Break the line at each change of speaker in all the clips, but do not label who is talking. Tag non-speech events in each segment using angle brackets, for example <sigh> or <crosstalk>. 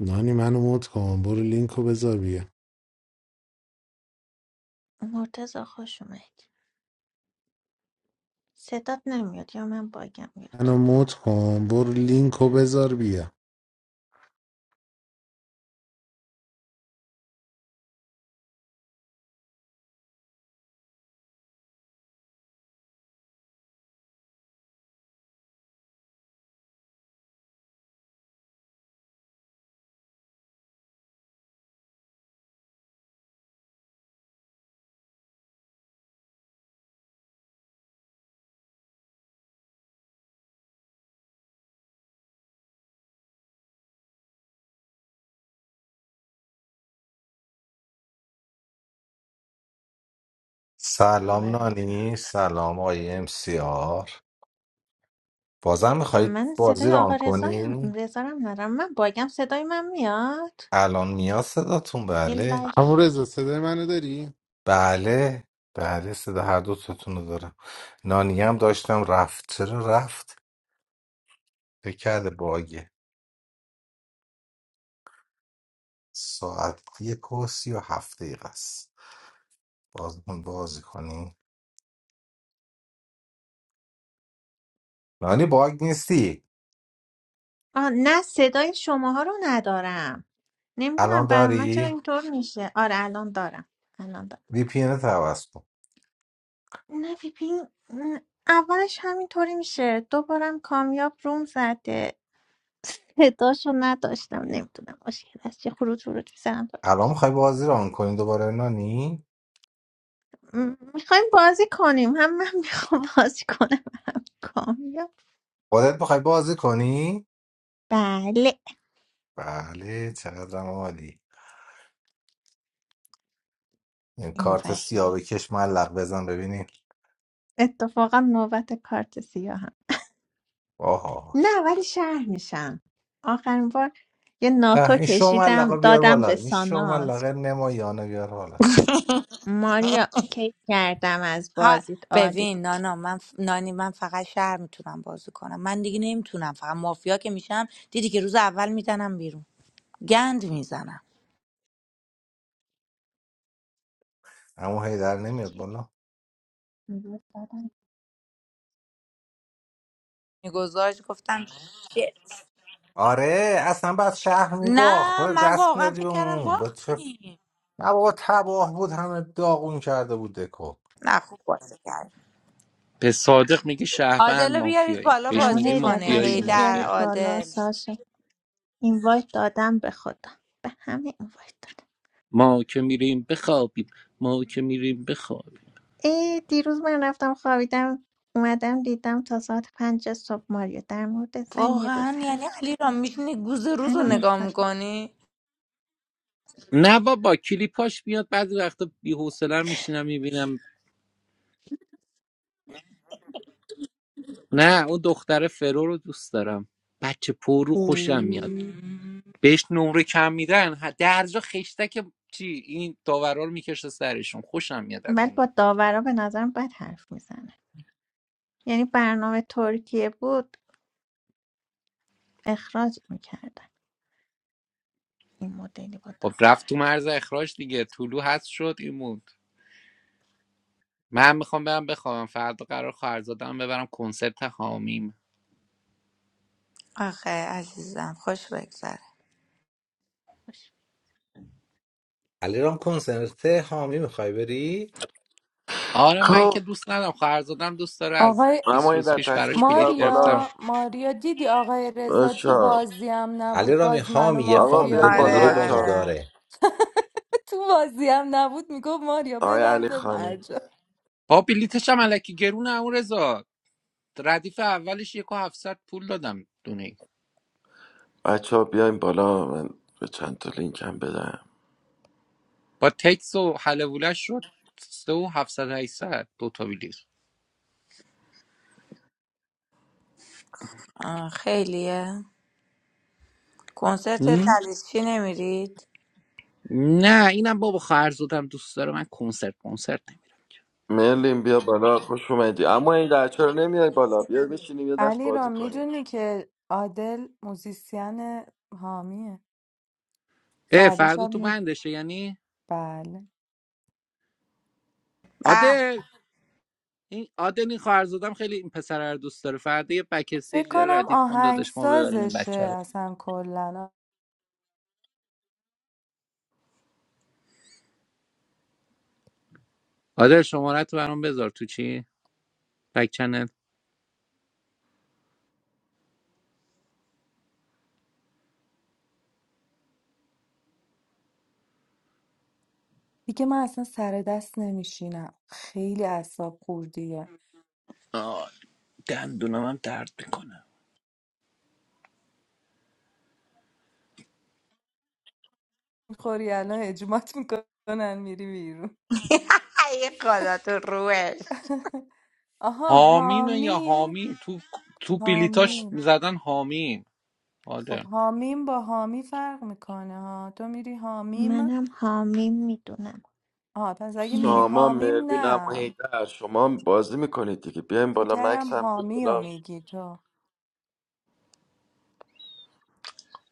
نانی منو مود کن برو لینکو بذار بیا
مرتزا خوش اومد صدات نمیاد یا من باگم میاد
منو مود کن برو لینکو بذار بیا
آقا
سلام
رضا
نانی سلام آقای ام سی آر بازم میخواهید
من
بازی
صدای آقا
ران
رضا هم
کنی؟
رضا رو هم ندارم من باگم صدای من میاد
الان میاد صداتون
یه
بله
لایک
همون رضا صدای منو داری؟
بله بله صدا هر دو تاتون رو دارم نانی هم داشتم رفت چرا رفت؟ فکر کرده باگه ساعت یک و سی و هفت دقیقه است باز بازی کنی؟ نانی باگ نیستی؟
آه نه صدای شماها رو ندارم نمیدونم
الان
برای من چرا
داری؟
اینطور میشه آره الان دارم الان دارم
وی پی ان عوض کن
نه بیبین اولش همینطوری میشه دوبارم کامیاب روم زده صداشو نداشتم نمیدونم مشکل از چه خروج خروج میزنم
الان میخوای بازی ران کنی دوباره نانی؟
میخوایم بازی کنیم هم من میخوام بازی کنم کامیاب
خودت میخوای بازی کنی؟
بله
بله چقدرم عالی این
این
کارت سیاه
وحید
بکش ملق بزن ببینیم
اتفاقا نوبت کارت سیاه هم
آها
نه ولی شهر میشم آخرین بار یه
اه،
ناتو
این شو ملقا
کشیدم
بیار
دادم
بالا
به
این شو
ساناز
ملقه نمایانه بیار بالا
ماریا کیک کردم از
ها
بازیت عالی
ببین
بود
نانا من ف- نانی من فقط شهر میتونم بازی کنم من دیگه نمیتونم فقط مافیا که میشم دیدی که روز اول میزنم بیرون گند میزنم
اما هیدر نمیاد بالا
میگذاشت گفتم شت.
آره اصلا بعد شهر میباخت
نه
باید
من
دست
واقعا
میدادی به
فکر کردم
اون به چه
باختیم
نه بابا تباه بود همه داغون کرده بود دکو
نه خوب بازی کرد
به صادق میگه شهروند
عادل رو بیارید
مافیایی
بالا
بهش
اما
بازی
میگی
هی در
کنه
مافیایی
تشریف
هیدر
مافیایی
یادت بالا
عادل
ساشا این وایت دادم به خودم به همه این وایت دادم.
ما که میریم بخوابیم ما که میریم بخوابیم
ای دیروز من رفتم خوابیدم اومدم دیدم تا ساعت پنج صبح ماریو در مورد زن روز
واقعا
حرف
یعنی علی
زدم
را میشینی گوز روز رو
الان
نگاه
میخوابیم
میکنی
نه بابا کلیپاش میاد بعضی وقتا بی‌حوصله میشینم میبینم نه اون دختر فرو رو دوست دارم بچه پرو خوشم میاد
اوه.
بهش نمره کم میدن ه- درجا خشتک چی این داورا رو میکشه سرشون خوشم میاد از
ولی
این
با داورا به نظرم بد حرف میزنه یعنی برنامه ترکیه بود اخراج میکردن این مدلی با
خب
داورا
رفت تو
حرف
مرز اخراج دیگه طلو هست شد این من میخوام برم بخوابم فردا قرار خواهرزادم ببرم کنسرت حامیم
آخه عزیزم خوش بگذره
زد.
علیرام کنسرت حامی میخوای بری؟
آره من که
خب
دوست ندارم خواهرزادم دوست داره از
آقای
اما
20
یه
روز
در
پیش براش
تشریف
بلیت
بیار
گرفتم
بالا
ماریا ماریا دیدی آقای رضا تو
بچا
بازی هم نبود
علیرام
باز منو
حامی یه
آقا
مافیا
فامیل
بیاین بالا
دوری
آره
با
بچه
ما
ها
داشت
آره
داره
<laughs> تو بازی هم نبود میگفت ماریا
آقای
ببن
علی
به
خانی
مرجا
با بلیتش هم الکی گرونه اون رضا ردیف اولش یک و 700 پول دادم دونه
بچه ها بیاین بالا من به چند تا لینک هم بدم
با تکس و حلوولش شد سه و 700 800 دو بلیت
آه، خیلیه کنسرت
هم؟
چی نمیرید؟
نه اینم بابا خواهرزادم دوست داره من کنسرت کنسرت نمیرم
مرلین بیا بالا خوش اومدی اما این در چرا نمیای بالا بیا بشینیم یه دست
علی
بازی
را
کنیم
میدونی که عادل موزیسین حامیه
اه
فردا
فردا
شب
تو
می...
بندشه یعنی
بله
به
آده این عادل این خواهر زادم خیلی این پسر رو دوست داره فردا یه بک
فکر
استیج داره
کنم
ردیف کن
آهنگ
داداش ما ببریم این بچه
سازشه
رو
اصلا کلا
عادل شماره تو برام بذار تو چی بک چنل
دیگه من اصلا سر دست نمیشینم خیلی اعصاب خوردیه
آه دندونم هم درد میکنه
میخوری الان اجمات میکنن میری بیرون
این خدا تو روش
آها
حامیمه یا
حامی
حامی تو تو بلیتاش
حامی
زدن حامی
خب
آره
حامیم با حامی فرق میکنه ها تو میری حامیم
منم حامیم میدونم
آها پس اگه میری
میم.
شما
حامیم
مرلین اما
نه
هیدر شما هم بازی میکنید دیگه بیاین
فکر
بالا
کردم
مکس هم بیا
حامی رو
بالا
میگی تو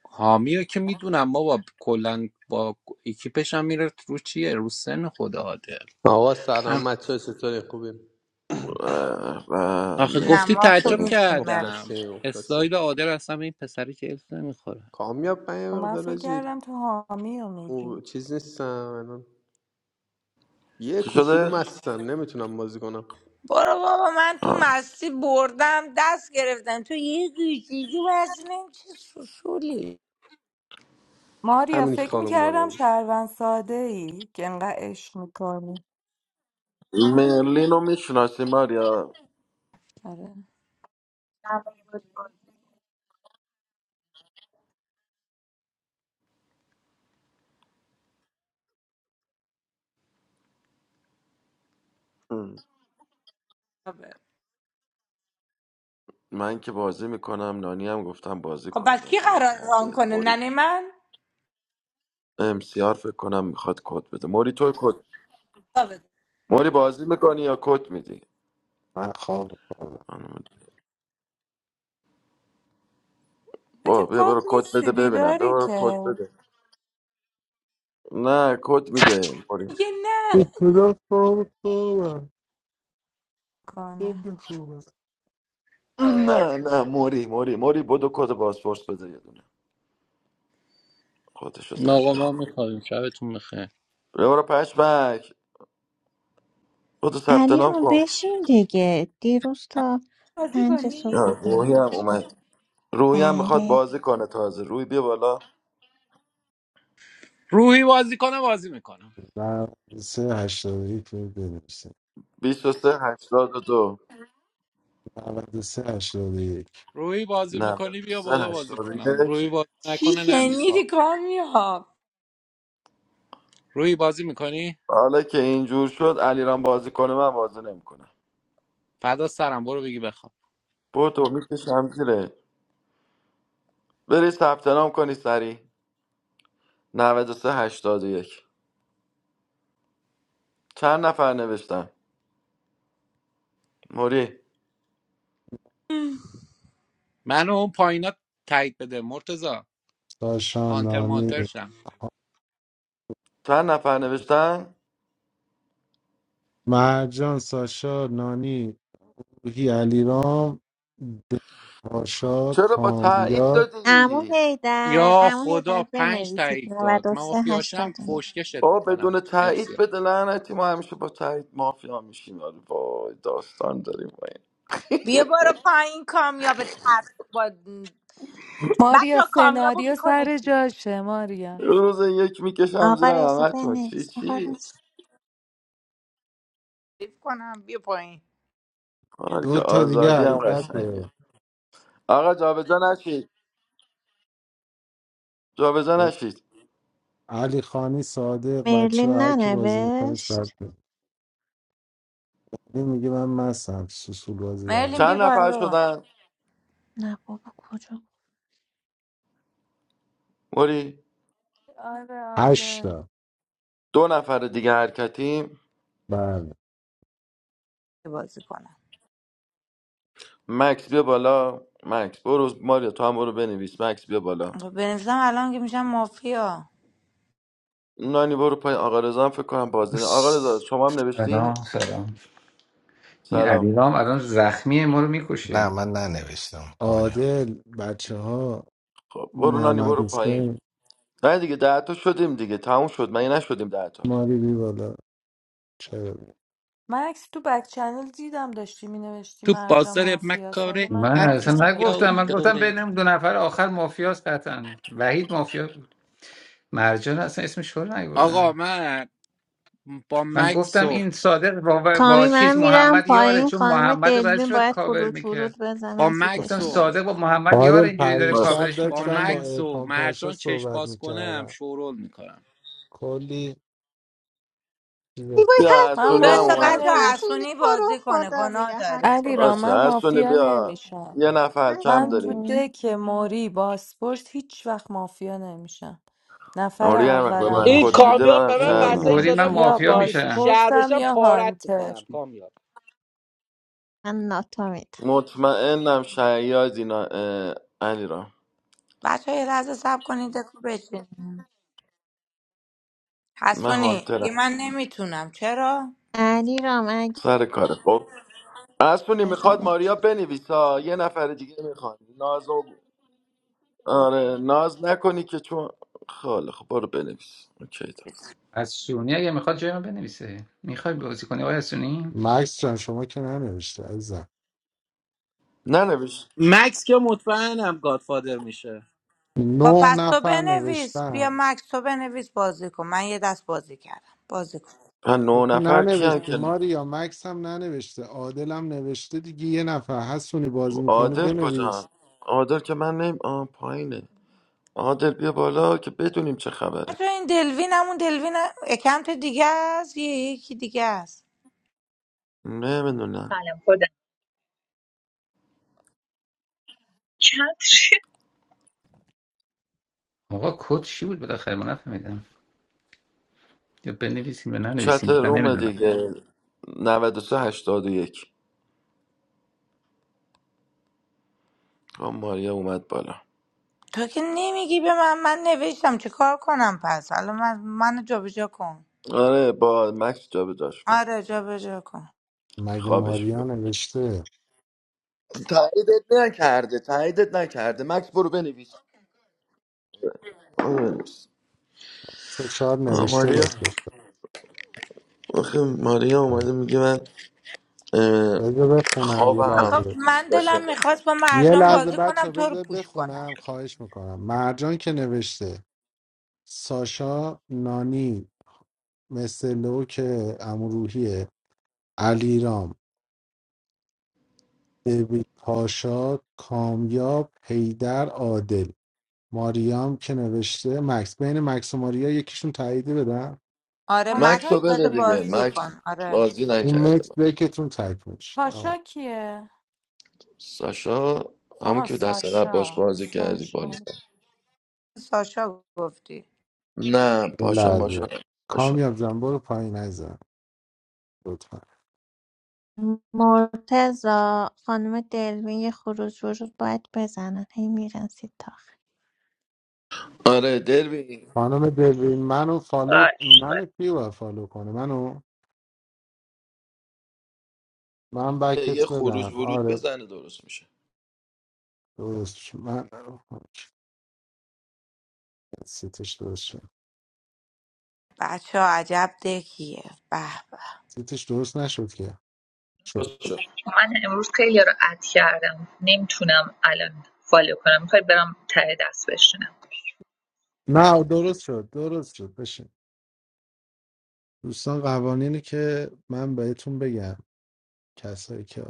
حامی رو که میدونم ما با کلا با اکیپش هم میره رو چیه رو سن خدا عادل
آقا
هم.
سلام بچه ها، چطوری خوبیم
اه، و
آخه
نه
گفتی
ما خوب
تعجب
مرلین
نیستیم
کردم
مخلصیم مخلصیم
استایل عادل اصلا به این پسری که الف نمیخوره
کامیاب من یه
خب من
مقدار
فکر
حاجی،
کردم تو حامی رو میگی
او چیز نیستم الان یه
چی
کوچولو
شده؟
مستم نمیتونم بازی کنم
برو بابا من تو
آه.
مستی بردم دست گرفتم تو یه گوشیدی بستی نیم چه سوسولی
ماریا
همینی که
فکر
خانم
میکردم
ماریا
شهروند ساده ای که انقدر عشق میکنی
مرلین رو میشناسی ماریا
آره.
من که بازی میکنم نانی هم گفتم بازی
خب
کنه
پس کی
بازی
قرار ران
نکرده
کنه
موری
ننه من؟
امسیار فکر کنم میخواد کد بده موری تو کد
ثابت.
موری بازی میکنی یا کد میدی
تو
با
که
بیا
خواب
برو کد بده
نیستی
ببینم بیا
بیداری
برو
که
کد بده نه کد میده موری
میگه نه
صدا خواب خوابم
کنه
خواب خوابم
نه نه موری موری موری بدو کد پاسپورت بده یه دونه خودشو زد
ناقا ما
بخون
میخوریم شبتون بخیر
بیا برو پشمک بدو ثبت
علی
نام
رو
کن
بشین دیگه دیروز تا
بازی
پنج صبح
کنی؟
آه،
بیدار
روحی هم
بودی
اومد روحی هم میخواد
بله
بازی کنه تازه روی بیا بالا
روحی بازی کنه بازی میکنم
93 81 رو بنویسیم
23 دو
93 81
روحی بازی میکنی بیا بالا
93
بازی کنم
81
روحی بازی
چی
نکنه نمیخوام میخواب
شنیدی کامیاب؟
روحی بازی میکنی
حالا که اینجور شد علیرام بازی کنه من بازی نمیکنم
فدا سرم برو بگی بخواب
برو تو میکشم زیره بری ثبت نام کنی سری 93 81 چند نفر نوشتن موری
منو اون پایینا تایید بده مرتزا
ساشا
آنتر مانتر
نانی
شم
چند نفر نوشتن
مرجان ساشا نانی روحی علیرام پاشا
چرا با تایید
کامیار
عمو
دادی
حیدر
یا
عمو
خدا
حیدر
پنج
بنویسید
تایید داد من
93
مافیاشم
81
فوشکشت
با
میکنم
بدون تایید بده لعنتی ما همیشه با تایید مافیا میشیم آره وای داستان داریم با این
بیا برو پایین کامیاب ترسو با بچه
ماریا
ها کامیاب رو
سناریو
میکنه
سر جاشه ماریا
یه روز یک میکشم زیر
آقا رضا
همه تو چی
بنویس آقا
چی
رضا
تعریف کنم بیا پایین
حالا که
دو تا دیگه
آزادی هم قشنگه
حرکته
آقا جابجا نشید جابجا نشید
علی خانی صادق بچه
مرلین
ها هر بازی میکنه صادق
ننوشت
علی میگه من مستم سوسول بازی در
مرلین
میاد.
بی
چند نفر
بالا
شدن
نه بابا کجا
موری
آره
هشت
عادل
دو نفر دیگه حرکتیم
بله
بازی کنم
مکس بیا بالا مکس برو ماریا تو هم برو بنویس مکس بیا بالا
خب بنویسم الان که میشم مافیا
نانی برو پایین آقا رضا هم فکر کنم بازدینه آقا رضا شما هم
سلام
نوشتی
سلام این
سلام
علیرام الان زخمی ما رو
نه
میکشه
من ننوشتم کامیاب.
عادل بچه ها
خب برو نانی
محمد
برو پایین
حسین
نه دیگه ده تا شدیم دیگه تموم شد مگه نشدیم ده تا
ماری بی بالا چرا بی؟
من عکس تو بک چنل دیدم داشتی مینوشتی
تو
مرجا
بازار
مافیا سر
مکاره
من
من
هر کسی
مافیا
اصلا نگفتم
یاری
من
داشتی
گفتم
داره
بین دو نفر آخر مافیاست قطعا وحید مافیا بود مرجان اصلا اسمش رو
آقا
نگردم
من با
من
مکس
گفتم
و
این صادق با, با
کامی من
چیز
میرم
محمد یاره
پایین
چون
خانم
محمد رو برای
دلوین
چی باید
باید
کاور
فرود
میکرد
فرود
با
بزنن
گفتم
مکس
سیتشون
و
صادق
درست
با محمد یار
عادل
اینجوری داره
پریشب
باش
کاورش
با
داشتم با
میکنه
مکس و
ارفان پاشا
مرجان چشم
صحبت
باز کنم
میکردم
شورول میکنم
کلی چیزش
ایبای
کرد
بیا
من
حسونی
حسونی
هم
بسا
مافیا
اومد
اومد
بچه
نمیشم
حسونی
حسونی
تو رو
بازی کنه
خدا
گناه
بیا
داره
علی را
حسونی
باشه
من
حسونی
مافیا
بیا
نمیشم
یه نفر کم
من تو
داریم
حسونی
دک موری باسپورس هیچ وقت مافیا نمیشم نفر
آره یه وقت به
اولم
من
این
کد میده
باشم
کامیاب
منم
به
او
من
این
شهرم
مسیج
موری من
داده
همیشه
یا
مافیا
مافیا میشی
میشن
شهر
بازپرسم
بشم
یا
پارت
هانتر
میکنم کامیاب
من ناتا میدم
مطمئنم شیاد اینا اه، علی را
بچه یه لحظه سب کنید دکو بچینیم
من
حسونی دیگه
هانترم
من نمیتونم چرا؟
علی رام اگه
سر کاره خب اسپونی میخواد
بزنه
ماریا بنویسا یه نفر دیگه میخواد ناز و... آره ناز نکنی که چون خاله خب برو بنویس اوکی داد
از سونی اگه میخواد جای من بنویسه میخوای بازی کنی آقای از سونی
مکس جان شما که ننوشته عزیزم
ننویس
مکس که مطمئنم گادفادر میشه
خب
نه
پس تو
نفر
بنویس بیا
نوشتن
مکس تو بنویس بازی کن من یه دست بازی کردم بازی کن
ها،
تو
نه
که
نفر کیان
ننوشتی
که
ماریا مکس هم ننوشته عادل هم نوشته دیگه یه نفر هستونی بازی میکنه
عادل
بنویس
کجا عادل که من نیم آه پایینه عادل بیا بالا که بدونیم چه خبره
بچه این دلوین همون دلوین اکانت دیگه است یه یکی دیگه است
نمیدونم
سلام خودم چند <laughs>
آقا کد چی بود بالاخره من نفهمیدم یا بنویسیم یا
چت
ننویسیم من
روم
نمیدونم
دیگه نود و سه هشتاد و یک. آه، ماریا اومد بالا
تو که نمیگی به من من نوشتم چه کار کنم پس حالا من منو جابجا کن
آره با مکس جا به جاش کن
آره جابجا کن
مگه
خوابش
ماریا
میاد
نوشته
تاییدت نکرده تاییدت نکرده مکس برو بنویس آره نیست.
شاید
آه،
نوشته
ماریا
باشه
آخه ماریا اومده میگه من اه،
بذار بخونم یه
خوابم
آخه
لحظه
دیست
من دلم
باشه
میخواست با
یه
مرجان
لحظه
بازی کنم
بچه
تو رو
بذار
پوش کنم
بخونم خواهش میکنم مرجان که نوشته ساشا نانی مثلو که امروحیه علیرام دیوید پاشا کامیاب حیدر عادل ماریام که نوشته مکس بین مکس و ماریا یکیشون تاییده بدم
آره
مکس
مکس
پاشا
رو
رو
بده
بده
دیگه
کیه
بازی
مکس
کن آره
بازی
اون
نکرده
مکس
من
بکتون تایپ میشه
پاشا
آه،
کیه
ساشا همون
آها
که دست قبل باش
ساشا
بازی کردی با
ساشا
ساشا گفتی
نه
یه
پاشا ماشا
لحظه
پاشا
کامیاب جان برو پایین نزن لطفا
مرتزا خانم دلوین یه خروج ورود باید بزنن هی میرن سید تا آخر.
آره دروی
خانم دلوین منو فالو منو کی باید فالو کنه منو من
یه
بکت
خروج
بدم
ورود
آره
بزنه درست میشه
درست شد. من سیتش درست شد
بچه ها عجب دکیه به به
سیتش درست نشد که شد
درست شد.
من امروز خیلی رو اد کردم نمیتونم الان فالو کنم میخوای برم ته دست بشینم
نه درست شد درست شد بشه دوستان قوانینی که من بهتون بگم کسایی که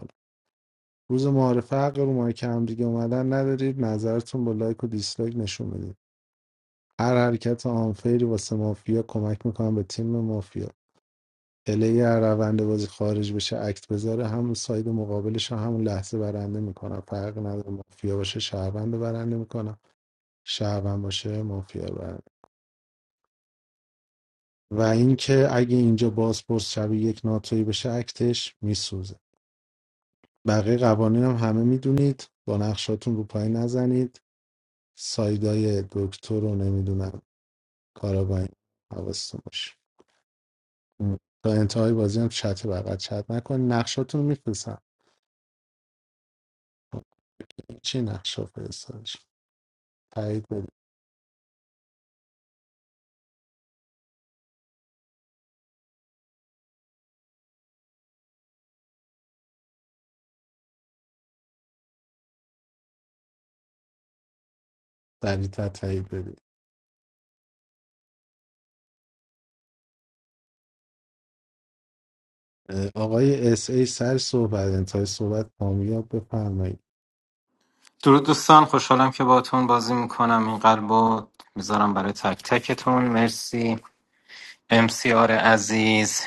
روز معارفه حق رو مایک هم دیگه اومدن ندارید نظرتون با لایک و دیسلایک نشون بدید هر حرکت آنفیری واسه مافیا کمک میکنم به تیم مافیا پلی هر روند بازی خارج بشه اکت بذاره همون ساید مقابلش همون لحظه برنده میکنم فرق نداره مافیا باشه شهروند رو برنده میکنم شهروند باشه مافیا رو برنده و اینکه اگه اینجا بازپرس شبیه یک ناتویی بشه اکتش میسوزه بقیه قوانین هم همه میدونید با نقشاتون رو پای نزنید سایدای دکتر رو نمیدونم کاراباین حواستون باشه م. تا انتهای بازی هم چت بغل چت نکن نقشاتون رو میفرستم چی نقشه فرستادش تایید بده سریعتر تایید بده اه، آقای اس ای سر صحبت انتهای صحبت کامیاب بفرمایید
درود دوستان خوشحالم که باهاتون بازی میکنم این قلبو میذارم برای تک تکتون مرسی امسیار عزیز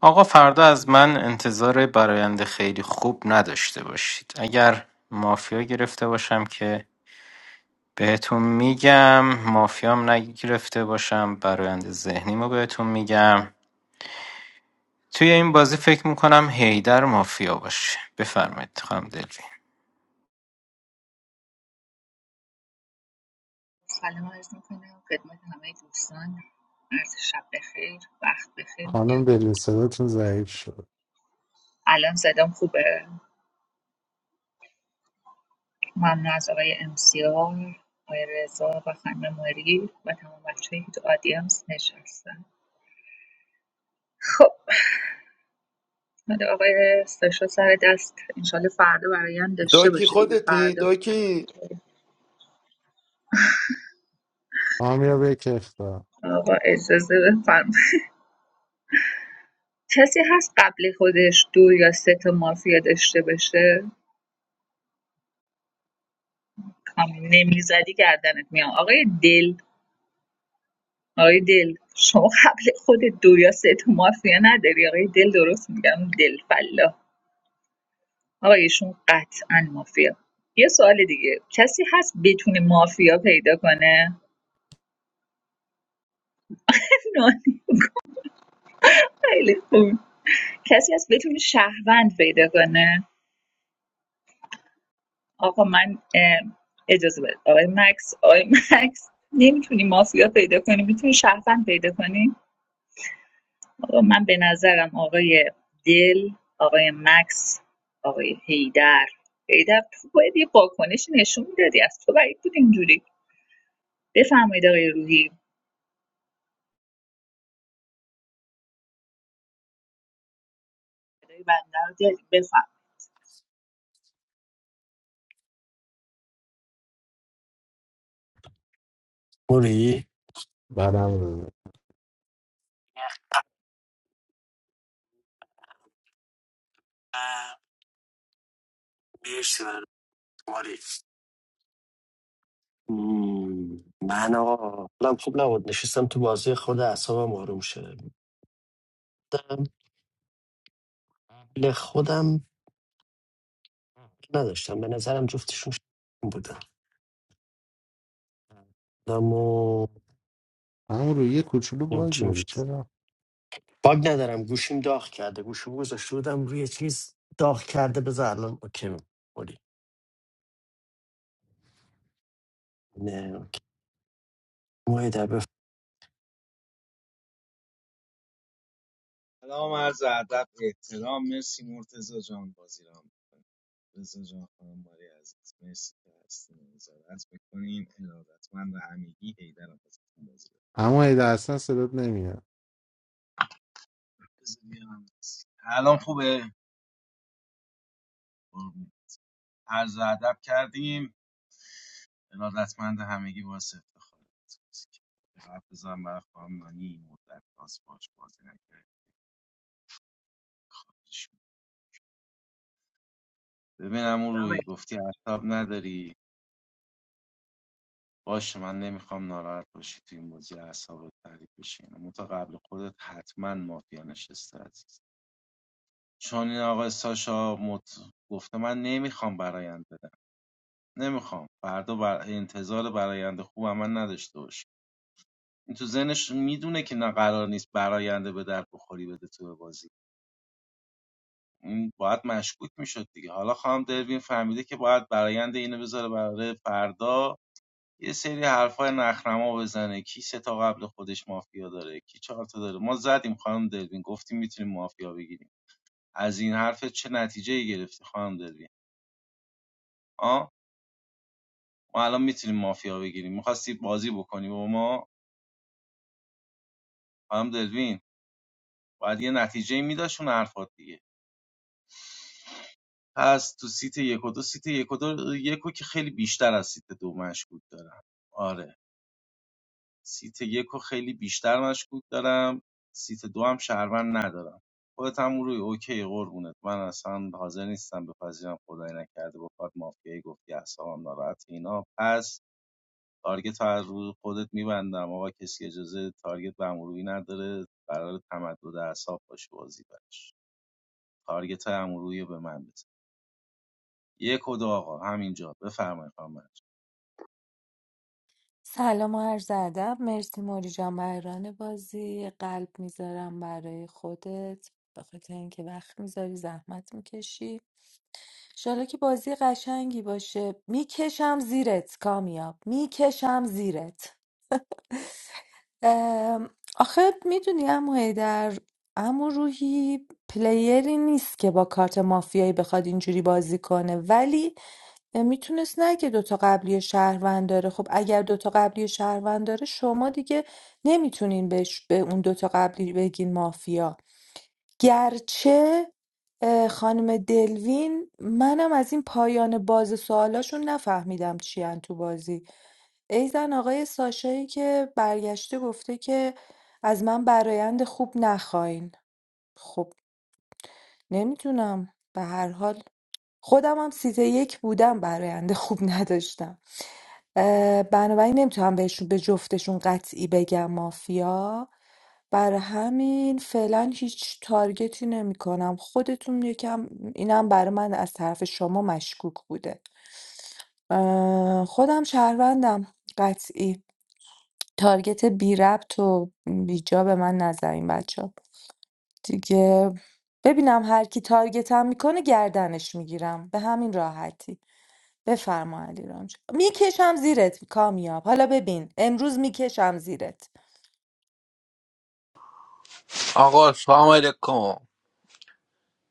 آقا فردا از من انتظار براینده خیلی خوب نداشته باشید اگر مافیا گرفته باشم که بهتون میگم مافیام نگرفته باشم براینده ذهنیمو بهتون میگم توی این بازی فکر میکنم هیدر مافیا باشه بفرمایید خانم دلوین
سلام عرض میکنم خدمت همه دوستان عرض شب بخیر وقت بخیر
خانم
میگم
دلین صداتون ضعیف شد
الان زدم خوبه ممنون از آقای امسیار آقای رضا و خانم ماری و تمام بچه‌ای که تو آدینس نشستن خب حالا آقای ساشا سر دست انشالله فردا برایم داشته
داکی
باشه دیگه
خودتی
فردا
داکی
کامیاب یک اختار
آقا اجازه بفرمایید کسی هست قبل خودش دو یا سه تا مافیا داشته باشه کام- نمیزدی گردنت میام آقای دل آقای دل شما قبل خود دو یا سه تا مافیا نداری آقای دل درست میگم دل فلا آقایشون قطعا مافیا یه سوال دیگه کسی هست بتونه مافیا پیدا کنه <laughs> نه، خیلی خوب کسی هست بتونه شهروند پیدا کنه آقا من اه، اجازه بده آقای مکس آقای <laughs> مکس نمیتونی مافیا پیدا کنی میتونی شهروند پیدا کنی آقا من به نظرم آقای دل آقای مکس آقای هیدر هیدر تو باید یه واکنشی نشون میدادی از تو بعید بود اینجوری بفرمایید آقای روحی ادای بنده رو دارید، بفرمایید
موری
برم رو
آه، مرسی من موری مم، من آقا حالم خوب نبود نشستم تو بازی خود اعصابم آروم شده بودم. قبل خودم نداشتم به نظرم جفتشون شدیم بودن آدم و
همون روی یه کوچولو
نیم
باگ
چی
داری
میشه
چرا
باگ ندارم گوشیم داغ کرده گوشیم گذاشته بودم روی چیز داغ کرده بذار الان اوکی موری نه اوکی مویده به
سلام عرض ادب احترام مرسی مرتزا جان بازی را رزا جان خانم باری عزیز مرسی که هستین و نظارت بکنین ارادتمند و همگی حیدر آبادتون بازی را
اما ایده اصلا صدات نمیاد
بذاریم. الان خوبه قربون. عرض ادب کردیم ارادتمند همگی با افتخار حرف بزن برای خانم نانی مدت باز باش بازی نکرد ببینم اون
آقای
روی گفتی اعصاب نداری باشه من نمیخوام ناراحت باشی تو این بازی اعصابت تعریف بشین منتها قبل خودت حتما مافیا نشسته عزیز چون این آقای ساشا مت... گفته من نمیخوام برایند بدم نمیخوام فردا بر... انتظار براینده خوب من نداشته باش این تو ذهنش میدونه که نه قرار نیست براینده به در بخوری بده تو بازی این باید مشکوک میشد دیگه حالا خانم دروین فهمیده که باید براینده اینو بذاره برای فردا یه سری حرفای نخنما بزنه کی سه تا قبل خودش مافیا داره کی چهار تا داره ما زدیم خانم دلوین گفتیم میتونیم مافیا بگیریم از این حرف چه نتیجه‌ای گرفتی خانم دلوین آ ما الان میتونیم مافیا بگیریم میخواستی بازی بکنی با ما خانم دلوین باید یه نتیجه‌ای ای میداشون حرفات دیگه پس تو سیت یک و دو سیت یک و دو یکو که خیلی بیشتر از سیت دو مشکوک دارم آره سیت یک رو خیلی بیشتر مشکوک دارم سیت دو هم شهروند ندارم خودت هم روی اوکی قربونت من اصلا حاضر نیستم بپذیرم خدای نکرده با کارت مافیایی گفتی اعصابم ناراحت اینا پس تارگت رو از روی خودت میبندم آقا کسی اجازه تارگت به امروی نداره قرار تمدد اعصاب باشه بازی برش تارگت های امروی به من بزن یک و دو آقا همینجا بفرمایید خانم مهناز.
سلام و عرض ادب مرسی موری جان بران بازی قلب میذارم برای خودت به خاطر اینکه وقت میذاری زحمت میکشی انشالله که بازی قشنگی باشه میکشم زیرت کامیاب میکشم زیرت ام، آخه میدونی عمو حیدر عمو روحی پلیری نیست که با کارت مافیایی بخواد اینجوری بازی کنه ولی میتونست نگه دوتا قبلی شهروند داره خب اگر دوتا قبلی شهروند داره شما دیگه نمیتونین بهش به اون دوتا قبلی بگین مافیا گرچه اه، خانم دلوین منم از این پایان باز سوالاشون نفهمیدم چی تو بازی ای زن آقای ساشایی که برگشته گفته که از من برایند خوب نخواین خب نمیدونم به هر حال خودم هم سیت یک بودم برایند خوب نداشتم اه، بنابراین نمیتونم بهشون به جفتشون قطعی بگم مافیا بر همین فعلا هیچ تارگتی نمیکنم خودتون یکم اینم برای من از طرف شما مشکوک بوده اه، خودم شهروندم قطعی تارگت بی‌ربط و بیجا به من نزن این بچه‌ها دیگه ببینم هر کی تارگتم میکنه گردنش میگیرم به همین راحتی بفرما علیرام جان. میکشم زیرت کامیاب حالا ببین امروز میکشم زیرت
آقا سلام علیکم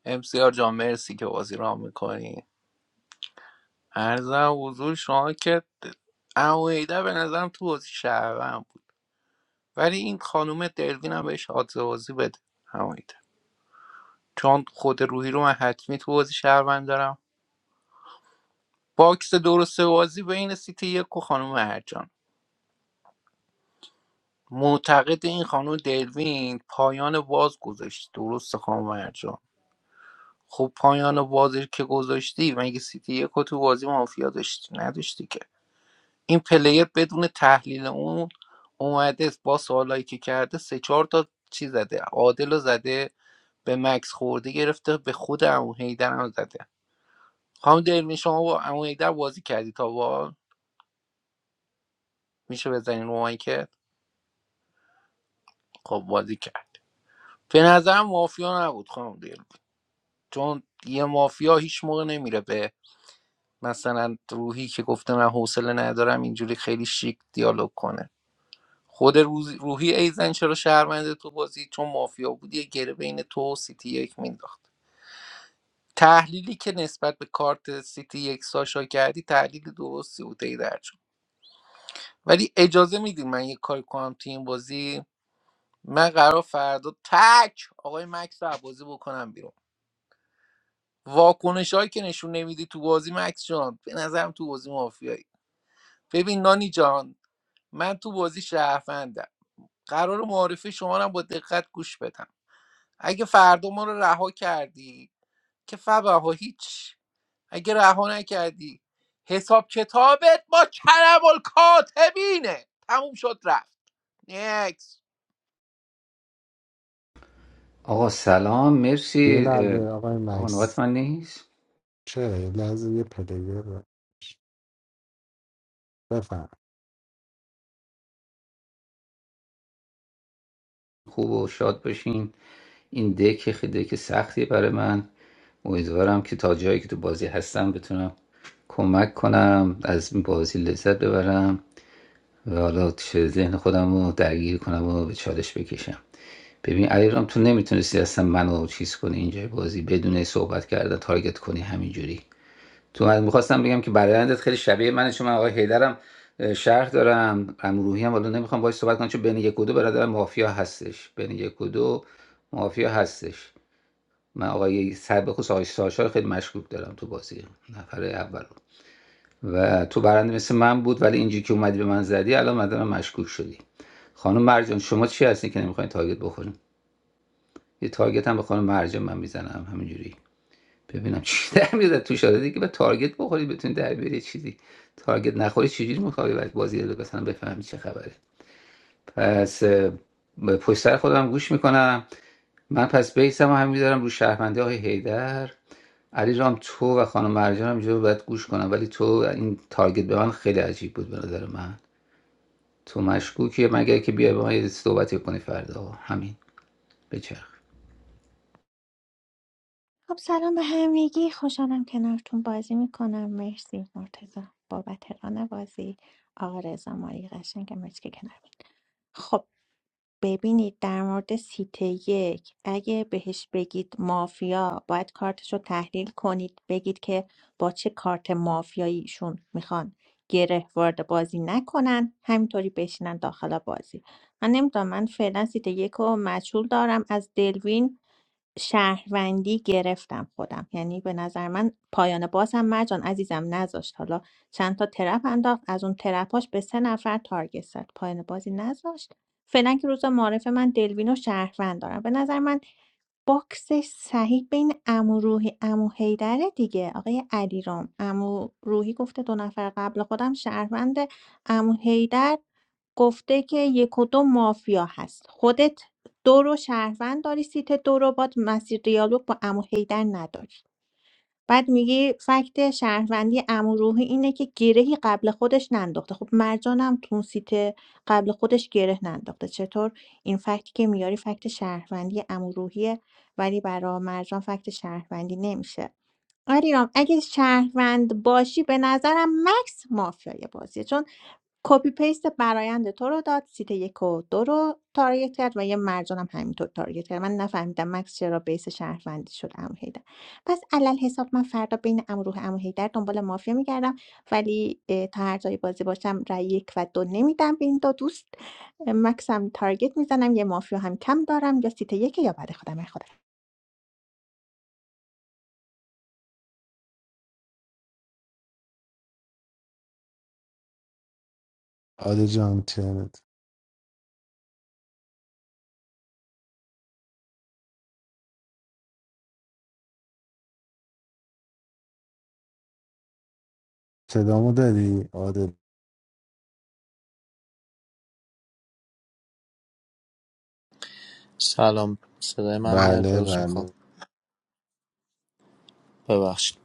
امسیار جان مرسی که بازی را میکنی ارزم حضور شما که اویده به نظرم تو بازی شهروند بود ولی این خانوم دلوین هم بهش آدزه بازی بده اویده چون خود روحی رو من حتمی تو بازی شهروند دارم باکس درست بازی بین سیتی یک و خانوم مرجان معتقد این خانم دلوین پایان باز گذاشت درست خانم مرجان خب پایان بازی که گذاشتی مگه سیتی یک رو تو بازی مافیا داشتی نداشتی که این پلیر بدون تحلیل اون اومده با سوالایی که کرده سه چهار تا چی زده عادل رو زده به مکس خورده گرفته به خود امو هیدر هم زده خانم دلوین شما با امو هیدر بازی کردی تا با میشه بزنین رو که خب بازی کرد به نظرم مافیا نبود خانم دلوین. چون یه مافیا هیچ موقع نمیره به مثلا روحی که گفته من حوصله ندارم اینجوری خیلی شیک دیالوگ کنه خود روز- روحی ایزن چرا شهرمنده تو بازی چون مافیا بود یه گره بین تو و سیتی یک مینداخت تحلیلی که نسبت به کارت سیتی یک ساشا کردی تحلیل درستی بود ای در ولی اجازه میدین من یه کاری کنم تو این بازی من قرار فردا تک آقای مکس رو بازی بکنم بیرون واکنش هایی که نشون نمیدی تو بازی مکس جان به نظرم تو بازی مافیایی ببین نانی جان من تو بازی شهروندم قرار معارفه شما رو هم با دقت گوش بدم اگه فردا ما رو رها کردی که فبها هیچ اگه رها نکردی حساب کتابت با کرم الکاتبینه تموم شد رفت نیکس
آقا سلام
یه
مرسی اه،
لحظه آقای
آقا نوبت
مکس
من نیست
چرا یه لحظه یه پلیر بفهم
خوب و شاد باشین این دک خیلی دک سختی برای من امیدوارم که تا جایی که تو بازی هستم بتونم کمک کنم از این بازی لذت ببرم و حالا چه ذهن خودم رو درگیر کنم و به چالش بکشم ببین علیرام تو نمیتونستی اصلا منو چیز کنی اینجا بازی بدون صحبت کردن تارگت کنی همینجوری تو من میخواستم بگم که برایندت خیلی شبیه منه چون من آقای هیدرم شهر دارم امروحی هم حالا نمیخوام باهاش صحبت کنم چون بین یک و دو برادر مافیا هستش بین یک و دو مافیا هستش من آقای سر بخصوص آقای ساشا رو خیلی مشکوک دارم تو بازی نفر اول و تو برنده مثل من بود ولی اینجوری که اومدی به من زدی الان مدام مشکوک شدی خانم مرجان شما چی هستی که نمیخواین تارگت بخورین یه تارگت هم به خانم مرجان من میزنم همینجوری ببینم چی <laughs> در میاد تو شده دیگه به تارگت بخوری بتونی در بیاری چیزی تارگت نخوری چجوری مطابقت بازی رو مثلا بفهمی چه خبره پس اه، به پشت سر خودم گوش میکنم من پس بیسم رو هم میذارم رو شهرمنده های هیدر علی رام تو و خانم مرجان هم اینجا باید گوش کنم ولی تو این تارگت به من خیلی عجیب بود به نظر من تو مشکوکیه مگر که بیای به من یه صحبتی کنی فردا همین بچرخ
خب سلام به همگی خوشحالم کنارتون بازی میکنم مرسی مرتزا بابت ران بازی آقا رضا ماری قشنگم مرسی که کنار بود. خب ببینید در مورد سیت یک اگه بهش بگید مافیا باید کارتش رو تحلیل کنید بگید که با چه کارت مافیایی ایشون میخوان گره وارد بازی نکنن همینطوری بشینن داخل بازی من نمیدونم من فعلا سیت یک رو مجهول دارم از دلوین شهروندی گرفتم خودم یعنی به نظر من پایان باز هم مرجان عزیزم نذاشت حالا چند تا ترپ انداخت از اون ترپاش به سه نفر تارگت زد پایان بازی نذاشت فعلا که روز معارف من دلوین و شهروند دارم به نظر من باکسش صحیح بین عمو روحی عمو حیدره دیگه آقای علیرام عمو روحی گفته دو نفر قبل خودم شهروند عمو حیدر گفته که یک و دو مافیا هست خودت دو رو شهروند داری سیت دو رو باد مسیر دیالوگ با عمو حیدر نداری بعد میگی فکت شهروندی عموروحی اینه که گرهی قبل خودش ننداخته خب مرجانم تو اون سیت قبل خودش گره ننداخته چطور این فکتی که میاری فکت شهروندی عموروحیه ولی برا مرجان فکت شهروندی نمیشه آرام اگه شهروند باشی به نظرم مکس مافیای بازیه چون کپی پیست برایند تو رو داد سیت یک و دو رو تارگت کرد و یه مرجانم همینطور تارگت کرد من نفهمیدم مکس چرا بیس شهروندی شد امو هیدر پس علل حساب من فردا بین امروح امو هیدر دنبال مافیا میگردم ولی اه، تا هر جای بازی باشم رای یک و دو نمیدم به این دو دوست اه، مکس هم تارگت میزنم یه مافیا هم کم دارم یا سیت یک یا بعد خودم خودم
عادل جان ترنت صدامو داری عادل
سلام صدای من میاد
بله
عذر میخوام
بله
ببخشید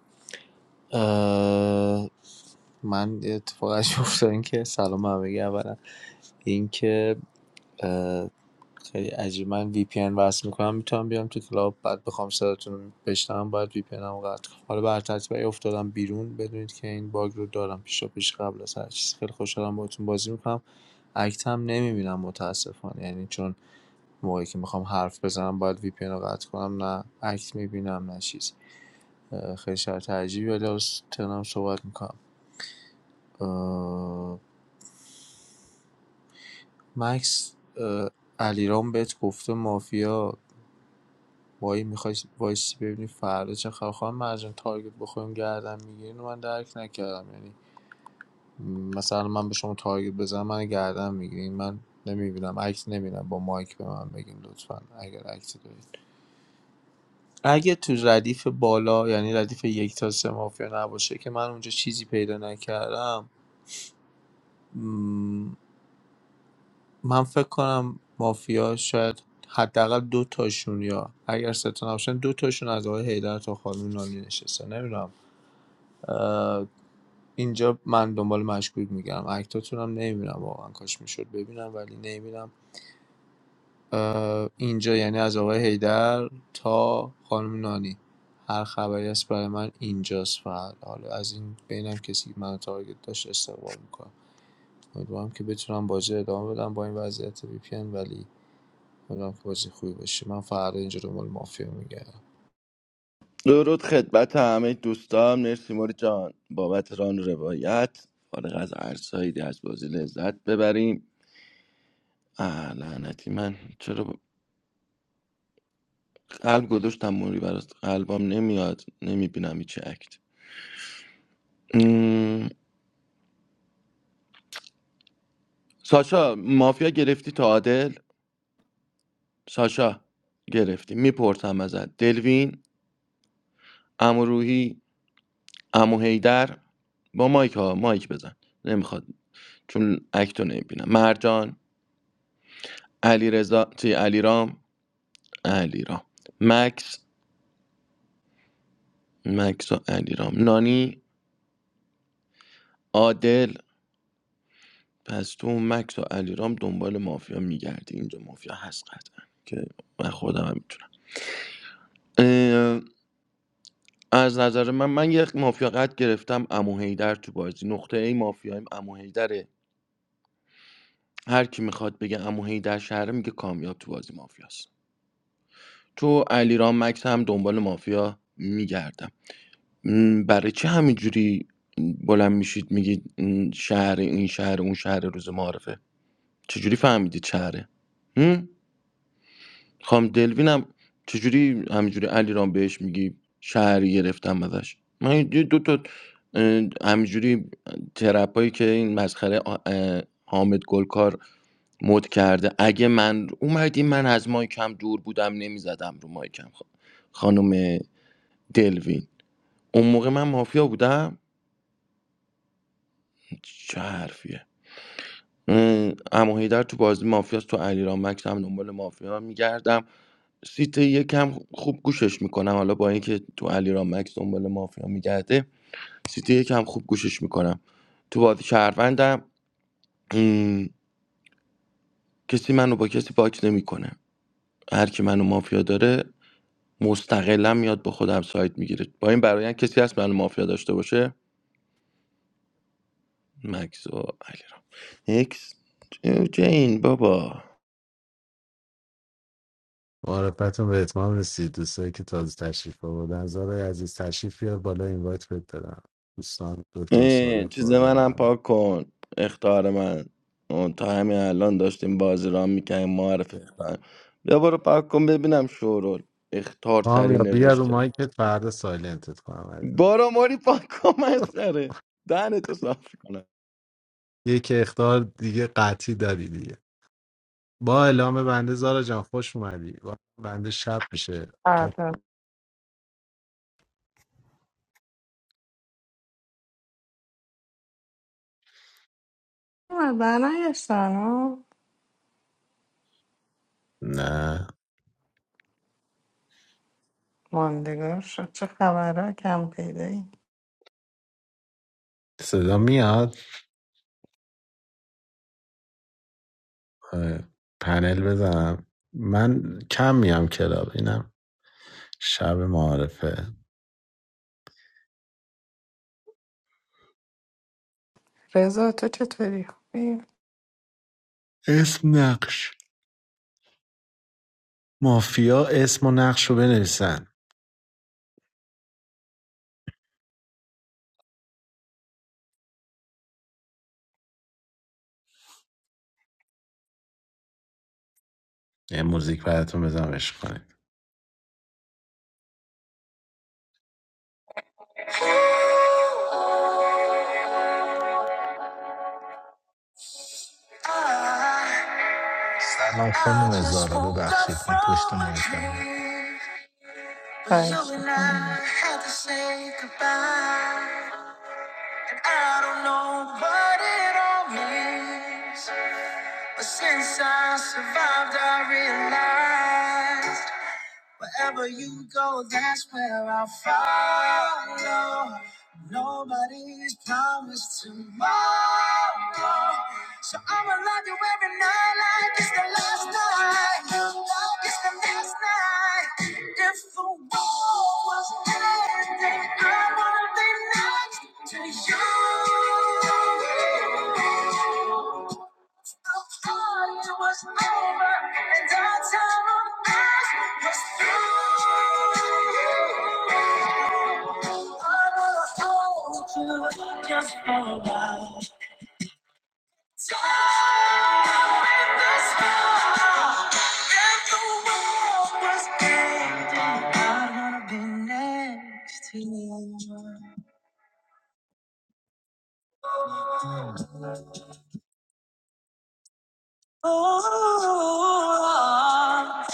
اه، من یه اتفاق عجیب افتاد این که سلام به همگی اولا این که اه، خیلی عجیب من وی پی ان وصل میکنم میتونم بیام تو کلاب بعد بخوام صداتون رو بشنوم باید وی پی رو قطع کنم حالا بر ترتیب اگه افتادم بیرون بدونید که این باگ رو دارم پیشا پیش قبل از هر چیز خیلی خوشحالم باهاتون بازی میکنم اکت هم نمیبینم متاسفانه یعنی چون موقعی که میخوام حرف بزنم باید وی پی ان رو قطع کنم نه عکس میبینم نه چیز خیلی شرط عجیبی ولی حالا ترنم صحبت میکنم اه... مکس اه، علیرام بهت گفته مافیا وای میخوای وایسی ببینی فردا چه خبر خواهم مرجان تارگت بخوریم گردن میگیرین و من درک نکردم یعنی مثلا من به شما تارگت بزنم من گردن میگیرین من نمیبینم عکس نمیبینم با مایک به من بگین لطفا اگر عکسی دارید اگه تو ردیف بالا یعنی ردیف یک تا سه مافیا نباشه که من اونجا چیزی پیدا نکردم من فکر کنم مافیا شاید حداقل دو تاشون یا اگر سه تا نباشن دو تاشون از آقای حیدر تا خانم نانی نشسته نمیدونم اه، اینجا من دنبال مشکوک میگم اکتاتون هم نمیبینم واقعا کاش میشد ببینم ولی نمیبینم اینجا یعنی از آقای حیدر تا خانم نانی هر خبری هست برای من اینجاست فقط حالا از این بینم کسی من تارگت داشت استقبال میکنم امیدوارم که بتونم بازی رو ادامه بدم با این وضعیت وی پی ان، ولی امیدوارم بازی خوبی باشه من فردا اینجا دنبال مافیا میگردم
درود خدمت همه دوستان مرسی موری جان بابت ران و روایت فارغ از هر سایدی از بازی لذت ببریم اه لعنتی من چرا ب- قلب گذاشتم موری براست قلبم نمیاد نمیبینم هیچ اکت م، ساشا مافیا گرفتی تا عادل ساشا گرفتی میپرسم ازت دلوین امو روحی امو هیدر با مایک ها مایک بزن نمیخواد چون اکتو نمیبینم مرجان علی رضا چی علی علیرام مکس مکس و علیرام نانی عادل پس تو مکس و علیرام دنبال مافیا میگردی اینجا مافیا هست قطعا که من خودم هم میتونم از نظر من من یک مافیا قد گرفتم امو هیدر تو بازی نقطه ای مافیایم امو هیدره هر کی میخواد بگه امو هیدر شهره میگه کامیاب تو بازی مافیاست تو علیرام مکس هم دنبال مافیا میگردم م، برای چه همینجوری بلند میشید میگید م، شهر این شهر اون شهر روز معارفه چجوری فهمیدید شهره هم؟ خانم دلوینم چجوری همینجوری علی بهش میگی شهری گرفتم ازش من یه دو تا اه، همینجوری ترپایی که این مسخره آ- اه، حامد گلکار مد کرده اگه من اومدی من از مایکم دور بودم نمیزدم رو مایکم خ- خانم دلوین اون موقع من مافیا بودم چه حرفیه اه، عمو حیدر تو بازی مافیاست تو علیرام مکس هم دنبال مافیا میگردم سیت یکم خوب گوشش میکنم حالا با اینکه تو علیرام مکس دنبال مافیا میگرده سیت یکم خوب گوشش میکنم تو بازی شهروندم ام، کسی منو با کسی باکس نمیکنه هر کی منو مافیا داره مستقلا میاد با خودم سایت میگیره با این برایان کسی هست منو مافیا داشته باشه مکس و علیرام اکس جو- جین بابا
معرفتون به اتمام رسید دوستایی که تازه تشریف آوردن زارای عزیز تشریف بیار بالا اینوایت بهت دادم دوستان دکتر صادق
این چیز
فاضل
منم
محمد
پاک کن اختار من اون تا همین الان داشتیم بازی را میکنیم معرف اختار بیا برو پاک کن ببینم شورول اختار سری
یا بیا رو
نوشته
مایکت فردا سایلنتت کنم عزیزم
بارا ماری پاک کن مسخره دهن تو صاف کنم
یک اختار دیگه قطعی داری دیگه با اعلام بنده زارا جان خوش اومدی با بنده شب میشه
فردا مردن نگشتن ها
نه
ماندگار شد چه خبره کم پیدایی
صدا میاد آره. پنل بزنم من کم میام کلاب اینم شب معارفه
رضا تو چطوری خوبی
اسم نقش مافیا اسم و نقش رو بنویسن یه موزیک براتون بزنم عشق کنید
سلام خانم زارا ببخشید من پشت مایکم نه
خواهش میکنی
But since I survived, I realized wherever you go, that's where I'll follow. Nobody's promised tomorrow. So I'ma love you every night like it's the last night. Like it's the last night. If the world was ending, I wanna be next to you. It was over, and our time on earth was through. I wanna hold you just for a while. Time in the sky, and the world was ending. I wanna be next to you. Oh,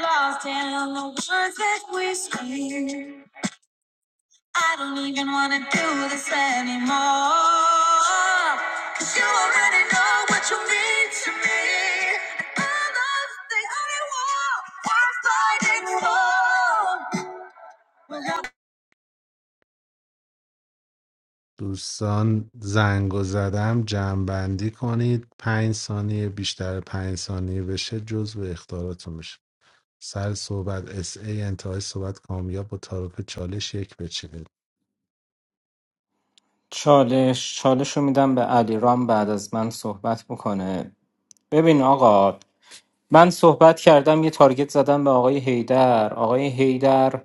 lost in the words that we speak. I don't even wanna do this anymore. Cause you already know what you mean to me. And I love the only war I'm fighting for. Well, I'm دوستان زنگ زدم جمعبندی کنید پنج ثانیه بیشتر پنج ثانیه بشه جزو اختاراتون میشه سر صحبت اس ای انتهای صحبت کامیاب با تعارف چالش یک بچینید
چالش چالش رو میدم به علیرام بعد از من صحبت بکنه ببین آقا من صحبت کردم یه تارگت زدم به آقای هیدر آقای هیدر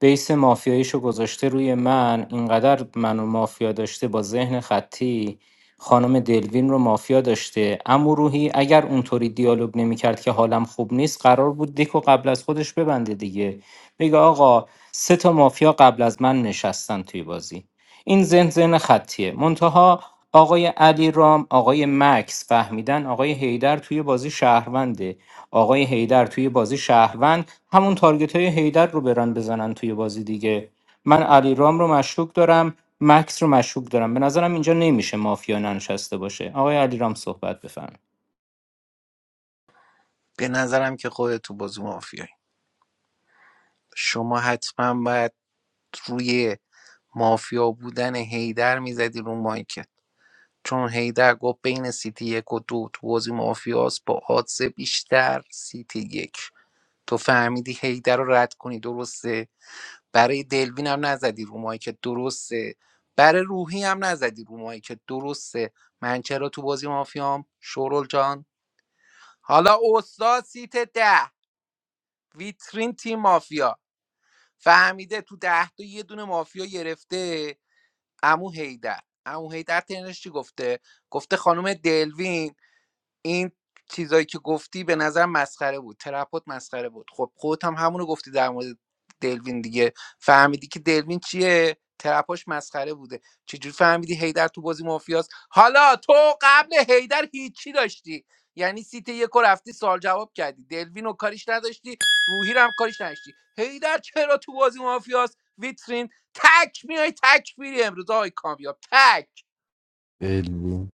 بیس مافیاییشو گذاشته روی من اینقدر منو مافیا داشته با ذهن خطی خانم دلوین رو مافیا داشته اما روحی اگر اونطوری دیالوگ نمیکرد که حالم خوب نیست قرار بود دیکو قبل از خودش ببنده دیگه بگه آقا سه تا مافیا قبل از من نشستن توی بازی این زن زن خطیه منتها آقای علی رام آقای مکس فهمیدن آقای هیدر توی بازی شهرونده آقای هیدر توی بازی شهروند همون تارگت های هیدر رو برن بزنن توی بازی دیگه من علی رام رو مشکوک دارم مکس رو مشکوک دارم به نظرم اینجا نمیشه مافیا ننشسته باشه آقای علی رام صحبت بفرم
به نظرم که خودت تو بازی مافیایی شما حتما باید روی مافیا بودن هیدر میزدی رو مایکت. چون هیدر گفت بین سیتی یک و دو تو بازی مافیاس با آدز بیشتر سیتی یک تو فهمیدی هیدر رو رد کنی درسته برای دلوین هم نزدی رو مایی که درسته برای روحی هم نزدی رو مایی که درسته من چرا تو بازی مافیام شورل جان حالا استاد سیت ده ویترین تیم مافیا فهمیده تو ده تا یه دونه مافیا گرفته امو هیدر امو هیدر تنش چی گفته گفته خانم دلوین این چیزایی که گفتی به نظر مسخره بود ترپات مسخره بود خب خودت هم همونو گفتی در مورد دلوین دیگه فهمیدی که دلوین چیه ترپاش مسخره بوده چجوری فهمیدی هیدر تو بازی مافیاست حالا تو قبل هیدر هیچی داشتی یعنی سیت یک رو رفتی سال جواب کردی دلوین رو کاریش نداشتی روحی رو هم کاریش نداشتی هیدر چرا تو بازی مافیاست ویترین تک میای تک میری امروز آقای کامیاب تک
علمی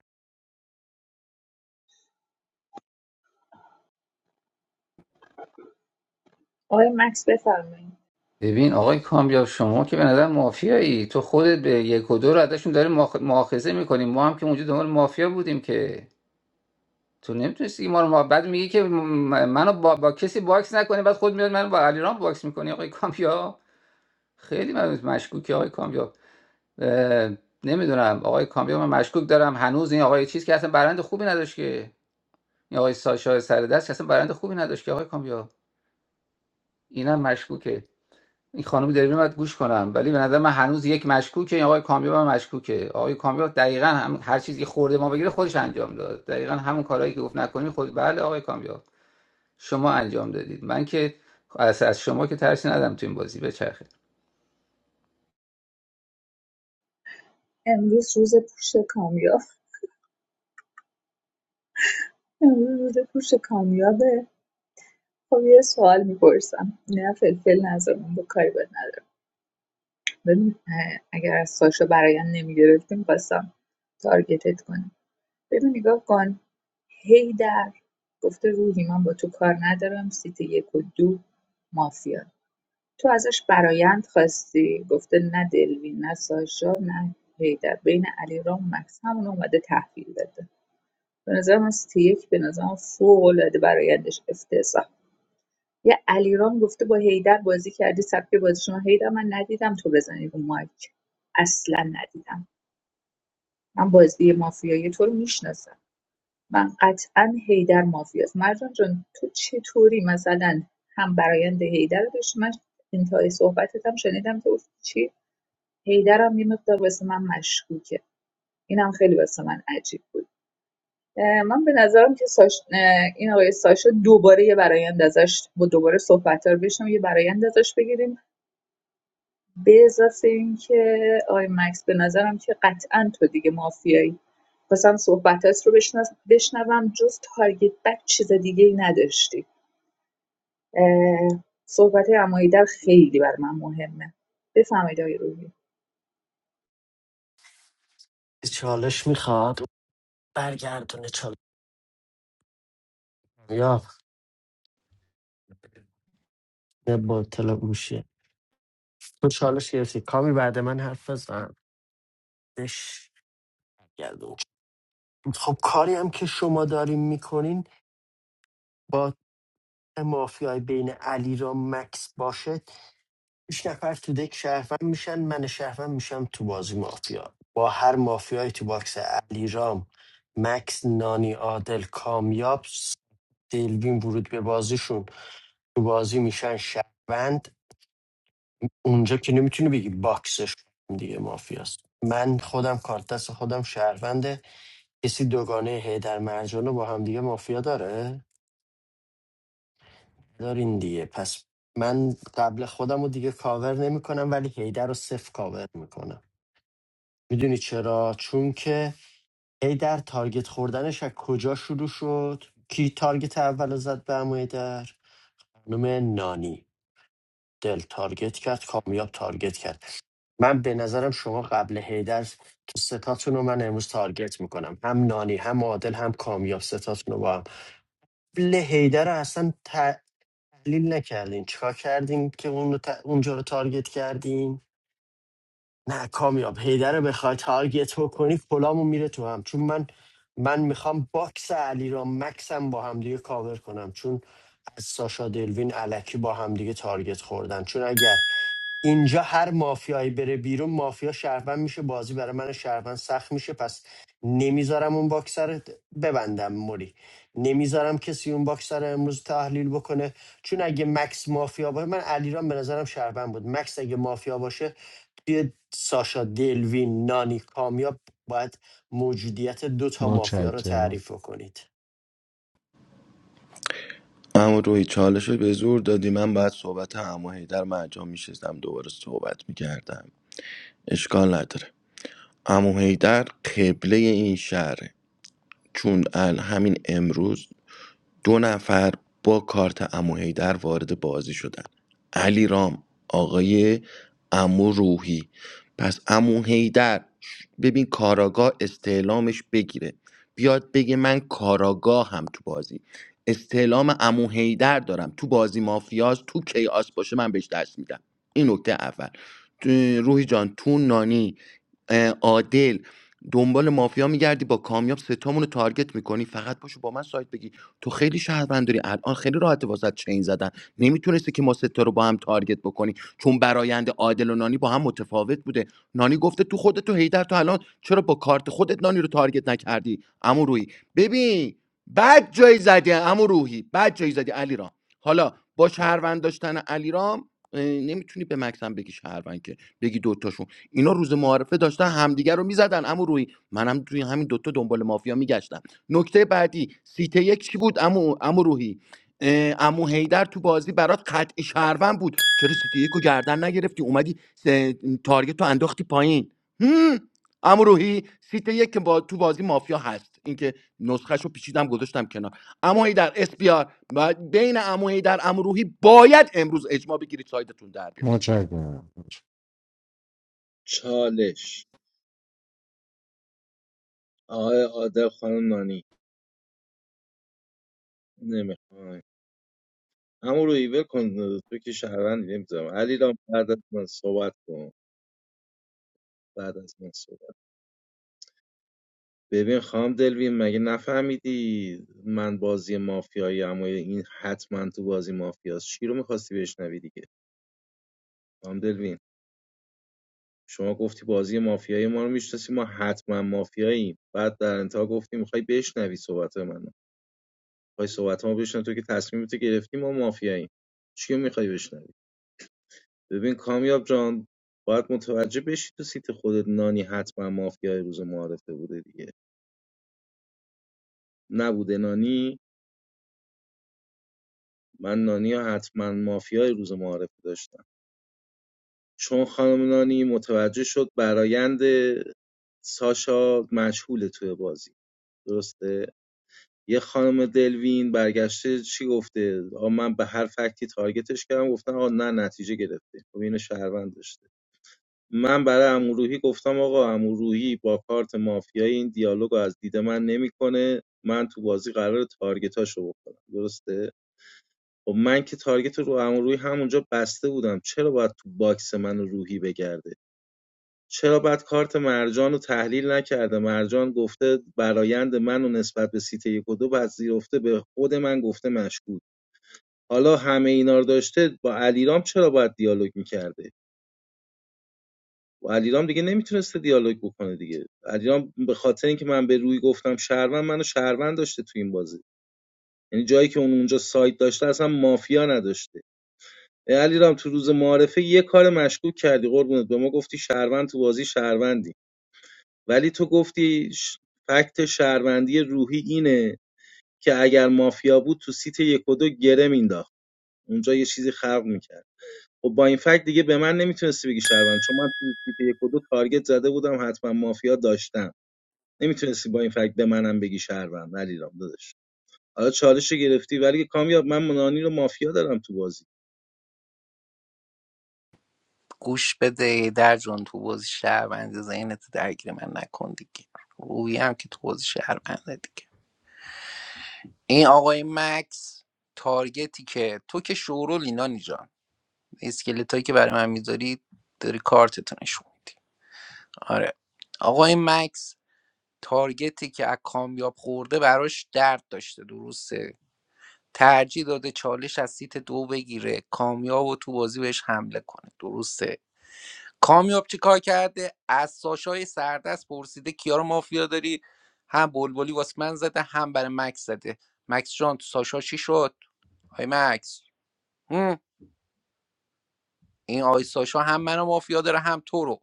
آقای مکس بفرمایید
ببین آقای کامیاب شما که به نظر مافیایی تو خودت به یک و دو رو ازشون داری مؤاخ- مؤاخذه میکنیم ما هم که اونجا دنبال مافیا بودیم که تو نمیتونستی ما رو ما بعد میگی که م- منو با, با کسی باکس نکنی بعد خود میاد منو با علیرام باکس میکنی آقای کامیاب خیلی من مشکوکی آقای کامیاب نمیدونم آقای کامیاب من مشکوک دارم هنوز این آقای چیز که اصلا برند خوبی نداشت که این آقای ساشا سر دست که اصلا برند خوبی نداشت که آقای کامیاب اینم مشکوکه این خانم دریوری باید گوش کنم ولی به نظر من هنوز یک مشکوکه این آقای کامیاب هم مشکوکه آقای کامیاب دقیقا هم هر چیزی خورده ما بگیره خودش انجام داد دقیقا همون کارهایی که گفت نکنی خود بله آقای کامیاب شما انجام دادید من که از از شما که ترسی ندارم تو این بازی بچرخه
امروز روز پوش کامیاب امروز روز پوش کامیابه خب یه سوال میپرسم نه فلفل نظر من با کاری باید ندارم ببین اه، اگر از ساشا برایم نمیگرفتی میخواستم تارگتت کنم ببین نگاه کن هی در گفته روحی من با تو کار ندارم سیت یک و دو مافیا تو ازش برایند خواستی گفته نه دلوین نه ساشا نه هیدر بین علی رام و مکس همون اومده تحویل داده به نظر من سیتی یک به نظر فوق العاده برایندش افتضاح یه علیرام گفته با حیدر بازی کردی سبک بازیشون هیدر من ندیدم تو بزنی رو مایک اصلا ندیدم من بازی مافیایی تو رو میشناسم من قطعا هیدر مافیاست مرجان جان تو چطوری مثلا هم برایند هیدر رو داشتی من انتهای صحبتت هم شنیدم که گفتی چی حیدر هم یه مقدار واسه من مشکوکه اینم خیلی واسه من عجیب بود اه، من به نظرم که ساش... اه، این آقای ساشا دوباره یه برایند ازش با دوباره صحبت رو بشنم یه برایند ازش بگیریم به اضافه اینکه آقای مکس به نظرم که قطعا تو دیگه مافیایی خواستم صحبتات رو بشنس- بشنوم جز تارگت بک چیز دیگه ای نداشتی صحبت امایی در خیلی بر من مهمه بفهمید آقای روحی
چالش میخواد برگردونه چالش یا نه با تلا گوشیه. تو چالش گرفتی کامی بعد من حرف بزن بش گردون خب کاری هم که شما دارین میکنین با مافیای بین علی را مکس باشه هیچ نفر تو دک شهروند میشن من شهروند میشم تو بازی مافیا با هر مافیای تو باکس علی رام مکس نانی عادل کامیاب دلوین ورود به بازیشون تو بازی میشن شهروند اونجا که نمیتونی بگی باکسش دیگه مافیاست من خودم کارت دست خودم شهرونده کسی دوگانه هیدر مرجان رو با هم دیگه مافیا داره دارین دیگه پس من قبل خودم رو دیگه کاور نمیکنم ولی هیدر رو صفر کاور میکنم میدونی چرا چون که هیدر تارگت خوردنش از کجا شروع شد کی تارگت اول رو زد به عمو هیدر خانم نانی دل تارگت کرد کامیاب تارگت کرد من به نظرم شما قبل هیدر تو ستاتون رو من امروز تارگت میکنم هم نانی هم عادل هم کامیاب ستاتون رو با هم قبل هیدر رو اصلا تحلیل نکردین چیکار کردین که اون رو ت- اونجا رو تارگت کردین نه کامیاب هیدر رو بخوای تارگت بکنی کلامو میره تو هم چون من من میخوام باکس علیرام را مکسم با هم دیگه کاور کنم چون از ساشا دلوین علکی با هم دیگه تارگت خوردن چون اگر اینجا هر مافیایی بره بیرون مافیا شهروند میشه بازی برای من شهروند سخت میشه پس نمیذارم اون باکسر رو ببندم موری نمیذارم کسی اون باکسر رو امروز تحلیل بکنه چون اگه مکس مافیا باشه من علیرام به نظرم شهروند بود مکس اگه مافیا باشه توی ساشا دلوین نانی کامیاب باید موجودیت دو تا مافیا رو
متشکرم
تعریف کنید
اما روی چالش رو به زور دادی من باید صحبت امو هیدر من میشستم دوباره صحبت میکردم اشکال نداره امو هیدر قبله این شهره چون ال همین امروز دو نفر با کارت عمو حیدر وارد بازی شدن علی رام آقای عمو روحی پس عمو حیدر ببین کاراگاه استعلامش بگیره بیاد بگه من کاراگاه هم تو بازی استعلام عمو حیدر دارم تو بازی مافیاز تو کیاس باشه من بهش دست میدم این نکته اول تو- روحی جان تو نانی اه، عادل دنبال مافیا میگردی با کامیاب ستامون رو تارگت میکنی فقط باشو با من سایت بگی تو خیلی شهرونداری الان خیلی راحت واسط چین زدن نمیتونستی که ما ستا رو با هم تارگت بکنی چون برایند عادل و نانی با هم متفاوت بوده نانی گفته تو خودت تو هیدر تو الان چرا با کارت خودت نانی رو تارگت نکردی عمو روحی ببین بد جایی زدی عمو روحی بد جایی زدی علیرام حالا با شهروند داشتن علیرام اه، نمیتونی به مکسم بگی شهروند که بگی دوتاشون اینا روز معارفه داشتن همدیگر رو میزدن اما روی منم توی همین دوتا دنبال مافیا میگشتم نکته بعدی سیته یک چی بود امو, امو روحی اه، امو هیدر تو بازی برات قطعی شهروند بود چرا سیته یک رو گردن نگرفتی اومدی س- تارگت رو انداختی پایین هم. امو روحی سیته یک که با تو بازی مافیا هست اینکه نسخه رو پیچیدم گذاشتم کنار امو هیدر اس بی آر بین امو هیدر امو روحی باید امروز اجماع بگیرید سایدتون در بیاد
متشکرم
چالش آقای عادل خانم نانی نمیخوام همون رو ایول کن تو که شهروندی نمیذارم علی رام بعد از من صحبت کن بعد از من صحبت ببین خام دلوین مگه نفهمیدی من بازی مافیایی اما این حتما تو بازی مافیاست چی رو میخواستی بشنوی دیگه خام دلوین شما گفتی بازی مافیایی ما رو میشناسی ما حتما مافیاییم بعد در انتها گفتی میخوای بشنوی صحبت منو میخوای صحبت ما بشنوی تو که تصمیم تو گرفتی ما مافیاییم چی رو میخوای بشنوی ببین کامیاب جان باید متوجه بشی تو سیت خودت نانی حتما مافیای روز معارفه بوده دیگه نبوده نانی من نانی ها حتما مافیای روز معارفه داشتم چون خانم نانی متوجه شد برایند ساشا مجهوله توی بازی درسته یه خانم دلوین برگشته چی گفته آقا من به هر فکتی تارگتش کردم گفتن آقا نه نتیجه گرفته خب اینو شهروند داشته من برای عموروحی گفتم آقا عموروحی با کارت مافیایی این دیالوگ رو از دید من نمیکنه من تو بازی قرار تارگتاشو بکنم درسته خب من که تارگت رو عموروحی همونجا بسته بودم چرا باید تو باکس من و روحی بگرده چرا بعد کارت مرجان رو تحلیل نکرده مرجان گفته برایند من و نسبت به سیت یک و دو پذیرفته به خود من گفته مشکوک حالا همه اینا رو داشته با علیرام چرا باید دیالوگ میکرده و علیرام دیگه نمیتونسته دیالوگ بکنه دیگه علیرام به خاطر اینکه من به روی گفتم شهروند منو شهروند داشته تو این بازی یعنی جایی که اون اونجا سایت داشته اصلا مافیا نداشته علیرام تو روز معارفه یه کار مشکوک کردی قربونت به ما گفتی شهروند تو بازی شهروندی ولی تو گفتی ش- فکت شهروندی روحی اینه که اگر مافیا بود تو سیت یک و دو گره مینداخت اونجا یه چیزی خلق میکرد خب با این فکت دیگه به من نمیتونستی بگی شهروند چون من تو سیت یک و دو تارگت زده بودم حتما مافیا داشتم نمیتونستی با این فکت به منم بگی شهروند علیرام داداش حالا چالش گرفتی ولی کامیاب من منانی رو مافیا دارم تو بازی
گوش بده در جون تو بازی شهروند ذهنت رو درگیر من نکن دیگه روی هم که تو بازی شهروند دیگه این آقای مکس تارگتی که تو که شورول اینا جان اسکلت که برای من میذاری داری کارتتو نشون میدی آره آقای مکس تارگتی که از کامیاب خورده براش درد داشته درسته ترجیح داده چالش از سیت دو بگیره کامیاب و تو بازی بهش حمله کنه درسته کامیاب چی کار کرده از ساشای سردست پرسیده کیا رو مافیا داری هم بلبلی واسه من زده هم برای مکس زده مکس جان تو ساشا چی شد آی مکس هم. این آی ساشا هم منو مافیا داره هم تو رو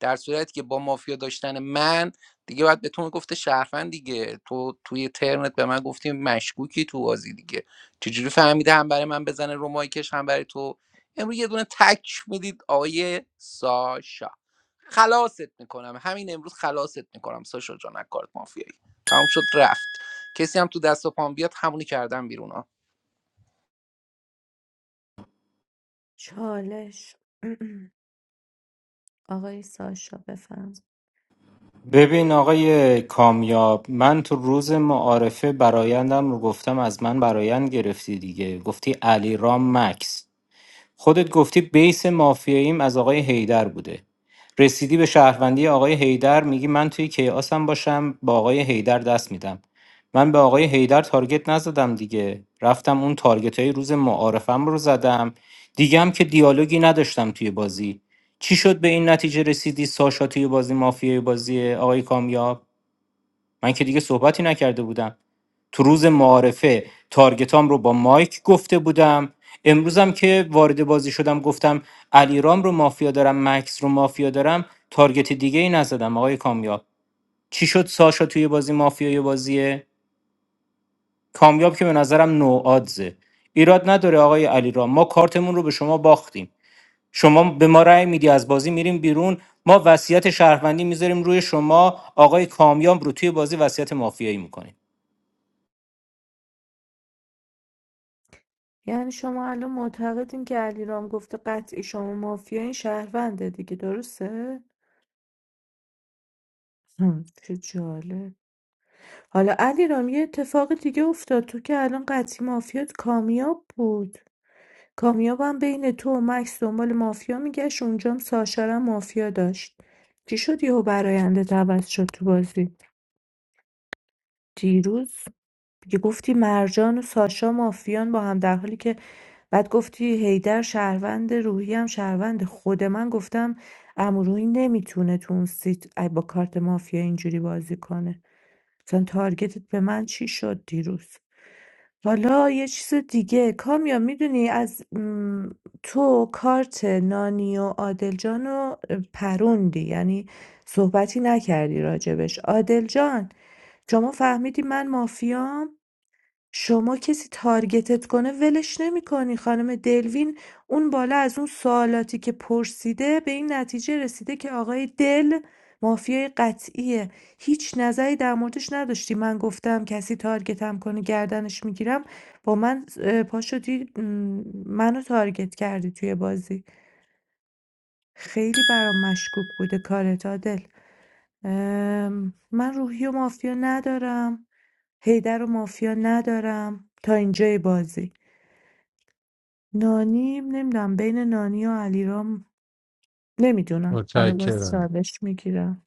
در صورتی که با مافیا داشتن من دیگه باید به تو میگفته شرفن دیگه تو توی ترنت به من گفتی مشکوکی تو بازی دیگه چجوری فهمیده هم برای من بزنه رو مایکش هم برای تو امروز یه دونه تک میدید آقای ساشا خلاصت میکنم همین امروز خلاصت میکنم ساشا جان از کارت مافیایی تمام شد رفت کسی هم تو دست و پام بیاد همونی کردم بیرون ها
چالش <clears throat> آقای ساشا بفرم
ببین آقای کامیاب من تو روز معارفه برایندم رو گفتم از من برایند گرفتی دیگه گفتی علی رام مکس خودت گفتی بیس مافیاییم از آقای هیدر بوده رسیدی به شهروندی آقای هیدر میگی من توی کیاسم باشم با آقای هیدر دست میدم من به آقای هیدر تارگت نزدم دیگه رفتم اون تارگت های روز معارفم رو زدم دیگه هم که دیالوگی نداشتم توی بازی چی شد به این نتیجه رسیدی ساشا توی بازی مافیای بازی آقای کامیاب من که دیگه صحبتی نکرده بودم تو روز معارفه تارگتام رو با مایک گفته بودم امروزم که وارد بازی شدم گفتم علیرام رو مافیا دارم مکس رو مافیا دارم تارگت دیگه ای نزدم آقای کامیاب چی شد ساشا توی بازی مافیای بازیه کامیاب که به نظرم نوآدزه ایراد نداره آقای علیرام ما کارتمون رو به شما باختیم شما به ما رأی میدی از بازی میریم بیرون ما وصیت شهروندی میذاریم روی شما آقای کامیاب رو توی بازی وصیت مافیایی میکنیم
یعنی شما الان معتقدین که علیرام گفته قطعی شما مافیا این شهرونده دیگه درسته؟ هم، چه جالب حالا علیرام یه اتفاق دیگه افتاد تو که الان قطعی مافیات کامیاب بود کامیاب هم بین تو و مکس دنبال مافیا میگشت اونجام ساشا رو هم مافیا داشت چی شد یهو براینده عوض شد تو بازی دیروز دیگه گفتی مرجان و ساشا مافیان با هم در حالی که بعد گفتی هیدر شهروند روحی هم شهروند خود من گفتم امروی نمیتونه تو اون سیت ای با کارت مافیا اینجوری بازی کنه مثلا تارگتت به من چی شد دیروز حالا یه چیز دیگه کامیا میدونی از م، تو کارت نانی و عادل جان رو پروندی یعنی صحبتی نکردی راجبش عادل جان شما فهمیدی من مافیام شما کسی تارگتت کنه ولش نمیکنی خانم دلوین اون بالا از اون سوالاتی که پرسیده به این نتیجه رسیده که آقای دل مافیای قطعیه هیچ نظری در موردش نداشتی من گفتم کسی تارگتم کنه گردنش میگیرم با من اه، پا شدی م، منو تارگت کردی توی بازی خیلی برام مشکوک بوده کارت عادل ام، من روحی و مافیا ندارم هیدر و مافیا ندارم تا اینجای بازی نانی نمیدونم بین نانی و علیرام نمیدونم حالا باز
متشکرم
چالش میگیرم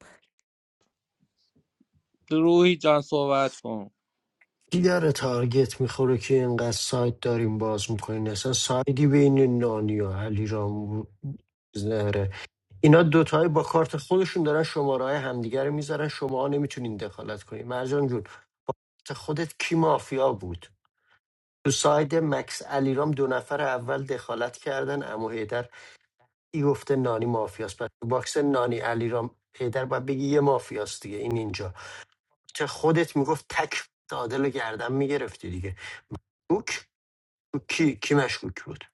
روحی جان صحبت کن
کی داره تارگت میخوره که اینقدر سایت داریم باز میکنین اصلا سایدی بین نانی و علی رام زهره اینا دوتایی با کارت خودشون دارن شماره های همدیگه رو میذارن شما نمیتونین دخالت کنین مرجان جون با کارت خودت کی مافیا بود تو ساید مکس علیرام دو نفر اول دخالت کردن امو کی گفته نانی مافیاست پس تو باکس نانی علیرام پیدر باید بگی یه مافیاست دیگه این اینجا که خودت میگفت تک عادل رو گردن میگرفتی دیگه دوک تو کی کی مشکوک بود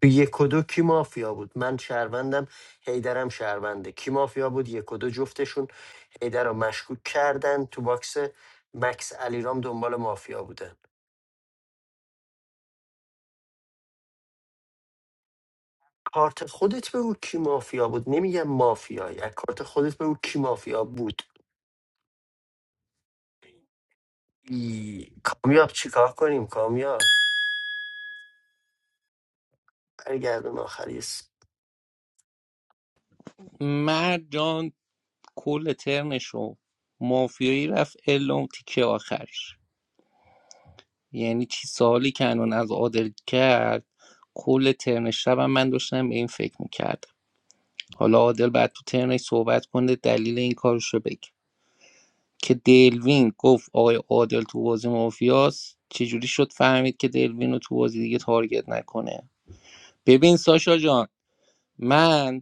تو یک و دو کی مافیا بود من شهروندم هیدرم شهرونده کی مافیا بود یک و دو جفتشون هیدر رو مشکوک کردن تو باکس مکس علیرام دنبال مافیا بودن کارت خودت بگو کی مافیا بود نمیگم مافیایی از کارت خودت بگو کی مافیا بود ای، کامیاب چیکار کنیم کامیاب برگردون آخری س-
مرد جان کل ترنشو مافیایی رفت الم تیکه آخرش یعنی چی سالی که انون از عادل کرد کل ترن شبم من داشتم به این فکر میکردم حالا عادل بعد تو ترنش صحبت کنه دلیل این کارش رو بگه که دلوین گفت آقای عادل تو بازی مافیاس چجوری شد فهمید که دلوین رو تو بازی دیگه تارگت نکنه ببین ساشا جان من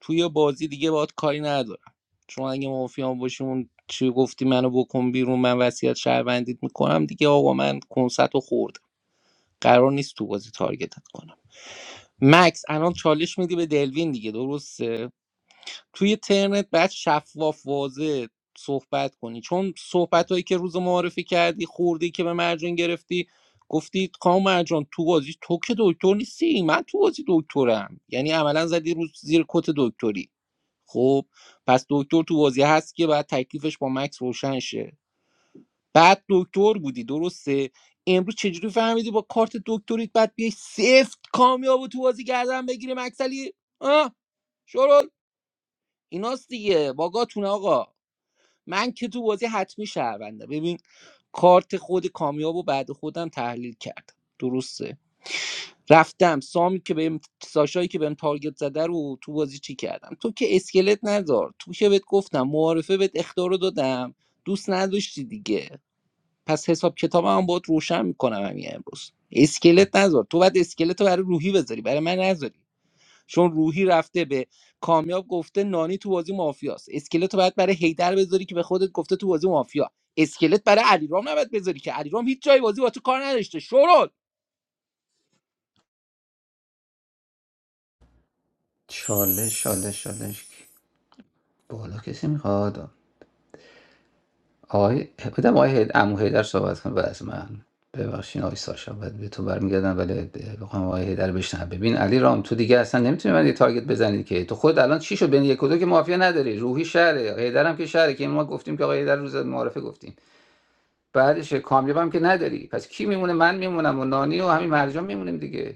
توی بازی دیگه باید کاری ندارم چون اگه مافیا باشیم اون چی گفتی منو بکن بیرون من وصیت شهروندیت میکنم دیگه آقا من کنسرت رو خوردم قرار نیست تو بازی تارگتت کنم مکس الان چالش میدی به دلوین دیگه درسته توی ترنت بعد شفاف واضح صحبت کنی چون صحبت هایی که روز معارفی کردی خوردی که به مرجان گرفتی گفتی کام مرجان تو بازی تو که دکتر نیستی من تو بازی دکترم یعنی عملا زدی روز زیر کت دکتری خب پس دکتر تو بازی هست که بعد تکلیفش با مکس روشن شه بعد دکتر بودی درسته امروز چجوری فهمیدی با کارت دکتریت بعد بیای سفت کامیاب و تو بازی گردن بگیری مکسلی آه ایناست دیگه باگاتون آقا من که تو بازی حتمی شهرونده ببین کارت خود کامیاب و بعد خودم تحلیل کردم درسته رفتم سامی که بهم ساشایی که بهم تارگت زده رو تو بازی چی کردم تو که اسکلت نذار تو که بهت گفتم معارفه بهت اخطار رو دادم دوست نداشتی دیگه پس حساب کتاب هم باید روشن میکنم همین امروز اسکلت نذار تو باید اسکلت رو برای روحی بذاری برای من نذاری چون روحی رفته به کامیاب گفته نانی تو بازی مافیاست اسکلت رو باید برای هیدر بذاری که به خودت گفته تو بازی مافیا اسکلت برای علیرام نباید بذاری که علیرام هیچ جای بازی با تو کار نداشته شورول
چالش چالش چالش بالا کسی میخواد آقای بودم آقای هید... عمو حیدر صحبت کنه بعد از من ببخشین آقای ساشا بعد به تو برمیگردم ولی بخوام آقای هیدر بشنم ببین علی رام تو دیگه اصلا نمیتونی من یه تارگت بزنی که تو خود الان چی شد بین یک و دو که مافیا نداری روحی شهره هیدر هم که شهره که ما گفتیم که آقای هیدر روز معارفه گفتیم بعدش کامیاب هم که نداری پس کی میمونه من میمونم و نانی و همین مرجان میمونیم دیگه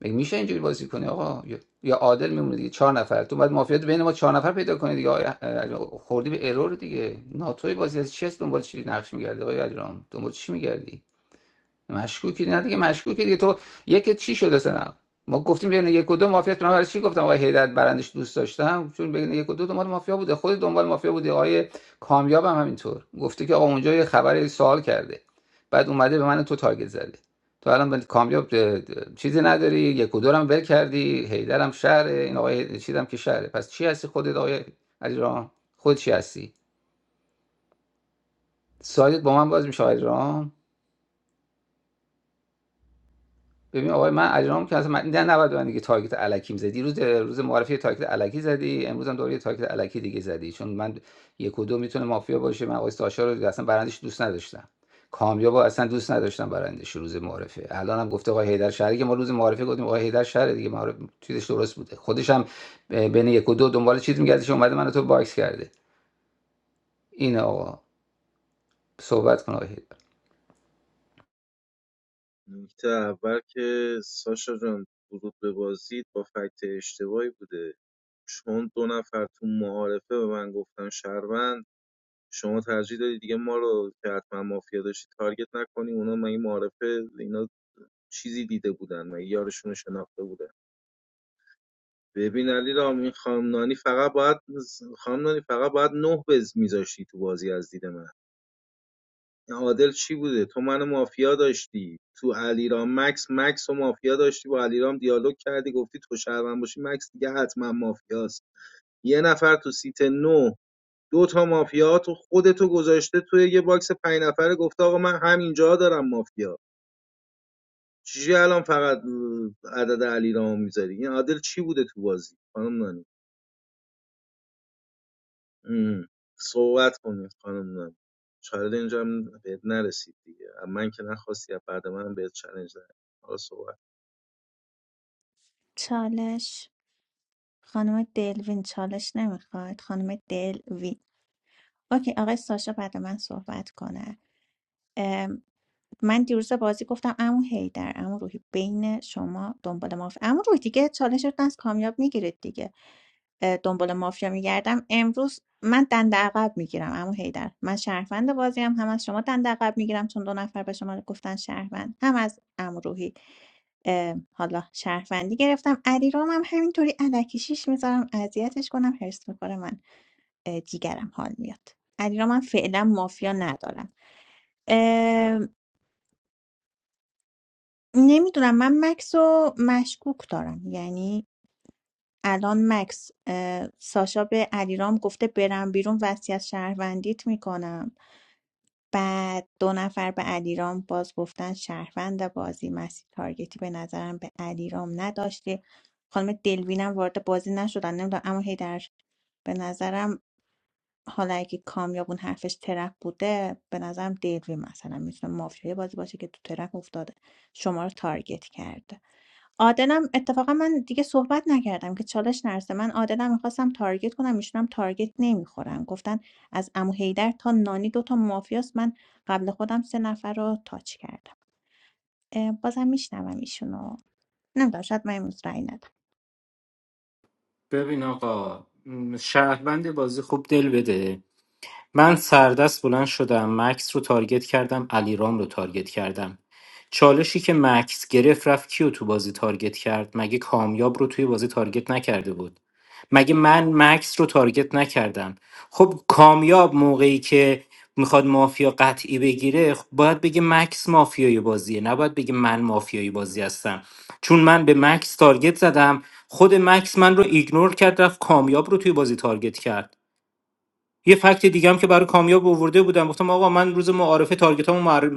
مگه میشه اینجوری بازی کنی آقا یا عادل میمونه دیگه چهار نفر تو بعد مافیات بین ما چهار نفر پیدا کنی دیگه آقای خوردی به ارور دیگه ناتوی بازی از چی هست دنبال چی نقش میگردی آقای علیرام دنبال چی میگردی مشکوکی نه دیگه مشکوکی دیگه تو یک چی شده سنا ما گفتیم بین یک و دو مافیا من برای چی گفتم آقای هیدر برندش دوست داشتم چون بین یک و دو دنبال مافیا بوده خود دنبال مافیا بوده آقای کامیاب هم همینطور گفته که آقا اونجا یه خبر سوال کرده بعد اومده به من تو تارگت زده تو الان به کامیاب اه، چیزی نداری یک و دو رو هم ول کردی هیدر هم شهره این آقای چیدم که شهره پس چی هستی خودت آقای علیرام خود چی هستی سایت با من باز میشه آقای ببین آقای من اجرام که اصلا من نه نباید به من دیگه تارگت الکیم زدی دیروز روز معرفی تارگت الکی زدی امروز هم دوباره یه تارگت الکی دیگه زدی چون من یک و دو میتونه مافیا باشه من آقای ساشا رو اصلا برندش دوست نداشتم کامیاب اصلا دوست نداشتم برندش روز معرفه الان هم گفته آقای هیدر شهری که ما روز معرفه گفتیم آقای هیدر شهر دیگه معرف چیزش درست بوده خودش هم ب- بین یک و دو دنبال چیز میگردش اومده منو تو باکس کرده این آقا صحبت کن آقای هیدر
نکته اول که ساشا جان ورود به بازی با فکت اشتباهی بوده چون دو نفر تو معارفه به من گفتن شهروند شما ترجیح دادی دیگه ما رو که حتما مافیا داشتی تارگت نکنی اونا من این معارفه اینا چیزی دیده بودن و یارشون رو شناخته بودن ببین علی رام این خانم نانی فقط باید خانم نانی فقط باید نه بز میذاشتی تو بازی از دید من این عادل چی بوده تو منو مافیا داشتی تو علیرام مکس مکس و مافیا داشتی با علیرام دیالوگ کردی گفتی تو شهروند باشی مکس دیگه حتما مافیاست یه نفر تو سیت نو دو تا مافیا تو خودتو گذاشته توی یه باکس پنج نفره گفته آقا من همینجا دارم مافیا چجوری الان فقط عدد علیرامو میذاری این عادل چی بوده تو بازی خانم نانی ام. صحبت کنید خانم نم چاره اینجا هم بهت نرسید دیگه اما من که نخواستی از بعد من هم بهت چالش ندادم حالا صحبت
چالش خانم دلوین چالش نمیخواد خانم دلوین اوکی آقای ساشا بعد من صحبت کنه من دیروز بازی گفتم عمو حیدر عمو روحی بین شما دنبال مافیا عمو روحی دیگه چالشتون از کامیاب میگیرید دیگه اه، دنبال مافیا میگردم امروز من دنده عقب میگیرم عمو حیدر من شهروند بازیم هم از شما دنده عقب میگیرم چون دو نفر به شما گفتن شهروند هم از عمو روحی اه، حالا شهروندی گرفتم علی رام هم همینطوری علکی شیش میذارم اذیتش کنم هرس میکنه من اه، جیگرم حال میاد علی رام من فعلا مافیا ندارم نمیدونم من مکس رو مشکوک دارم یعنی الان مکس اه، ساشا به علیرام گفته برم بیرون وصیت شهروندیت میکنم بعد دو نفر به علیرام باز گفتن شهروند بازی مسیح تارگتی به نظرم به علیرام نداشته خانم دلوینم وارد بازی نشدن نمیدونم اما هیدر به نظرم حالا اگه کامیابون حرفش ترپ بوده به نظرم دلوین مثلا میتونه مافیای بازی باشه که تو ترپ افتاده شما رو تارگت کرده عادلم اتفاقا من دیگه صحبت نکردم که چالش نرسه من عادلم میخواستم تارگت کنم ایشون هم تارگت نمیخورن گفتن از عمو حیدر تا نانی دوتا مافیاست من قبل خودم سه نفر رو تاچ کردم اه، بازم میشنوم ایشونو نمیدونم شاید من امروز رأی ندم
ببین آقا م، شهروند بازی خوب دل بده من سردست بلند شدم مکس رو تارگت کردم علیرام رو تارگت کردم چالشی که مکس گرفت رفت کیو تو بازی تارگت کرد مگه کامیاب رو توی بازی تارگت نکرده بود مگه من مکس رو تارگت نکردم خب کامیاب موقعی که میخواد مافیا قطعی بگیره خب باید بگه مکس مافیای بازیه نباید بگه من مافیای بازی هستم چون من به مکس تارگت زدم خود مکس من رو ایگنور کرد رفت کامیاب رو توی بازی تارگت کرد یه فکت دیگه هم که برای کامیاب آورده بودم گفتم آقا من روز معارفه تارگتامو معر...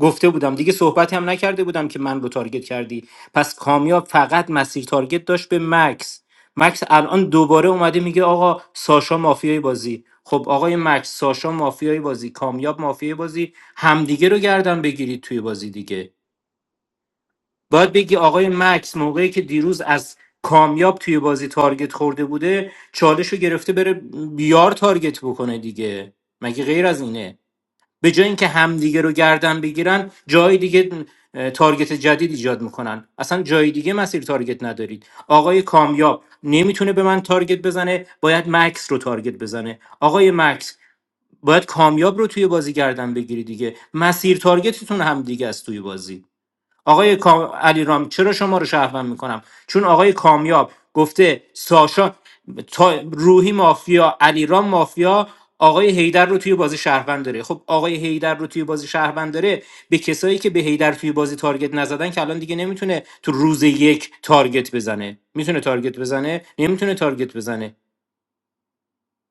گفته بودم دیگه صحبتی هم نکرده بودم که من رو تارگت کردی پس کامیاب فقط مسیر تارگت داشت به مکس مکس الان دوباره اومده میگه آقا ساشا مافیای بازی خب آقای مکس ساشا مافیای بازی کامیاب مافیای بازی همدیگه رو گردن بگیرید توی بازی دیگه باید بگی آقای مکس موقعی که دیروز از کامیاب توی بازی تارگت خورده بوده چالش رو گرفته بره بیار تارگت بکنه دیگه مگه غیر از اینه به جای اینکه همدیگه رو گردن بگیرن جای دیگه اه، تارگت جدید ایجاد میکنن اصلا جای دیگه مسیر تارگت ندارید آقای کامیاب نمیتونه به من تارگت بزنه باید مکس رو تارگت بزنه آقای مکس باید کامیاب رو توی بازی گردن بگیری دیگه مسیر تارگتتون هم دیگه است توی بازی آقای کا- علیرام چرا شما رو شهروند میکنم چون آقای کامیاب گفته ساشا تا- روحی مافیا علیرام مافیا آقای هیدر رو توی بازی شهروند داره خب آقای هیدر رو توی بازی شهروند داره به کسایی که به هیدر توی بازی تارگت نزدن که الان دیگه نمیتونه تو روز یک تارگت بزنه میتونه تارگت بزنه نمیتونه تارگت بزنه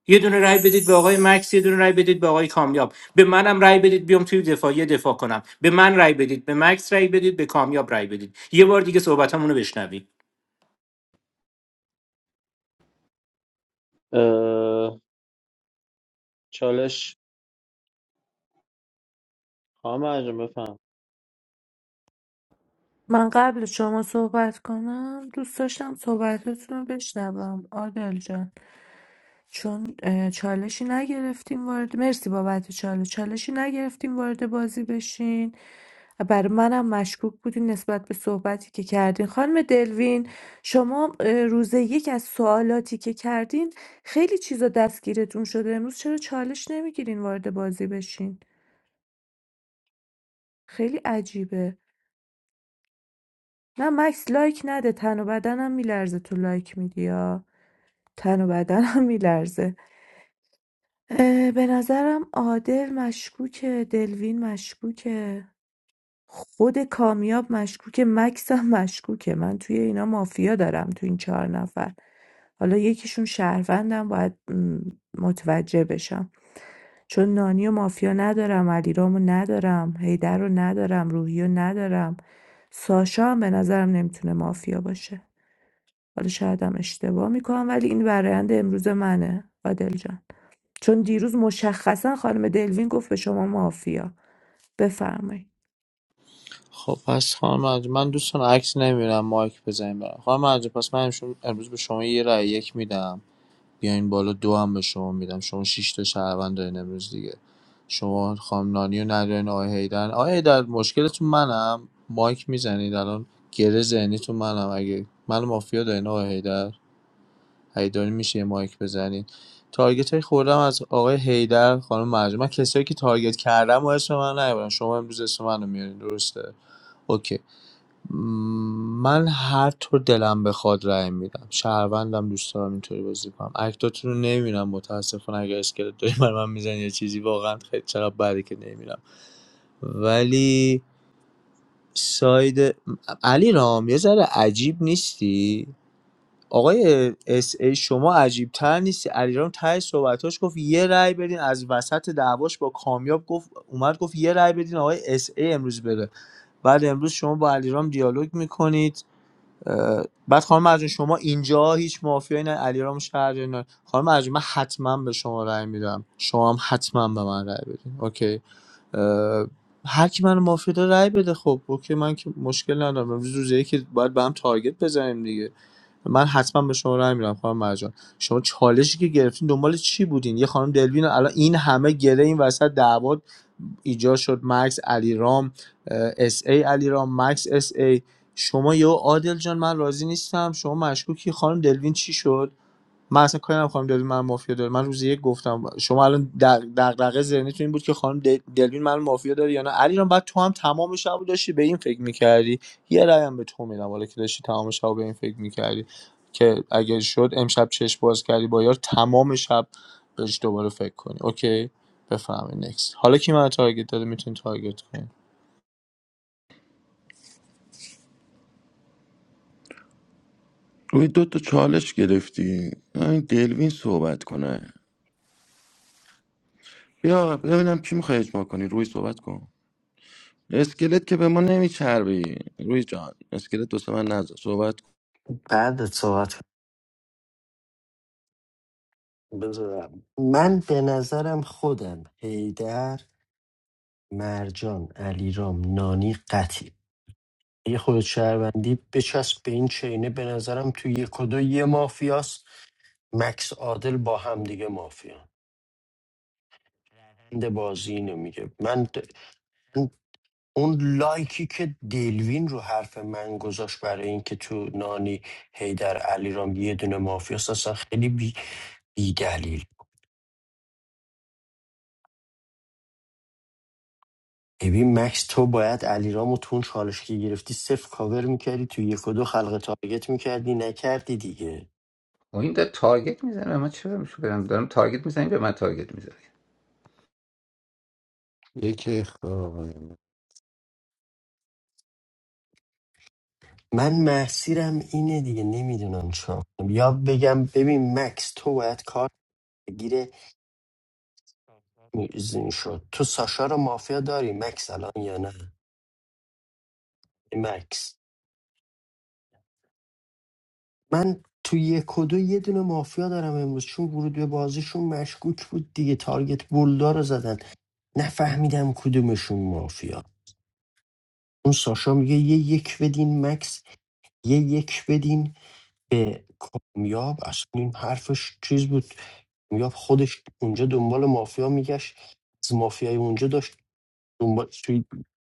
یه دونه رای بدید به آقای مکس یه دونه رای بدید به آقای کامیاب به منم رای بدید بیام توی دفاعی دفاع کنم به من رای بدید به مکس رای بدید به کامیاب رای بدید یه بار دیگه صحبتمون رو بشنوید
اه، چالش خواهم انجام بفهم
من قبل شما صحبت کنم دوست داشتم صحبتتون رو بشنوم عادل جان چون اه، چالشی نگرفتیم وارد مرسی بابت چالش چالشی نگرفتیم وارد بازی بشین برای منم مشکوک بودین نسبت به صحبتی که کردین خانم دلوین شما اه، روز یک از سوالاتی که کردین خیلی چیزا دستگیرتون شده امروز چرا چالش نمیگیرین وارد بازی بشین خیلی عجیبه نه مکس لایک نده تن و بدنم میلرزه تو لایک میدی یا تن و بدنم میلرزه اه، به نظرم عادل مشکوکه دلوین مشکوکه خود کامیاب مشکوکه مکس هم مشکوکه من توی اینا مافیا دارم تو این چهار نفر حالا یکیشون شهروندم باید م، متوجه بشم چون نانی و مافیا ندارم علیرامو ندارم هیدر رو ندارم روحی رو ندارم ساشا هم به نظرم نمیتونه مافیا باشه حالا شاید هم اشتباه میکنم ولی این برایند امروز منه عادل جان چون دیروز مشخصا خانم دلوین گفت به شما مافیا بفرمایید
خب پس خانم مرجان من دوستان عکس نمیرم مایک بزنیم برم خانم مرجان پس من امروز به شما یه رای یک میدم بیاین بالا دو هم به شما میدم شما شش تا شهروند دارین امروز دیگه شما خانم نانی و ندارین آقای هیدر آقای هیدر مشکلتون منم مایک میزنید الان گره ذهنیتون منم اگه من مافیا دارین آقای هیدر هیدری میشه یه مایک بزنین تارگتای خوردم از آقای هیدر خانم مرجان من کسایی که تارگت کردم و اسم من نیبرن شما امروز اسم منو میارین درسته اوکی م، من هر طور دلم بخواد رأی میدم شهروندم دوست دارم اینطوری بازی کنم اکتاتون رو نمیرم متاسفانه اگر اسکلت داریم برای من میزنی یه چیزی واقعا خیلی چرا بده که نمیرم ولی ساید علی رام یه ذره عجیب نیستی آقای اس ای شما عجیب تر نیستی علیرام ته صحبتاش گفت یه رأی بدین از وسط دعواش با کامیاب گفت اومد گفت یه رأی بدین آقای اس ای امروز بره بعد امروز شما با علیرام دیالوگ میکنید بعد خانم مرجان شما اینجا هیچ مافیایی نه علیرام شهر نه خانم مرجان من حتما به شما رأی میدم شما هم حتما به من رأی بدین اوکی اه، هر کی من مافیا داره رأی بده خب اوکی من که مشکل ندارم امروز روزه که باید به هم تارگت بزنیم دیگه من حتما به شما رای میدم خانم مرجان شما چالشی که گرفتین دنبال چی بودین یه خانم دلوین الان این همه گله این وسط دعوا ایجاد شد مکس علیرام اس ای علیرام مکس اس ای شما یه عادل جان من راضی نیستم شما مشکوکی خانم دلوین چی شد من اصلا کاری ندارم خانم دلوین من مافیا داره من روز یک گفتم شما الان در دغدغه ذهنیتون این بود که خانم دل- دلوین من مافیا داره یا نه علیرام بعد تو هم تمام شب داشتی به این فکر میکردی یه رأی هم به تو میدم حالا که داشتی تمام شب به این فکر میکردی که اگه شد امشب چش باز کردی با یار تمام شب بهش دوباره فکر کنی اوکی بفهمی نکست حالا کی من تارگت داده میتونی تارگت کنی
روی دو تا چالش گرفتی این دلوین صحبت کنه بیا ببینم کی میخوای اجماع کنی روی صحبت کن اسکلت که به ما نمیچربی روی جان اسکلت دوست من نذار صحبت کن.
بعد صحبت کنم. بذارم من به نظرم خودم هیدر مرجان علیرام نانی قطی اگه خود شهروندی بچسب به این چینه به نظرم تو یک و دو یه مافیاست مکس عادل با هم دیگه مافیا بنده بازی اینو میگه من اون لایکی که دلوین رو حرف من گذاشت برای اینکه تو نانی هیدر علیرام یه دونه مافیا اصلا خیلی بی, بی دلیل ببین مکس تو باید علیرامو تو اون چالش که گرفتی صفر کاور میکردی تو یک و دو خلق تارگت میکردی نکردی دیگه
این داره تارگت میزنه من چرا میشه برم تارگت میزنم به من تارگت میزنه
یک اختار
من محصیرم اینه دیگه نمیدونم چا یا بگم ببین مکس تو باید کار گیره میزین شد تو ساشا رو مافیا داری مکس الان یا نه مکس من تو یک و دو یه دونه مافیا دارم امروز چون ورود به بازیشون مشکوک بود دیگه تارگت بولدار رو زدن نفهمیدم کدومشون مافیا اون ساشا میگه یه یک بدین مکس یه یک بدین به کامیاب اصلا این حرفش چیز بود کامیاب خودش اونجا دنبال مافیا میگشت از مافیای اونجا داشت دنبال توی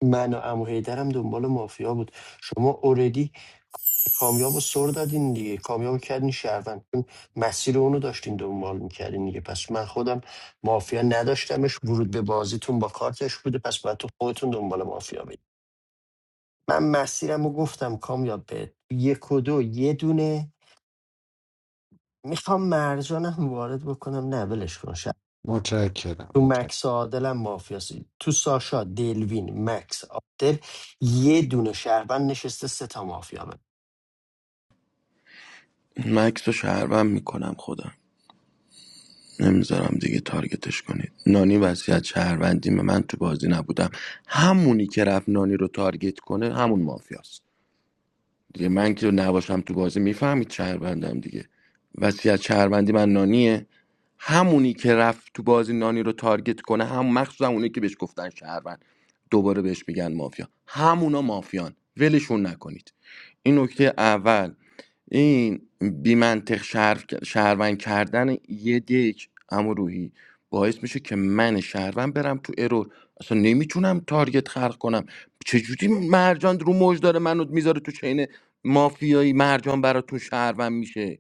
من و عمو حیدرم دنبال مافیا بود شما اوردی کامیاب رو سر دادین دیگه کامیاب رو کردین شهروند چون مسیر اونو داشتین دنبال میکردین دیگه پس من خودم مافیا نداشتمش ورود به بازیتون با کارتش بوده پس باید تو خودتون دنبال مافیا بید من مسیرم رو گفتم کامیاب به یک و دو یه دونه میخوام مرجانم وارد بکنم نه ولش کن شد
متشکرم
تو
متشکرم
مکس عادلم مافیاسی تو ساشا دلوین مکس عادل یه دونه شهروند نشسته سه تا مافیا من.
مکس و شهروند میکنم خودم نمیذارم دیگه تارگتش کنید نانی وصیت شهروندی من تو بازی نبودم همونی که رفت نانی رو تارگت کنه همون مافیاست دیگه من که نباشم تو بازی میفهمید شهروندم دیگه وصیت شهروندی من نانیه همونی که رفت تو بازی نانی رو تارگت کنه هم مخصوصا اونی که بهش گفتن شهروند دوباره بهش میگن مافیا همونا مافیان ولشون نکنید این نکته اول این بیمنطق شهر... شهروند کردن یه دیک اما روحی باعث میشه که من شهروند برم تو ارور اصلا نمیتونم تارگت خلق کنم چجوری مرجان رو موج داره منو میذاره تو چین مافیایی مرجان براتون شهروند میشه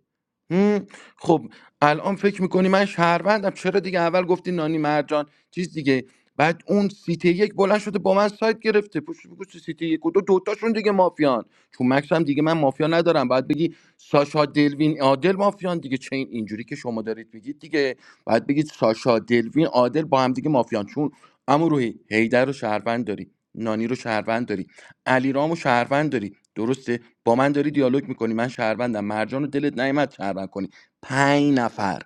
هم؟ خب الان فکر میکنی من شهروندم چرا دیگه اول گفتی نانی مرجان چیز دیگه بعد اون سیتی یک بلند شده با من سایت گرفته پشت به پشت سیتی یک و دو دوتاشون دیگه مافیان چون مکس هم دیگه من مافیا ندارم باید بگی ساشا دلوین عادل مافیان دیگه چه این اینجوری که شما دارید میگید دیگه باید بگید ساشا دلوین عادل با هم دیگه مافیان چون اما روحی هیدر رو شهروند داری نانی رو شهروند داری علیرام و شهروند داری درسته با من داری دیالوگ میکنی من شهروندم مرجان رو دلت نیومد شهروند کنی پنج نفر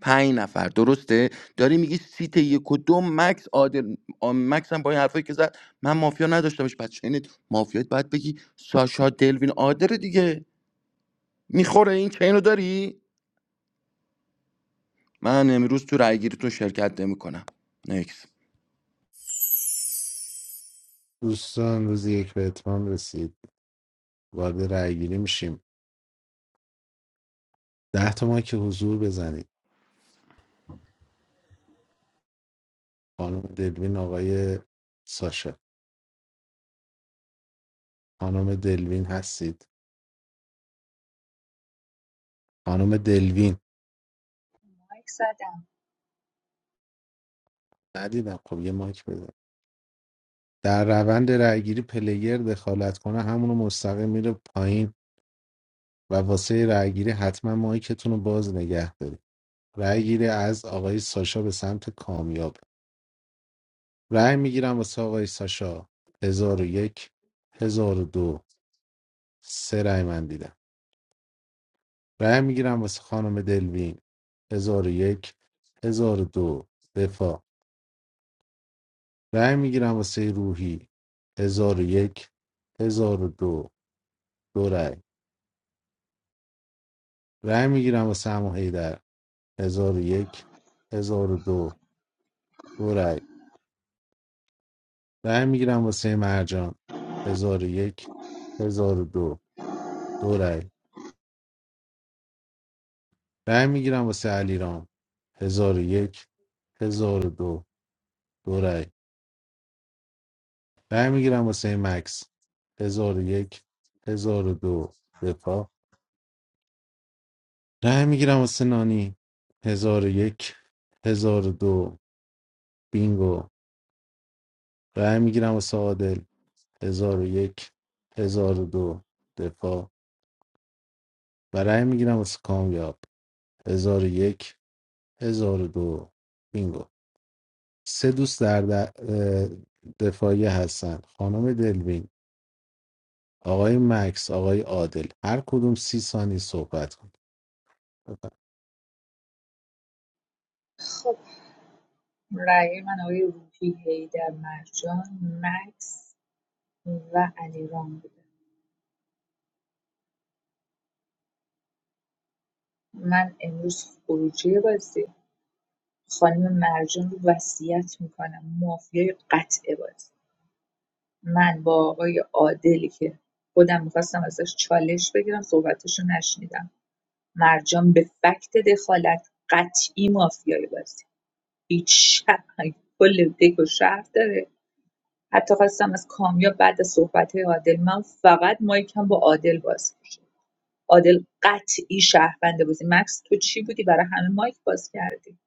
پنج نفر درسته داری میگی سیت یک و دو مکس عادل آم، مکس هم با این حرفایی که زد من مافیا نداشتمش بعد چینت مافیات باید بگی ساشا دلوین عادل دیگه میخوره این چین رو داری من امروز تو رای گیریتون شرکت نمیکنم نکس
دوستان روز یک به اتمام رسید وارد رأیگیری میشیم ده تا ما که حضور بزنید خانم دلوین آقای ساشا خانم دلوین هستید خانم دلوین
مکس زدم
ندیدم خب یه مایک بزن در روند رأیگیری پلیر دخالت کنه همونو مستقیم میره پایین و واسه رأیگیری حتما مایکتون رو باز نگه دارید رأیگیری از آقای ساشا به سمت کامیاب رأی میگیرم واسه آقای ساشا هزار و یک هزار و دو سه رأی من دیدم رأی میگیرم واسه خانم دلوین هزار و یک هزار و دو دفاع رأی میگیرم واسه روحی هزار و یک هزار و دو دو رأی رأی میگیرم واسه عمو حیدر هزار و یک هزار و دو دو رأی رأی میگیرم واسه مرجان هزار و یک هزار و دو دو رأی. رأی میگیرم واسه علیرام هزار و یک هزار و دو دو رأی رأی میگیرم واسه مکس هزار و یک هزار و دو دفاع رأی میگیرم واسه نانی هزار و یک هزار و دو بینگو رأی میگیرم واسه عادل هزار و یک هزار و دو دفاع و رأی میگیرم واسه کامیاب هزار و یک هزار و دو بینگو سه دوست در, در دفاعی هستن خانم دلوین آقای مکس آقای عادل هر کدوم سی ثانیه صحبت کن بفرمایید.
خب رأی من آقای روحی هیدر مرجان مکس و علیرام بوده من امروز خروجی بازی خانم مرجان رو وصیت میکنم مافیای قطع بازی من با آقای عادلی که خودم میخواستم ازش چالش بگیرم صحبتش نشنیدم مرجان به فکت دخالت قطعی مافیای بازی هیچ شک- کل دک و شهر داره حتی خواستم از کامیاب بعد از صحبت های عادل من فقط مایکم با عادل باز بشه عادل قطعی شهروند بازی مکس تو چی بودی برای همه مایک باز کردی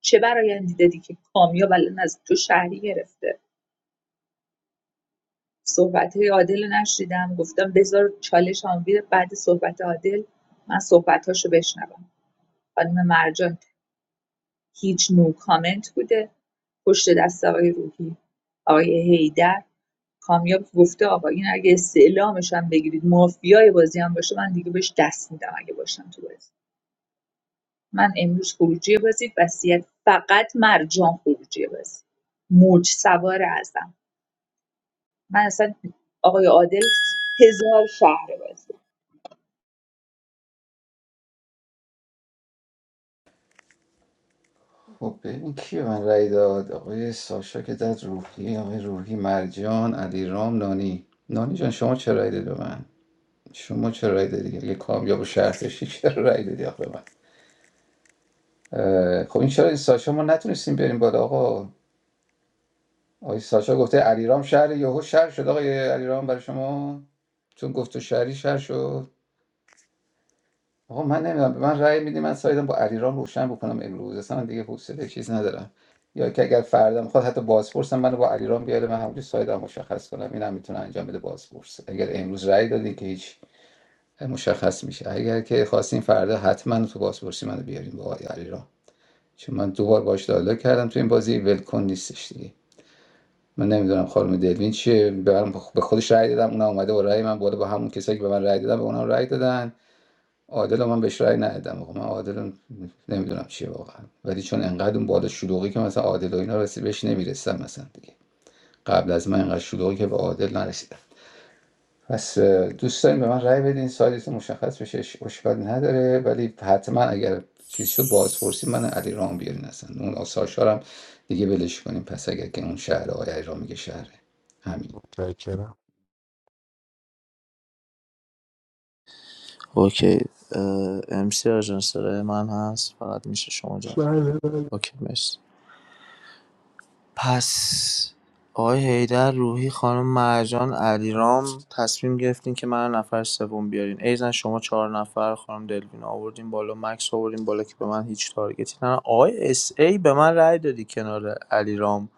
چه برایندی دادی که کامیاب الان از تو شهری گرفته صحبت‌های عادل رو نشنیدم گفتم بذار چالش هم بیاد بعد صحبت عادل من صحبت‌هاشو بشنوم خانم مرجان هیچ نو کامنت بوده پشت دست آقای روحی آقای هیدر کامیاب گفته آقا این اگه استعلامش هم بگیرید مافیای بازی هم باشه من دیگه بهش دست میدم اگه باشم تو بازی من امروز خروجی بازی وصیت فقط مرجان خروجی بازی موج سوار ازم من اصلا آقای عادل هزار شهر بازی
خب ببین کی به من رأی داد آقای ساشا که داد روحی آقای روحی مرجان علیرام نانی نانی جان شما چه رأی دادی به من شما چه رأی دادی اگه کامیاب و شرط داشتی چرا <laughs> رأی دادی آقا به من اه، خب این چرا ساشا ما نتونستیم بریم بالا آقا آقای ساشا گفته علیرام شهر یهو شهر شد آقای علیرام برای شما چون گفت تو شهری شهر شد آقا من نمیدونم به من رأی میدی من سایدم با علیرام روشن بکنم امروز اصلا من دیگه حوصله چیز ندارم یا که اگر فردا میخواد حتی بازپرسم منو با علیرام بیاره من همونجوری سایدم مشخص کنم اینم میتونه انجام بده بازپرس اگر امروز رأی دادین که هیچ مشخص میشه اگر که خواستین فردا حتما تو بازپرسی منو بیارین با آقای علیرام چون من دوبار باش دیالوگ کردم تو این بازی ولکن نیستش دیگه من نمیدونم خانم دلوین چیه به من- به خودش رأی دادم اونم اومده با رأی من بالا با همون کسایی که به من رأی دادن به اونم رأی دادن عادل من بهش رأی ندادم آقا من عادل رو نمیدونم چیه واقعا ولی چون انقدر اون بالا شلوغی که مثلا عادل و اینا رسید بهش نمیرسم مثلا دیگه قبل از من انقدر شلوغی که به عادل نرسیدم پس اه، دوست داریم به من رأی بدین سایزتون مشخص بشه اش- اشکال نداره ولی حتما اگر چیز شد بازپرسی من علی رام بیارین اصلا اون آساشارم دیگه ولش کنیم پس اگر که اون شهر آقای علی رام میگه شهره همین
متشکرم
اوکی ام سی آژانس من هست فقط میشه شما جان
بله
اوکی مرسی پس آقای حیدر روحی خانم مرجان علیرام تصمیم گرفتین که منو نفر سوم بیارین ایزن شما چهار نفر خانم دلوین آوردین بالا مکس آوردین بالا که به من هیچ تارگتی نه آقای اس ای به من رأی دادی کنار علیرام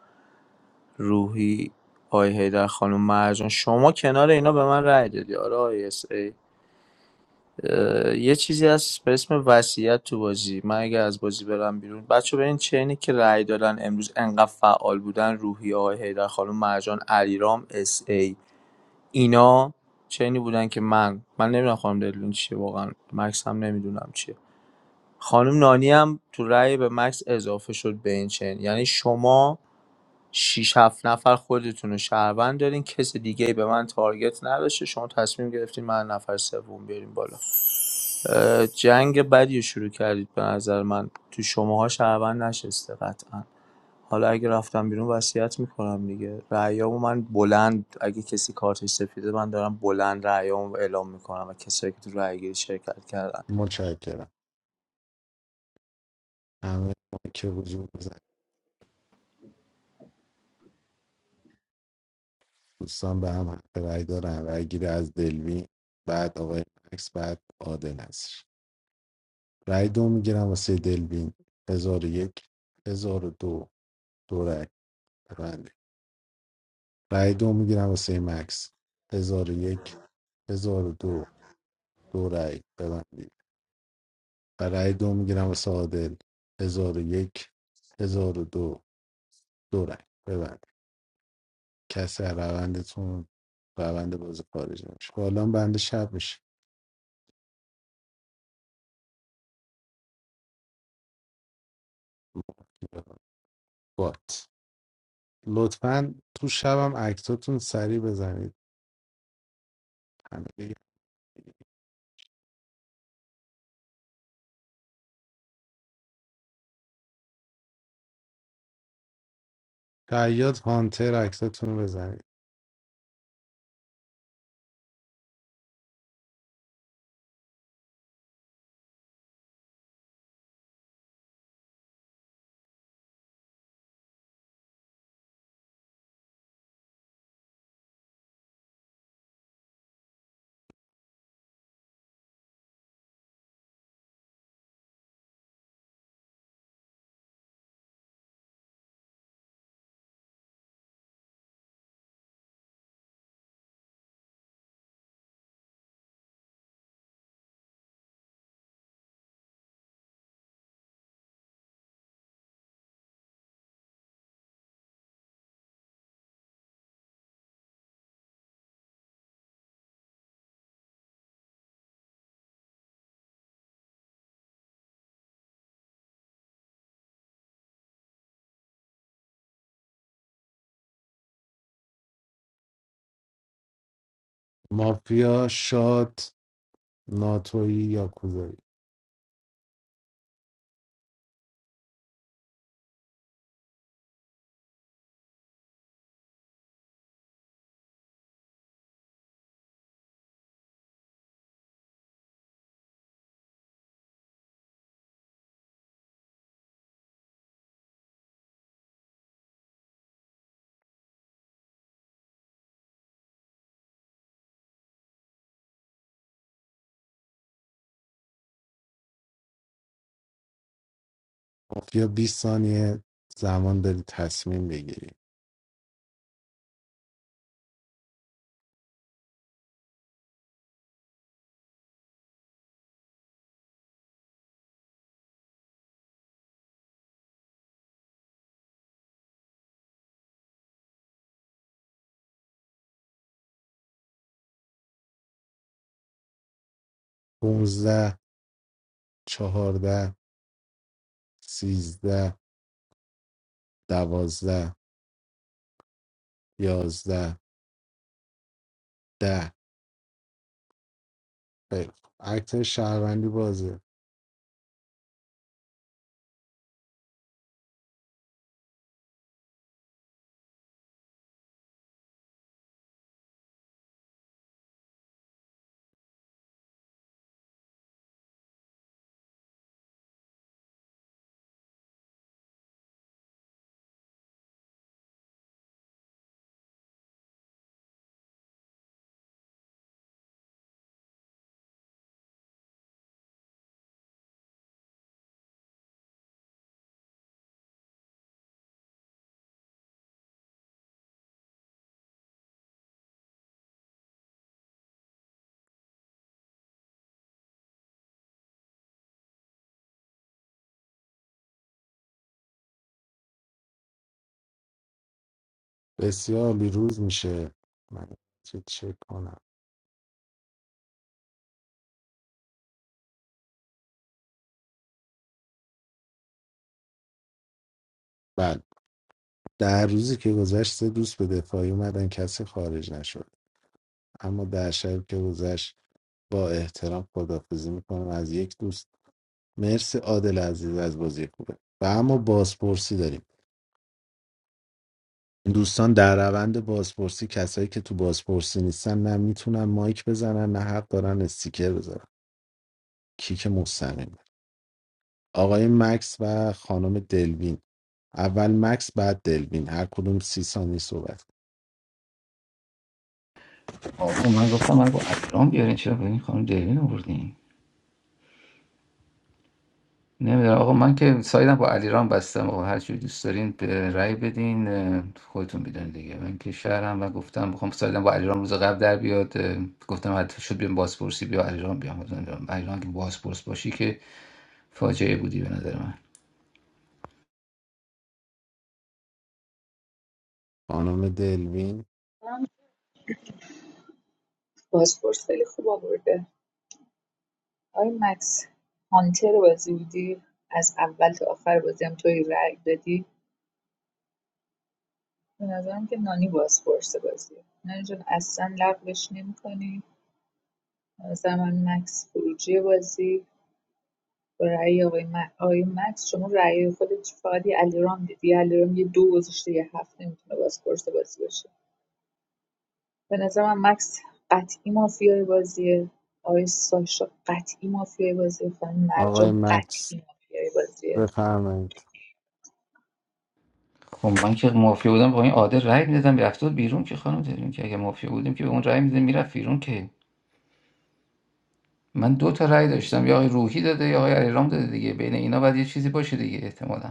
روحی آقای حیدر خانم مرجان شما کنار اینا به من رأی دادی آره آقای اس ای. یه چیزی هست به اسم وصیت تو بازی من اگه از بازی برم بیرون بچه به این چینی که رأی دادن امروز انقدر فعال بودن روحی آقای حیدر خانم مرجان علیرام اس ای اینا چینی بودن که من من نمیدونم خانم دلوین چیه واقعا مکس هم نمیدونم چیه خانم نانی هم تو رأی به مکس اضافه شد به این چین یعنی شما شش 7 نفر خودتون رو شهروند دارین کس دیگه به من تارگت نداشته شما تصمیم گرفتین من نفر سوم بیاریم بالا اه، جنگ بدی رو شروع کردید به نظر من تو شماها شهروند نشسته قطعا حالا اگه رفتم بیرون وصیت میکنم دیگه رأیامو من بلند اگه کسی کارتش سفیده من دارم بلند رأیامو اعلام میکنم و کسایی که تو رأیگیری شرکت کردن
متشکرم همه ما که حضور بزن دوستان به هم حق رأی دارن رأی گیری از دلوین بعد آقای مکس بعد عادل نصر رأی دو میگیرم واسه دلوین هزار و یک هزار و دو دو رأی ببندید. رای دو میگیرم واسه مکس هزار و یک هزار و دو دو رای ببندید و رای دو میگیرم واسه عادل هزار و یک هزار و دو دو رای ببندید کسی از روندتون روند بازی خارج نمیشه حالا بند شب میشه بات لطفا تو شبم اکتاتون سریع بزنید همه دیگه. شیاد هانتر اکتاتون رو بزنید مافیا شاد ناتویی یا مافیا 20 ثانیه زمان داری تصمیم بگیری 15 14 13 12 11 10 خیلی خوب. اکت شهروندی بازه بسیار عالی. روز میشه من چه چک کنم بله در روزی که گذشت سه دوست به دفاعی اومدن کسی خارج نشد اما در شب که گذشت با احترام خدافزی میکنم از یک دوست مرسی عادل عزیز از بازی خوبه و اما بازپرسی داریم این دوستان در روند بازپرسی کسایی که تو بازپرسی نیستن نه میتونن مایک بزنن نه حق دارن استیکر بزنن کیک مستقیم آقای مکس و خانم دلوین اول مکس بعد دلوین هر کدوم سی ثانیه صحبت کن.
آقا من گفتم من با علیرام بیارین چرا به این خانم دلوین آوردین نمیدونم آقا من که سایدم با علیرام بستم آقا هر چی دوست دارین به رأی بدین اه، خودتون میدونید دیگه من که شهرم و گفتم بخوام سایدم با علیرام روز قبل در بیاد اه، گفتم حتی شد بیام بازپرسی بیا علیرام بیام گفتم نمیدونم، علیرام که بازپرس باشی که فاجعه بودی به نظر من
خانم دلوین
بازپرس خیلی خوب آورده آقای مکس هانتر بازی بودی از اول تا آخر بازی هم توی رأی دادی به نظرم که نانی بازپرس بازی نانی جان اصلا لغوش نمیکنی نظر من مکس خروجی بازی با رأی آقای, م- آقای مکس شما رأی خودت فقط یه علیرام دیدی علیرام یه دو گذاشته یه هفت نمیتونه بازپرس بازی باشه به نظرم مکس قطعی مافیای بازیه آقای ساشا قطعی مافیای بازیه خانم
آقای
مرجان
مکس
قطعی مافیای بازیه
بفرمایید
خب من که مافیا بودم با این عادل رأی میدادم رفت بیرون که خانم داریم که اگه مافیا بودیم که به اون رأی میدادم میرفت بیرون که من دو تا رأی داشتم یا آقای روحی داده یا آقای علیرام داده دیگه بین اینا باید یه چیزی باشه دیگه احتمالاً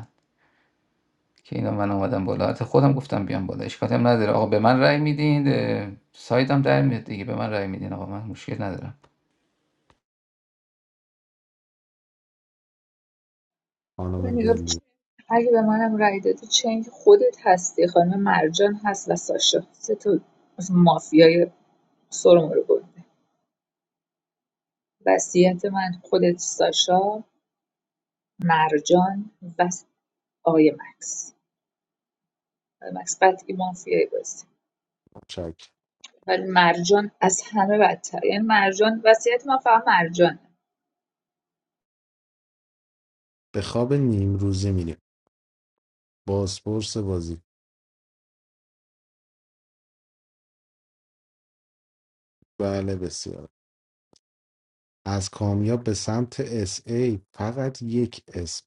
که اینا من اومدم بالا حتی خودم گفتم بیام بالا اشکالی هم نداره آقا به من رأی میدین اه، سایدم در میاد دیگه به من رأی میدین آقا من مشکل ندارم
من
خانم
نگاه
دلوین
اگه به منم رأی دادی چنگ خودت هستی خانم مرجان هست و ساشا سه تا مافیای سرم رو برده وصیت من خودت ساشا مرجان و س- آقای مکس آقای مکس قطعی مافیای بازی
چک
ولی مرجان از همه بدتر یعنی مرجان وصیت من فقط مرجان
به خواب نیم روزی میریم بازپرس بازی بله بسیار از کامیاب به سمت اس ای فقط یک اسم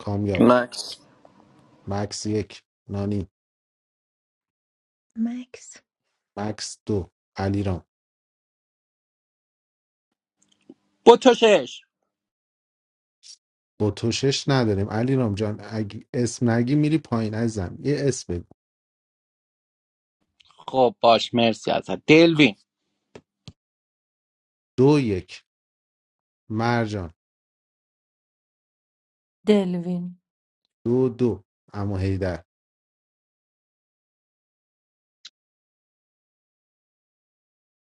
کامیاب
مکس
مکس یک نانی
مکس
مکس دو علیرام
بتوشش
با تو شش نداریم علیرام جان اگه اسم نگی میری پایین ازم یه اسم بگو
خب باش مرسی ازت دلوین
دو یک مرجان
دلوین
دو دو اما هیدر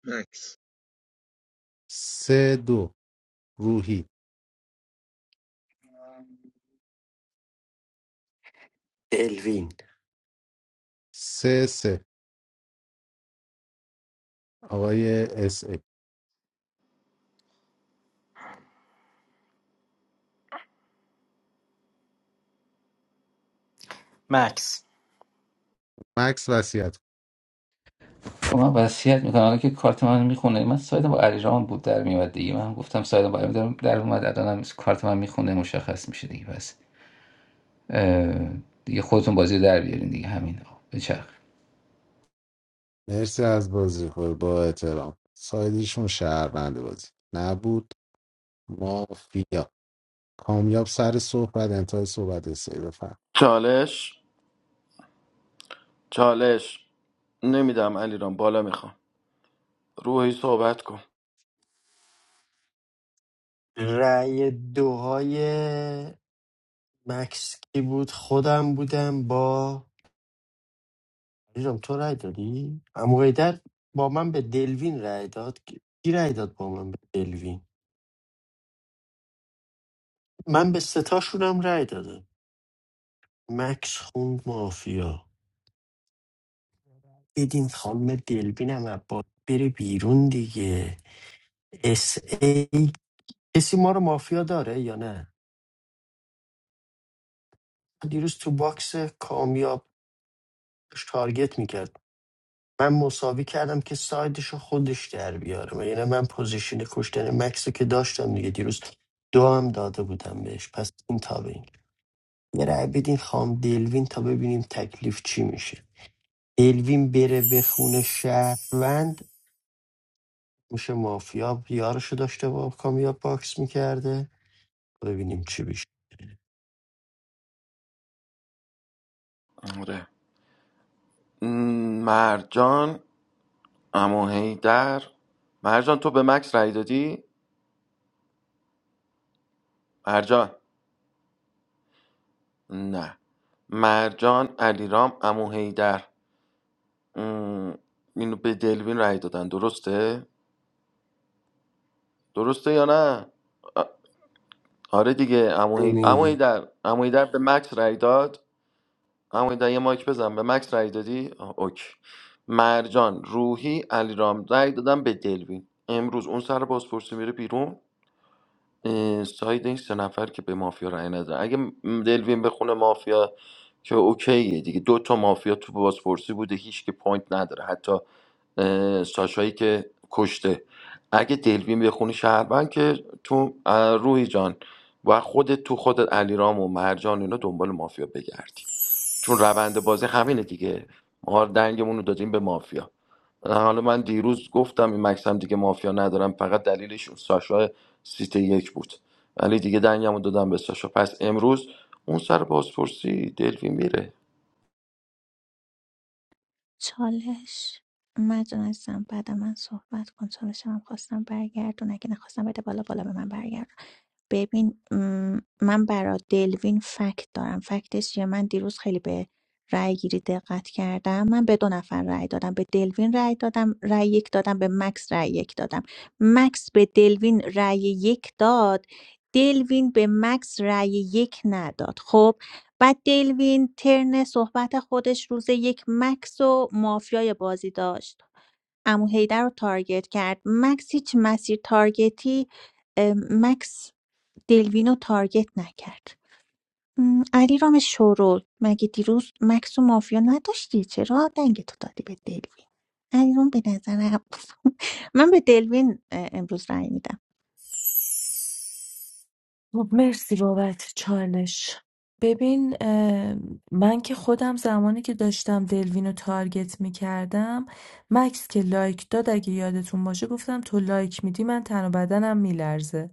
مکس
سه دو روحی
دلوین
سه سه آقای اس ای
مکس
مکس وصیت کن.
خب من وصیت میکنم الان که کارت من میخونه من سایدم با علیرام بود در میاد دیگه من گفتم سایدم با علیرام در اومد الانم کارت من میخونه مشخص میشه دیگه پس اه، دیگه خودتون بازی رو در بیارین دیگه همین آقا بچرخ
مرسی از بازی خور با احترام سایدیشون شهروند بازی نبود مافیا کامیاب سر صحبت انتهای صحبت استایی بفهم
چالش چالش نمیدم علیرام بالا میخوام روحی صحبت کن
رأی دوهای مکس کی بود خودم بودم با علیرام تو رای دادی عمو حیدر با من به دلوین رای داد کی رای داد با من به دلوین من به ستاشونم رای دادم مکس خوند مافیا دیدین خانم دلوینم عباس بره بیرون دیگه اس ای کسی ما رو مافیا داره یا نه دیروز تو باکس کامیاب داشت تارگت میکرد من مساوی کردم که سایدشو خودش در بیاره یعنی من پوزیشن کشتن مکس رو که داشتم دیگه دیروز دو هم داده بودم بهش پس این تا به این یه رای بدین خام دلوین تا ببینیم تکلیف چی میشه دلوین بره به خونه شهروند میشه مافیا یارشو داشته با کامیاب باکس میکرده ببینیم چی بشه
آره م، مرجان امو هیدر مرجان تو به مکس رای دادی؟ مرجان نه مرجان علیرام امو هیدر ام، اینو به دلوین رای دادن درسته؟ درسته یا نه؟ آ- آره دیگه امو هی... عمو
نمیگی
هیدر عمو هیدر به مکس رای داد امو هیدر یه مایک بزن به مکس رای دادی؟ آه، اوکی مرجان روحی علیرام رای دادن به دلوین امروز اون سر بازپرسی میره بیرون اه، ساید این سه نفر که به مافیا رأی ندن اگه م- دلوین بخونه مافیا که اوکیه دیگه دو تا مافیا تو بازپرسی بوده هیچ که پوینت نداره حتی اه، ساشایی که کشته اگه دلوین بخونی شهروند که تو اه، روحی جان و خودت تو خودت علیرام و مرجان اینا دنبال مافیا بگردی چون روند بازی همینه دیگه ما دنگمون رو دادیم به مافیا حالا من دیروز گفتم این مکس هم دیگه مافیا ندارم فقط دلیلش اون ساشا سیت یک بود ولی دیگه دنگمو دادم به ساشا پس امروز اون سر بازپرسی دلوی میره
چالش مجنون عزیزم بعد من صحبت کن چالشم هم خواستم برگردون اگه نخواستم بده بالا بالا به من برگردون ببین م، من برا دلوین فکت دارم فکتش چیه من دیروز خیلی به رأی گیری دقت کردم من به دو نفر رأی دادم به دلوین رأی دادم رأی یک دادم به مکس رأی یک دادم مکس به دلوین رأی یک داد دلوین به مکس رأی یک نداد خب بعد دلوین ترن صحبت خودش روز یک مکس و مافیای بازی داشت امو حیدر رو تارگت کرد مکس هیچ مسیر تارگتی اه، مکس دلوینو رو تارگت نکرد م، علیرام شورول مگه دیروز مکس و مافیا نداشتی چرا دنگتو دادی به دلوین علیرام به نظرم <laughs> من به دلوین اه، امروز رأی میدم
خب مرسی بابت چالش ببین اه، من که خودم زمانی که داشتم دلوین رو تارگت میکردم مکس که لایک داد اگه یادتون باشه گفتم تو لایک میدی من تن و بدنم میلرزه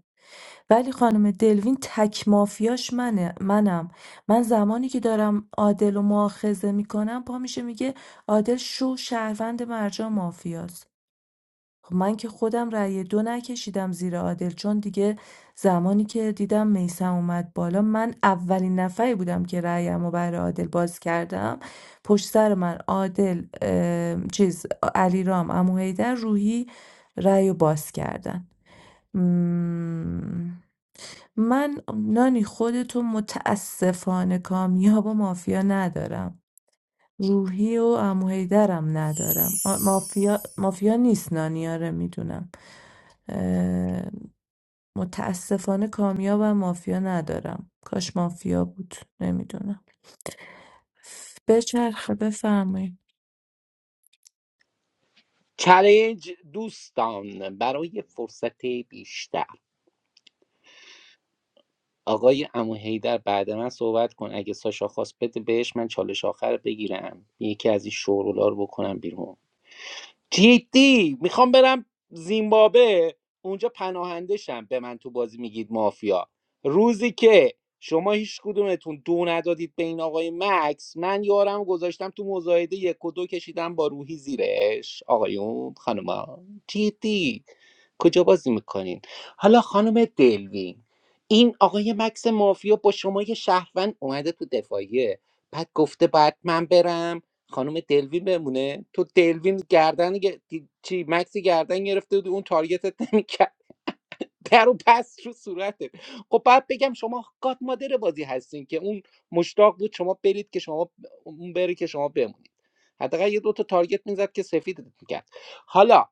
ولی خانم دلوین تک مافیاش منه منم من زمانی که دارم عادل و مؤاخذه میکنم پا میشه میگه عادل شو شهروند مرجا مافیاست خب من که خودم رأی دو نکشیدم زیر عادل چون دیگه زمانی که دیدم میسم اومد بالا من اولین نفری بودم که رأیمو رو برای عادل باز کردم پشت سر من عادل ام، چیز علیرام عمو حیدر روحی رأی رو باز کردن مم، من نانی خودتو متاسفانه کامیاب و مافیا ندارم روحی و عمو حیدرم ندارم آ، مافیا مافیا نیست نانی آره میدونم متاسفانه کامیاب و مافیا ندارم کاش مافیا بود نمیدونم بچرخه بفرمایید
چالنج دوستان برای فرصت بیشتر آقای امو هیدر بعد من صحبت کن اگه ساشا خواست بده بهش من چالش آخر بگیرم یکی از این شورولا رو بکنم بیرون جدی میخوام برم زیمبابوه اونجا پناهنده شم به من تو بازی میگید مافیا روزی که شما هیچ کدومتون دو ندادید به این آقای مکس من یارم گذاشتم تو مزایده یک و دو کشیدم با روحی زیرش آقایون خانوما جدی کجا بازی میکنین حالا خانم دلوین این آقای مکس مافیا با شما یه شهروند اومده تو دفاعیه بعد گفته بعد من برم خانم دلوین بمونه تو دلوین گردن گ- دی- چی مکسی گردن گرفته بود اون تارگتت نمیکرد در و پس رو صورته خب باید بگم شما گاد مادر بازی هستین که اون مشتاق بود شما برید که شما اون بری که شما بمونید حداقل یه دو تا تارگت میزد که سفید میکرد حالا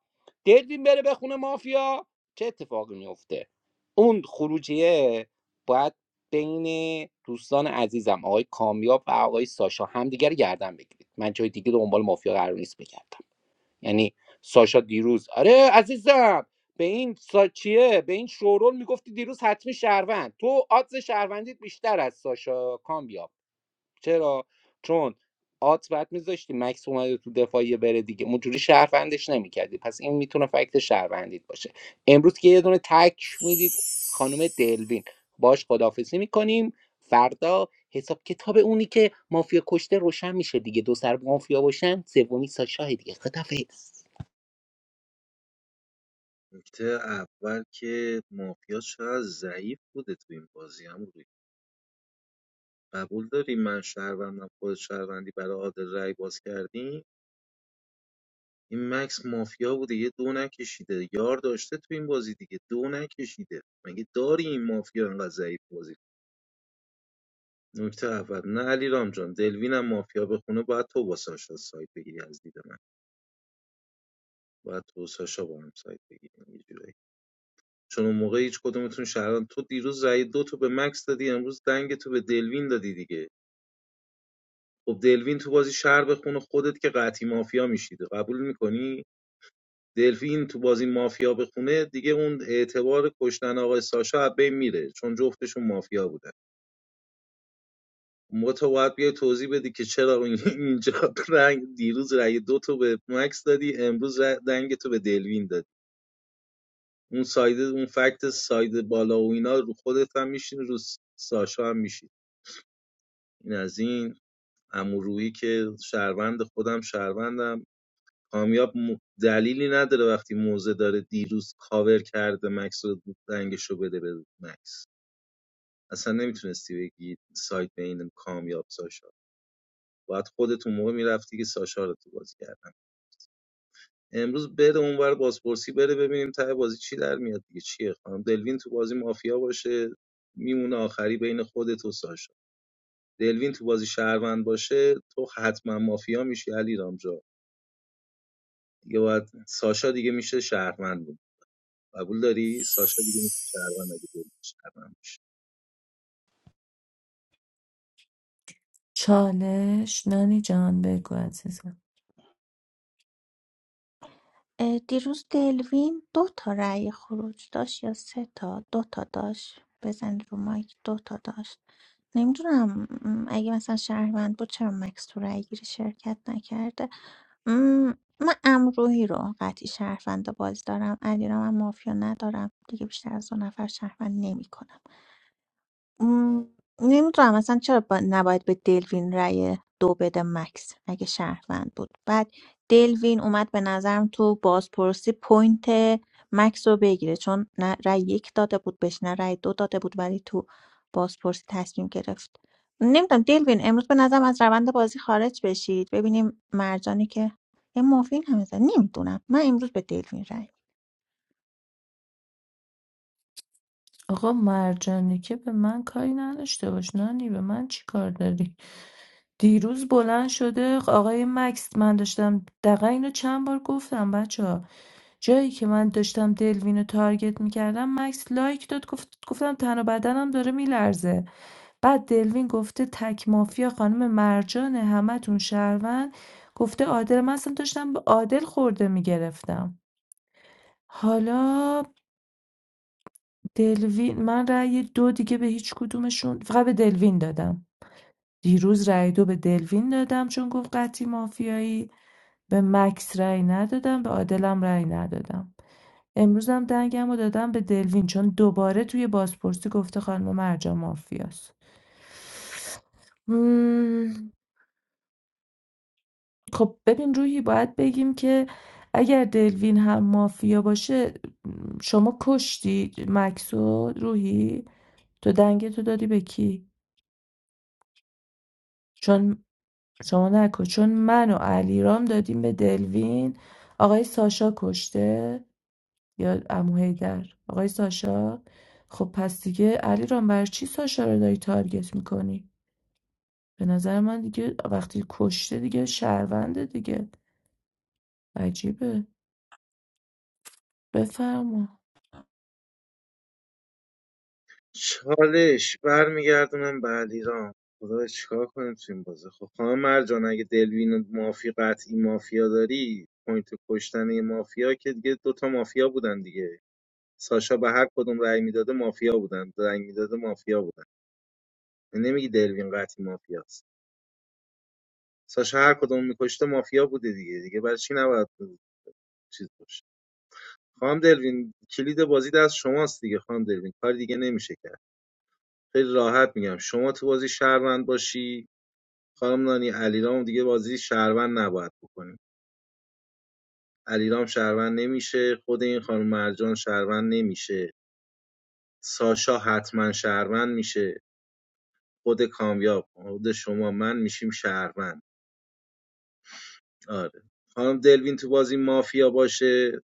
دلوین بره به خونه مافیا چه اتفاقی میفته اون خروجیه باید بین دوستان عزیزم آقای کامیاب و آقای ساشا همدیگه رو گردن بگیرید من جای دیگه دنبال مافیا قرار نیست بگردم یعنی ساشا دیروز آره عزیزم به این سا به این شورول میگفتی دیروز حتمی شهروند تو آدز شهروندیت بیشتر از ساشا کامبیا چرا چون آدز بعد میذاشتی مکس اومده تو دفاعیه بره دیگه اونجوری شهروندش نمیکردی پس این میتونه فکت شهروندیت باشه امروز که یه دونه تک میدید خانم دلوین باش خدافزی میکنیم فردا حساب کتاب اونی که مافیا کشته روشن میشه دیگه دو سر مافیا باشن سومی ساشا دیگه خدافز
نکته اول که مافیا چقدر ضعیف بوده تو این بازی هم روی قبول داری من شهروندم خود شهروندی برای عادل رای باز کردیم این مکس مافیا بوده یه دو نکشیده یار داشته تو این بازی دیگه دو نکشیده مگه داری این مافیا انقدر ضعیف بازی نکته اول نه علیرام جان دلوینم مافیا به خونه باید تو با ساشا سایت بگیری از دید من باید تو و ساشا با هم سایت بگیریم یه جورایی چون اون موقع هیچ کدومتون شهران تو دیروز رای دو تو به مکس دادی امروز دنگ تو به دلوین دادی دیگه خب دلوین تو بازی شهر به خونه خودت که قطعی مافیا میشیده قبول میکنی دلوین تو بازی مافیا به خونه دیگه اون اعتبار کشتن آقای ساشا از بین میره چون جفتشون مافیا بودن ما تو باید بیای توضیح بدی که چرا این- <laughs> اینجا رنگ دیروز رأی دو تو به مکس دادی امروز رأی- رنگ تو به دلوین دادی اون ساید اون فکت ساید بالا و اینا رو خودت هم میشین رو ساشا هم میشین این از این امورویی که شهروند خودم شهروندم کامیاب دلیلی نداره وقتی موزه داره دیروز کاور کرده مکس رو رنگش رو بده به مکس اصلا نمیتونستی بگی سایت بین کامیاب ساشا باید خودتون موقع میرفتی که ساشا رو تو بازی کرد امروز بره اونور بازپرسی بره ببینیم ته بازی چی در میاد دیگه چیه خانم دلوین تو بازی مافیا باشه میمونه آخری بین خودت و ساشا دلوین تو بازی شهروند باشه تو حتما مافیا میشی علی رامجا دیگه باید ساشا دیگه میشه شهروند بود قبول داری ساشا دیگه میشه شهروند اگه دلوین شهروند باشه.
چالش نانی جان بگو عزیزم
اه، دیروز دلوین دو تا رأی خروج داشت یا سه تا دو تا داشت بزن رو مایک دو تا داشت نمیدونم اگه مثلا شهروند بود چرا مکس تو رأی گیری شرکت نکرده م، من امروحی رو قطعی شهروند بازی دارم علیرام هم مافیا ندارم دیگه بیشتر از دو نفر شهروند نمیکنم م، نمیدونم اصلا چرا با- نباید به دلوین رأی دو بده مکس اگه شهروند بود بعد دلوین اومد به نظرم تو بازپرسی پوینت مکس رو بگیره چون نه رأی یک داده بود بهش نه رأی دو داده بود ولی تو بازپرسی تصمیم گرفت نمیدونم دلوین امروز به نظرم از روند بازی خارج بشید ببینیم مرجانی که یه مافین هم زد. نمیدونم من امروز به دلوین رأی می‌دم.
آقا مرجانی که به من کاری نداشته باش نانی به من چی کار داری دیروز بلند شده آقای مکس من داشتم دقیقا اینو چند بار گفتم بچه ها جایی که من داشتم دلوینو تارگت میکردم مکس لایک داد گفت گفتم تن و بدنم داره میلرزه بعد دلوین گفته تک مافیا خانم مرجانه همتون شهروند گفته عادل من اصلا داشتم به عادل خورده میگرفتم حالا دلوین من رأی دو دیگه به هیچ کدومشون فقط به دلوین دادم دیروز رأی دو به دلوین دادم چون گفت قطعی مافیایی به مکس رأی ندادم به عادلم رأی ندادم امروزم دنگم رو دادم به دلوین چون دوباره توی بازپرسی گفته خانم مرجان مافیاست خب ببین روحی باید بگیم که اگر دلوین هم مافیا باشه شما کشتی مکسو روحی تو دنگ تو دادی به کی چون شما نکن چون من و علیرام دادیم به دلوین آقای ساشا کشته یا عمو حیدر آقای ساشا خب پس دیگه علیرام بر چی ساشا رو داری تارگت میکنی به نظر من دیگه وقتی کشته دیگه شهرونده دیگه عجیبه بفرما
چالش برمیگردونم به علیرام خدا چیکار کنیم تو این بازی خب خانم مرجان اگه دلوین و مافی قطعی مافیا داری پوینت کشتن یه مافیا که دیگه دوتا مافیا بودن دیگه ساشا به هر کدوم رأی میداده مافیا بودن رأی میداده مافیا بودن نمیگی دلوین قطعی مافیاست ساشا هر کدوم میکشته مافیا بوده دیگه دیگه برای چی نباید چیز باشه خانم دلوین کلید بازی دست شماست دیگه خانم دلوین کار دیگه نمیشه کرد خیلی راحت میگم شما تو بازی شهروند باشی خانم نانی علیرام دیگه بازی شهروند نباید بکنیم علیرام شهروند نمیشه خود این خانم مرجان شهروند نمیشه ساشا حتما شهروند میشه خود کامیاب خود شما من میشیم شهروند آره خانم دلوین تو بازی مافیا باشه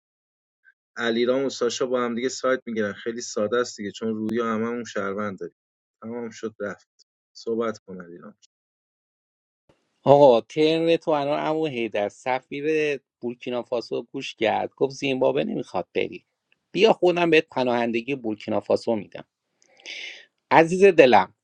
علیرام و ساشا با هم دیگه سایت میگیرن خیلی ساده است دیگه چون روی هممون شهروند داریم تمام شد رفت صحبت کن علیرام
آقا ترن تو الان عمو حیدر سفیر بورکینافاسو گوش کرد گفت زیمبابوه نمیخواد بری بیا خودم بهت پناهندگی بورکینافاسو میدم عزیز دلم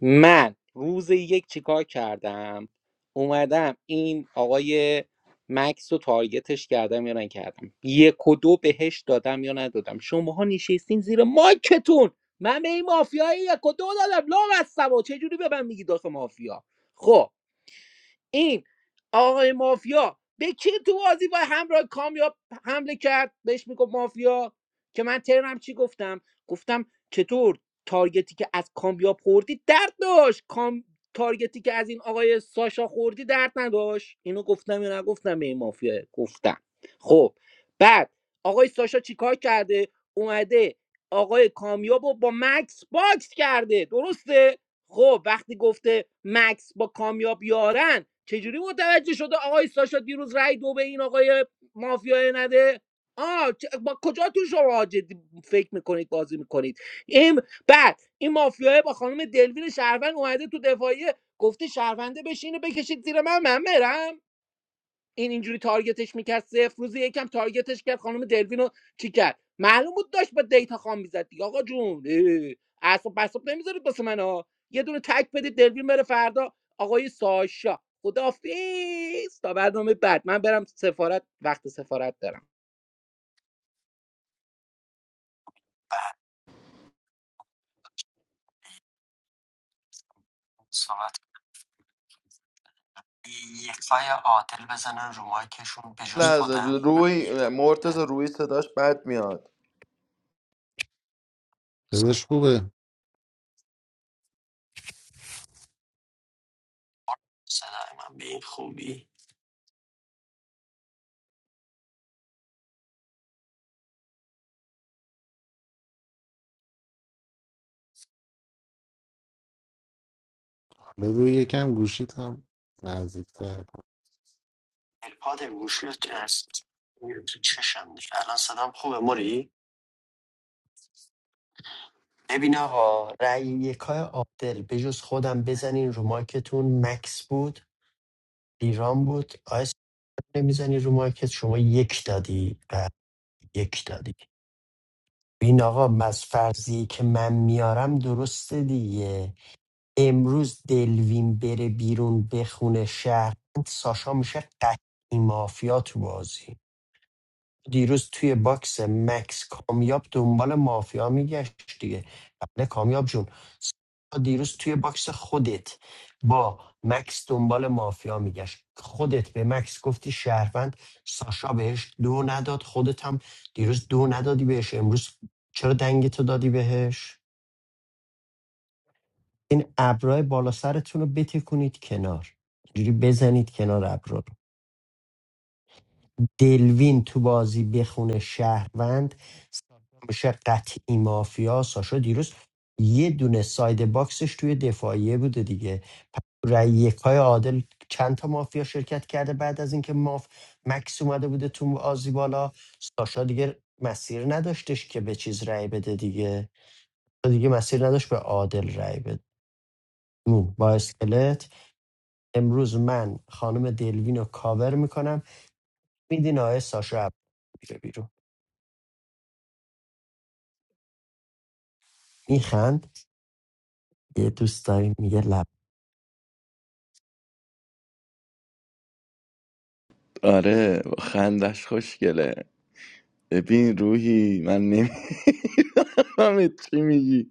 من روز یک چیکار کردم اومدم این آقای مکس رو تارگتش کردم یا نکردم یک و دو بهش دادم یا ندادم شماها نشستین زیر مایکتون من به این مافیای یک و دو دادم لام هستم و چجوری به من میگی داخل مافیا خب این آقای مافیا به کی تو بازی با همراه کامیاب حمله کرد بهش میگفت مافیا که من ترم چی گفتم گفتم چطور تارگتی که از کامیاب خوردی درد داشت کام... تارگتی که از این آقای ساشا خوردی درد نداشت اینو گفتم یا نگفتم به این مافیا گفتم خب بعد آقای ساشا چیکار کرده اومده آقای کامیاب رو با مکس باکس کرده درسته خب وقتی گفته مکس با کامیاب یارن چجوری متوجه شده آقای ساشا دیروز رای دو به این آقای مافیای نده آه چ- با کجا تو شما جدی فکر میکنید بازی میکنید این بعد این مافیای با خانم دلوین شهروند اومده تو دفاعیه گفته شهرونده بشینه بکشید زیر من من برم این اینجوری تارگتش میکرد صفر روزی یکم تارگتش کرد خانم دلوین رو چی کرد معلوم بود داشت با دیتا خام میزد دیگه آقا جون اعصاب بساب نمیذارید واسه من ها یه دونه تک بدید دلوین بره فردا آقای ساشا خدافیز تا برنامه بعد من برم سفارت وقت سفارت دارم
صحبت یک پای عادل بزنن رو مایکشون به جز
لحظه
خودم رأی یک
روی
فای
مرتز
عادل.
روی صداش بد میاد
دلش خوبه
صدای من به این خوبی
حالا روی یکم گوشیت هم نزدیکتر کن.
الپاد گوشیت هست میره تو چشم دیگه الان صدام خوبه موری ببین آقا رأی یکای عادل به جز خودم بزنین رو مایکتون مکس بود ایران بود آیس نمیزنی رو مایکت شما یک دادی و یک دادی این آقا از فرضی که من میارم درسته دیگه امروز دلوین بره بیرون بخونه شهر ساشا میشه قطعی مافیا تو بازی دیروز توی باکس مکس کامیاب دنبال مافیا میگشت دیگه بله کامیاب جون دیروز توی باکس خودت با مکس دنبال مافیا میگشت خودت به مکس گفتی شهروند ساشا بهش دو نداد خودت هم دیروز دو ندادی بهش امروز چرا دنگتو دادی بهش این ابرای بالا سرتون رو بتکونید کنار اینجوری بزنید کنار ابرو دلوین تو بازی بخونه شهروند ساشا میشه قطعی مافیا ساشا دیروز یه دونه ساید باکسش توی دفاعیه بوده دیگه رای یکای عادل چند تا مافیا شرکت کرده بعد از اینکه ماف مکس اومده بوده تو بازی بالا ساشا دیگه مسیر نداشتش که به چیز رای بده دیگه دیگه مسیر نداشت به عادل رای بده مو با اسکلت امروز من خانم دلوین رو کاور میکنم میدین آقای ساشا میره بیرون میخند یه دوست داریم میگه لب
آره خندش خوشگله ببین روحی من نمی <laughs> من چی میگی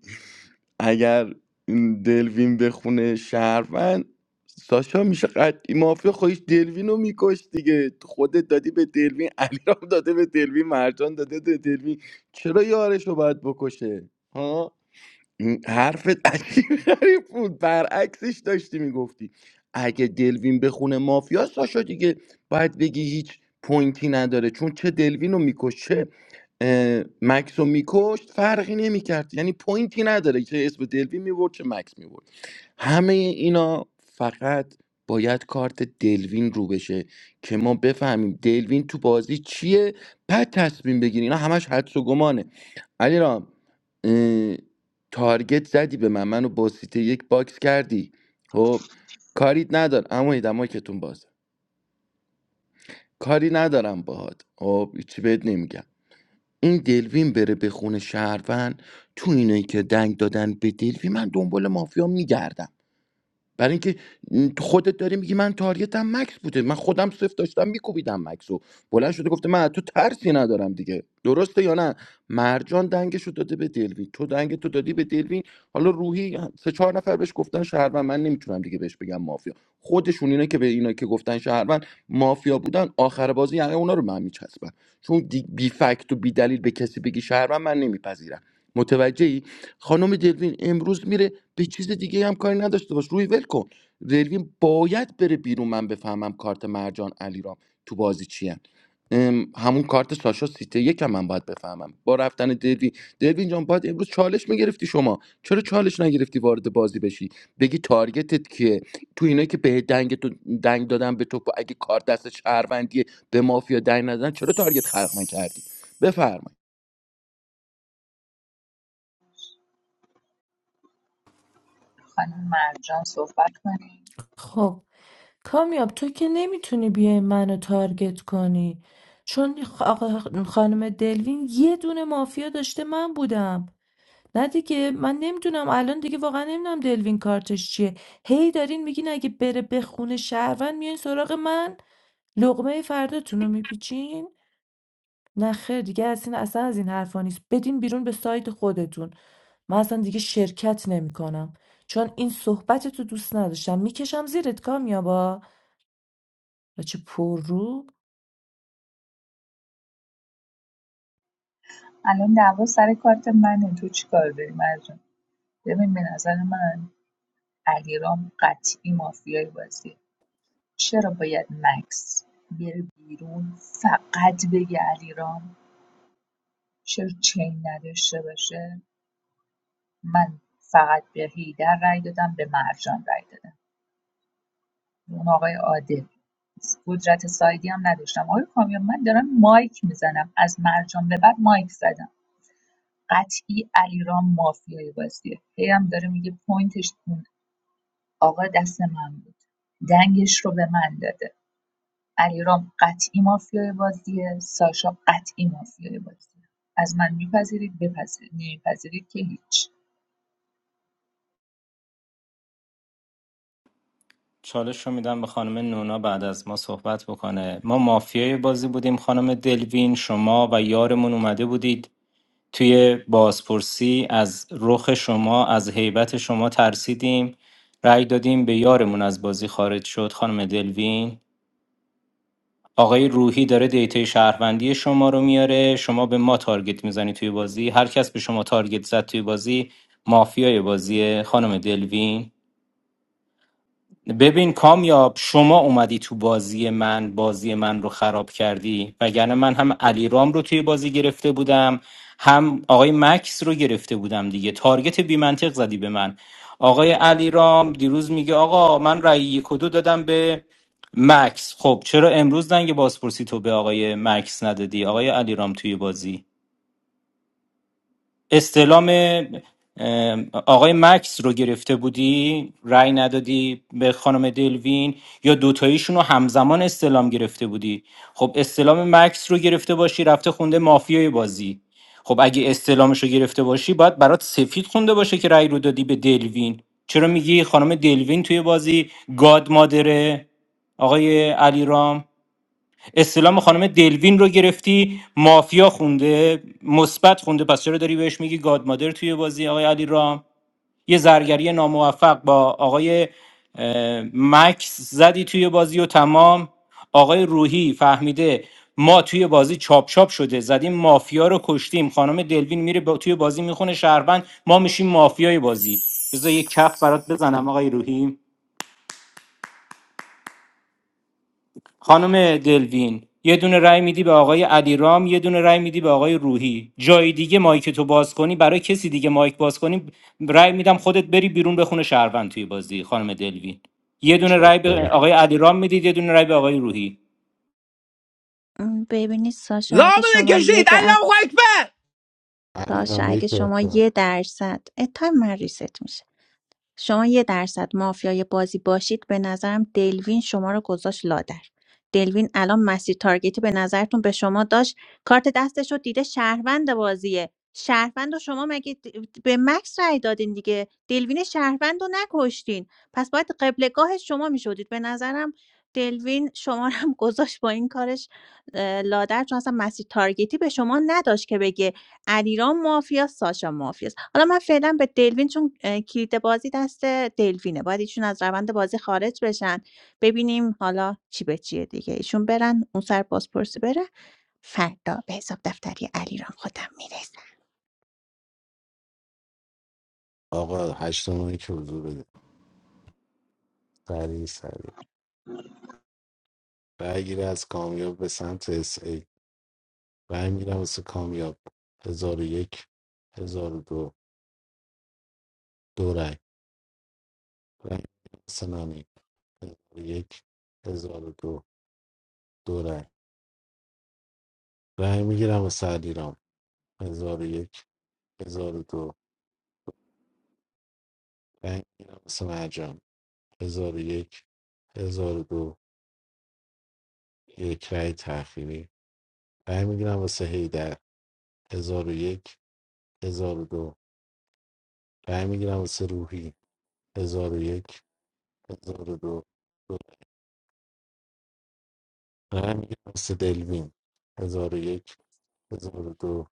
اگر این دلوین بخونه شهروند ساشا میشه قطعی مافیا خودش دلوین رو میکش دیگه خودت دادی به دلوین علیرام داده به دلوین مرجان داده به دلوین چرا یارش رو باید بکشه ها این حرفت عجیب غریب بود برعکسش داشتی میگفتی اگه دلوین بخونه مافیا ساشا دیگه باید بگی هیچ پوینتی نداره چون چه دلوین رو میکش چه اه، مکس رو میکشت فرقی نمیکرد یعنی پوینتی نداره چه اسم دلوین میبرد چه مکس میبرد همه اینا فقط باید کارت دلوین رو بشه که ما بفهمیم دلوین تو بازی چیه بعد تصمیم بگیریم اینا همش حدس و گمانه علی رام تارگت زدی به من منو با سیته یک باکس کردی خب کاریت ندارم اما دمای کتون بازه کاری ندارم باهات خب چی بهت نمیگم این دلوین بره به خونه شهروند تو اینایی که دنگ دادن به دلوین من دنبال مافیا میگردم برای اینکه خودت داری میگی من تارگتم مکس بوده من خودم صفر داشتم میکوبیدم مکس رو بلند شده گفته من از تو ترسی ندارم دیگه درسته یا نه مرجان دنگش رو داده به دلوین تو دنگ تو دادی به دلوین حالا روحی سه چهار نفر بهش گفتن شهروند من نمیتونم دیگه بهش بگم مافیا خودشون اینا که به اینا که گفتن شهروند مافیا بودن آخر بازی یعنی اونا رو به من میچسبن چون دی- بی فکت و بی دلیل به کسی بگی شهروند من نمیپذیرم متوجهی خانم دلوین امروز میره به چیز دیگه هم کاری نداشته باش روی ول کن رلوین باید بره بیرون من بفهمم کارت مرجان علیرام تو بازی چیه ام، همون کارت ساشا سیته یکم من باید بفهمم با رفتن دروین دروین جان باید امروز چالش میگرفتی شما چرا چالش نگرفتی وارد بازی بشی بگی تارگتت کیه تو اینایی که به دنگ تو دنگ دادن به تو اگه کار دست شهروندیه به مافیا دنگ ندادن چرا تارگت خلق نکردی بفرمایید
خانم مرجان صحبت کنیم
خب کامیاب تو که نمیتونی بیای منو تارگت کنی چون خ- آقا- خانم دلوین یه دونه مافیا داشته من بودم نه دیگه من نمیدونم الان دیگه واقعا نمیدونم دلوین کارتش چیه هی دارین میگین اگه بره به خونه شهروند میان سراغ من لقمه فرداتون رو میپیچین نه خیر دیگه از این اصلا از این حرفا نیست بدین بیرون به سایت خودتون من اصلا دیگه شرکت نمیکنم چون این صحبت تو دوست نداشتم میکشم زیرت کامیابا و چه حاجی پررو
الان دعوا سر کارت منه تو چی کار داری مرجان ببین به نظر من علیرام قطعی مافیای بازی چرا باید مکس بره بیرون فقط بگه علیرام چرا چین نداشته باشه من فقط به هیدر رای دادم به مرجان رای دادم اون آقای عادل قدرت سایدی هم نداشتم آقای کامیون من دارم مایک میزنم از مرجان به بعد مایک زدم قطعی علیرام مافیای بازیه هی هم داره میگه پوینتش اون آقا دست من بود دنگش رو به من داده علیرام قطعی مافیای بازیه ساشا قطعی مافیای بازیه از من میپذیرید بپذیرید نمیپذیرید که هیچ
چالش رو میدم به خانم نونا بعد از ما صحبت بکنه ما مافیای بازی بودیم خانم دلوین شما و یارمون اومده بودید توی بازپرسی از رخ شما از هیبت شما ترسیدیم رأی دادیم به یارمون از بازی خارج شد خانم دلوین آقای روحی داره دیتای شهروندی شما رو میاره شما به ما تارگت میزنی توی بازی هر کس به شما تارگت زد توی بازی مافیای بازیه خانم دلوین ببین کامیاب شما اومدی تو بازی من بازی من رو خراب کردی وگرنه من هم علی رام رو توی بازی گرفته بودم هم آقای مکس رو گرفته بودم دیگه تارگت بی منطق زدی به من آقای علی رام دیروز میگه آقا من رأی یک و دو دادم به مکس خب چرا امروز دنگ بازپرسی تو به آقای مکس ندادی آقای علی رام توی بازی استلام ام، آقای مکس رو گرفته بودی رأی ندادی به خانم دلوین یا دوتاییشون رو همزمان استلام گرفته بودی خب استلام مکس رو گرفته باشی رفته خونده مافیای بازی خب اگه استلامش رو گرفته باشی باید برات سفید خونده باشه که رأی رو دادی به دلوین چرا میگی خانم دلوین توی بازی گاد مادره آقای علیرام استلام خانم دلوین رو گرفتی مافیا خونده مثبت خونده پس چرا داری بهش میگی گاد مادر توی بازی آقای علی رام یه زرگری ناموفق با آقای اه، مکس زدی توی بازی و تمام آقای روحی فهمیده ما توی بازی چاپ چاپ شده زدیم مافیا رو کشتیم خانم دلوین میره با توی بازی میخونه شهروند ما میشیم مافیای بازی بذار یه کف برات بزنم آقای روحی خانم دلوین یه دونه رای میدی به آقای علیرام یه دونه رای میدی به آقای روحی جای دیگه مایک تو باز کنی برای کسی دیگه مایک باز کنی رای میدم خودت بری بیرون بخونه شهروند توی بازی خانم دلوین یه دونه
چک
رای به
دادم
آقای علیرام میدید یه دونه رای به آقای روحی
م، ببینید ساشا اگه
لامده
شما یه
کشید
درصد
الله اکبر
علی
ساشا
رام یک
اگه شما
اختیار.
یه درصد اه، تایم من ریست میشه شما یه درصد مافیای بازی باشید به نظرم دلوین شما رو گذاشت لادر دلوین الان مسیر تارگتی به نظرتون به شما داشت کارت دستش رو دیده شهروند بازیه شهروند و شما مگه د- به مکس رای دادین دیگه دلوین شهروند رو نکشتین پس باید قبلگاه شما میشدید به نظرم دلوین شما رو هم <laughs> گذاشت با این کارش اه، لادر چون اصلا مسیر تارگتی به شما نداشت که بگه علیرام مافیاست، ساشا مافیاست. حالا من فعلا به دلوین چون اه، کلید بازی دست دلوینه. باید ایشون از روند بازی خارج بشن. ببینیم حالا چی به چیه دیگه. ایشون برن اون سر بازپرسی بره. فردا به حساب دفتری علیرام خودم میرسم.
آقا هشت ماهی که حضور بده سریع سریع رای گیری از کامیاب به سمت اس ای رای میرم واسه کامیاب هزار و یک هزار و دو. دورگ رای سنانی هزار و یک هزار و دو دورگ رای میگیرم واسه علیرام هزار و یک هزار و دو رای میگیرم واسه مرجان هزار و یک هزار و دو یک رای تأخیری رای میگیرم واسه هیدر هزار و یک هزار و دو رای میگیرم واسه روحی هزار و یک هزار و دو دو رای رای میگیرم واسه دلوین هزار و یک هزار و دو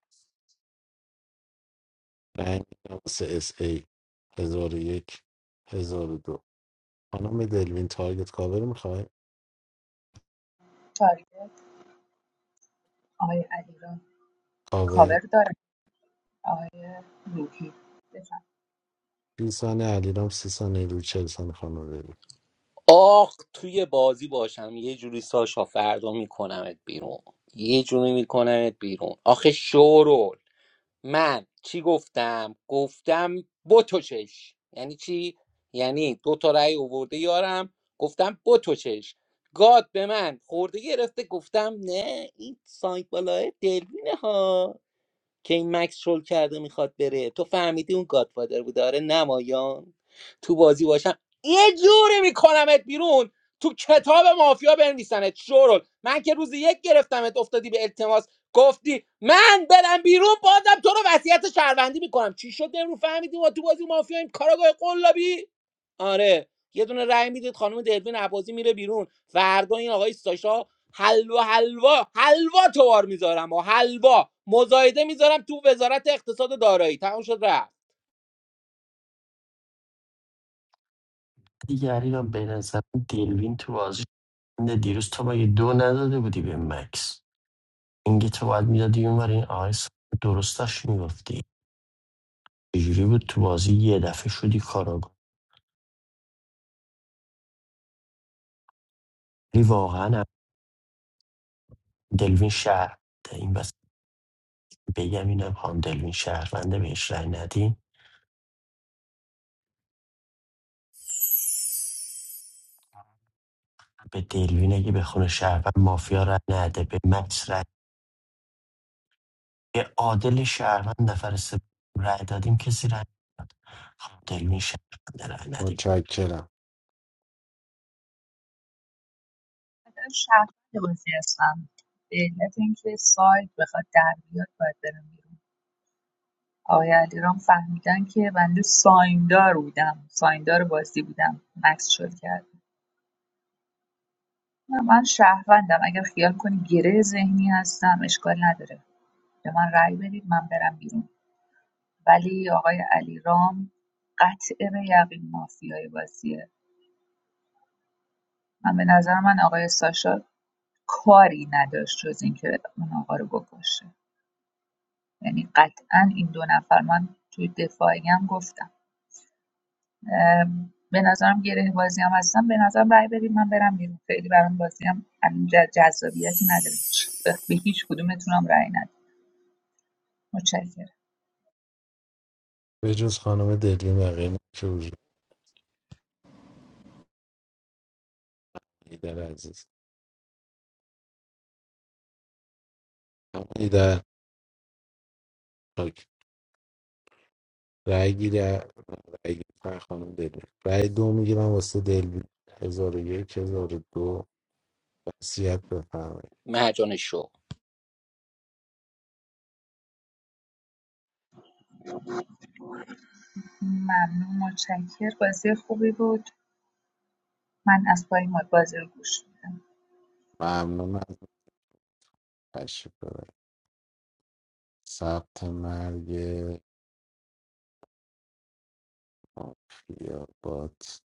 رأی می‌دم واسه اس ای هزار و یک هزار و دو خانم دلوین تارگت کاور میخوای
تارگت آقای علیرام
کاور
کاور داره آقای روحی بفهم
20 ثانیه علیرام 30 ثانیه روی 40 ثانیه خانم دلوین
آخ توی بازی باشم یه جوری ساشا فردا میکنمت بیرون یه جوری میکنمت بیرون آخه شورول من چی گفتم گفتم بتوچش یعنی چی یعنی دو تا رأی آورده یارم گفتم بتوچش گاد به من خورده گرفته گفتم نه این سایت بالای دلوینه ها که این مکس شل کرده میخواد بره تو فهمیدی اون گادفادر بود آره نمایان تو بازی باشم یه جوری میکنمت بیرون تو کتاب مافیا بنویسنت شورل من که روز یک گرفتمت افتادی به التماس گفتی من برم بیرون بازم تو رو وصیت شهروندی میکنم چی شد امروز فهمیدی ما تو بازی مافیاییم کاراگاه قلابی آره یه دونه رأی میدید خانم دلوین عبازی میره بیرون فردا این آقای ساشا حلوا حلوا حلوا توار میذارم و حلوا مزایده میذارم تو وزارت اقتصاد و دارایی تموم شد رفت
دیگری علیرام به نظر دلوین تو بازی شنیده. دیروز تو مگه دو نداده بودی به مکس اینگه تو باید میدادی اونور این آقای س- درستش میگفتی چجوری بود تو بازی یه دفعه شدی کاراگاه ولی واقعا هم دلوین شهر این بس بگم اینم خانم دلوین شهرونده بهش رای ندین به دلوین اگه به خونه شهروند مافیا رای نده به مکس رای به عادل شهروند نفر سه رای دادیم کسی رای نداد. خانم دلوین شهرونده رای ندیم.
متشکرم
من شهر بازی هستم به علت اینکه سایت بخواد در بیاد باید برم آقای علیرام فهمیدن که بنده سایندار بودم سایندار بازی بودم مکس شد کرد نه، من شهروندم اگر خیال کنی گره ذهنی هستم اشکال نداره به من رأی بدید من برم بیرون ولی آقای علیرام قطع به یقین مافیای بازیه من به نظر من آقای ساشا کاری نداشت جز اینکه اون آقا رو بکشه یعنی قطعا این دو نفر من توی دفاعیم گفتم ام، به نظرم گره بازی هم هستم به نظرم رای بریم من برم بیرون خیلی برام بازی هم جذابیتی نداره چ- به به هیچ کدومتونم رای ندید متشکرم
به جز خانم دلوین بقیه که حضور ایدر عزیز اما ایدر پاک رأی گیری رأی گیری فر خانم دلوین رای دو میگیرم واسه دلوین هزار و یک هزار و دو وصیت بفرمایید
مهجان شو
ممنون متشکر بازی خوبی بود من از پای مد بازی رو گوش میدم
ممنون از تشریف ببرید ثبت مرگ مافیا بات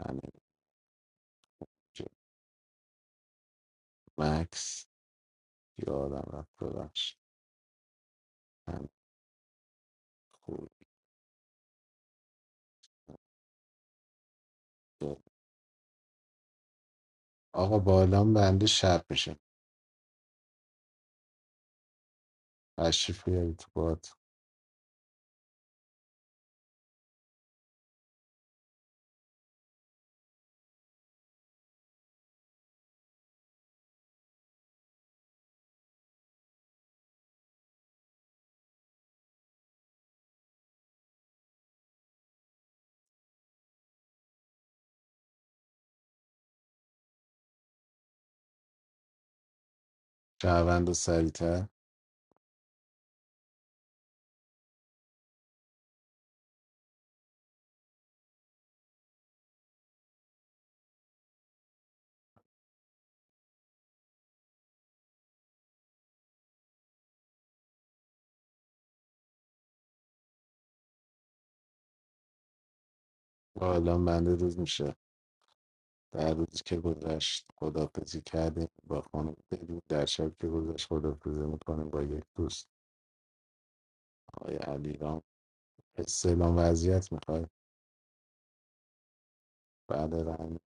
همین جو مکس یادم رفت ببخش همین خوب بود. آقا بالام بنده شب میشه تشریف بیارید تو بات شهروند و سریعتر بالام بنده روز میشه در روزی که گذشت خدافزی کردیم با خانم بلو در شب که گذشت خدافزی میکنیم با یک دوست آقای علیرام استعلام وضعیت میخوای بعد رن-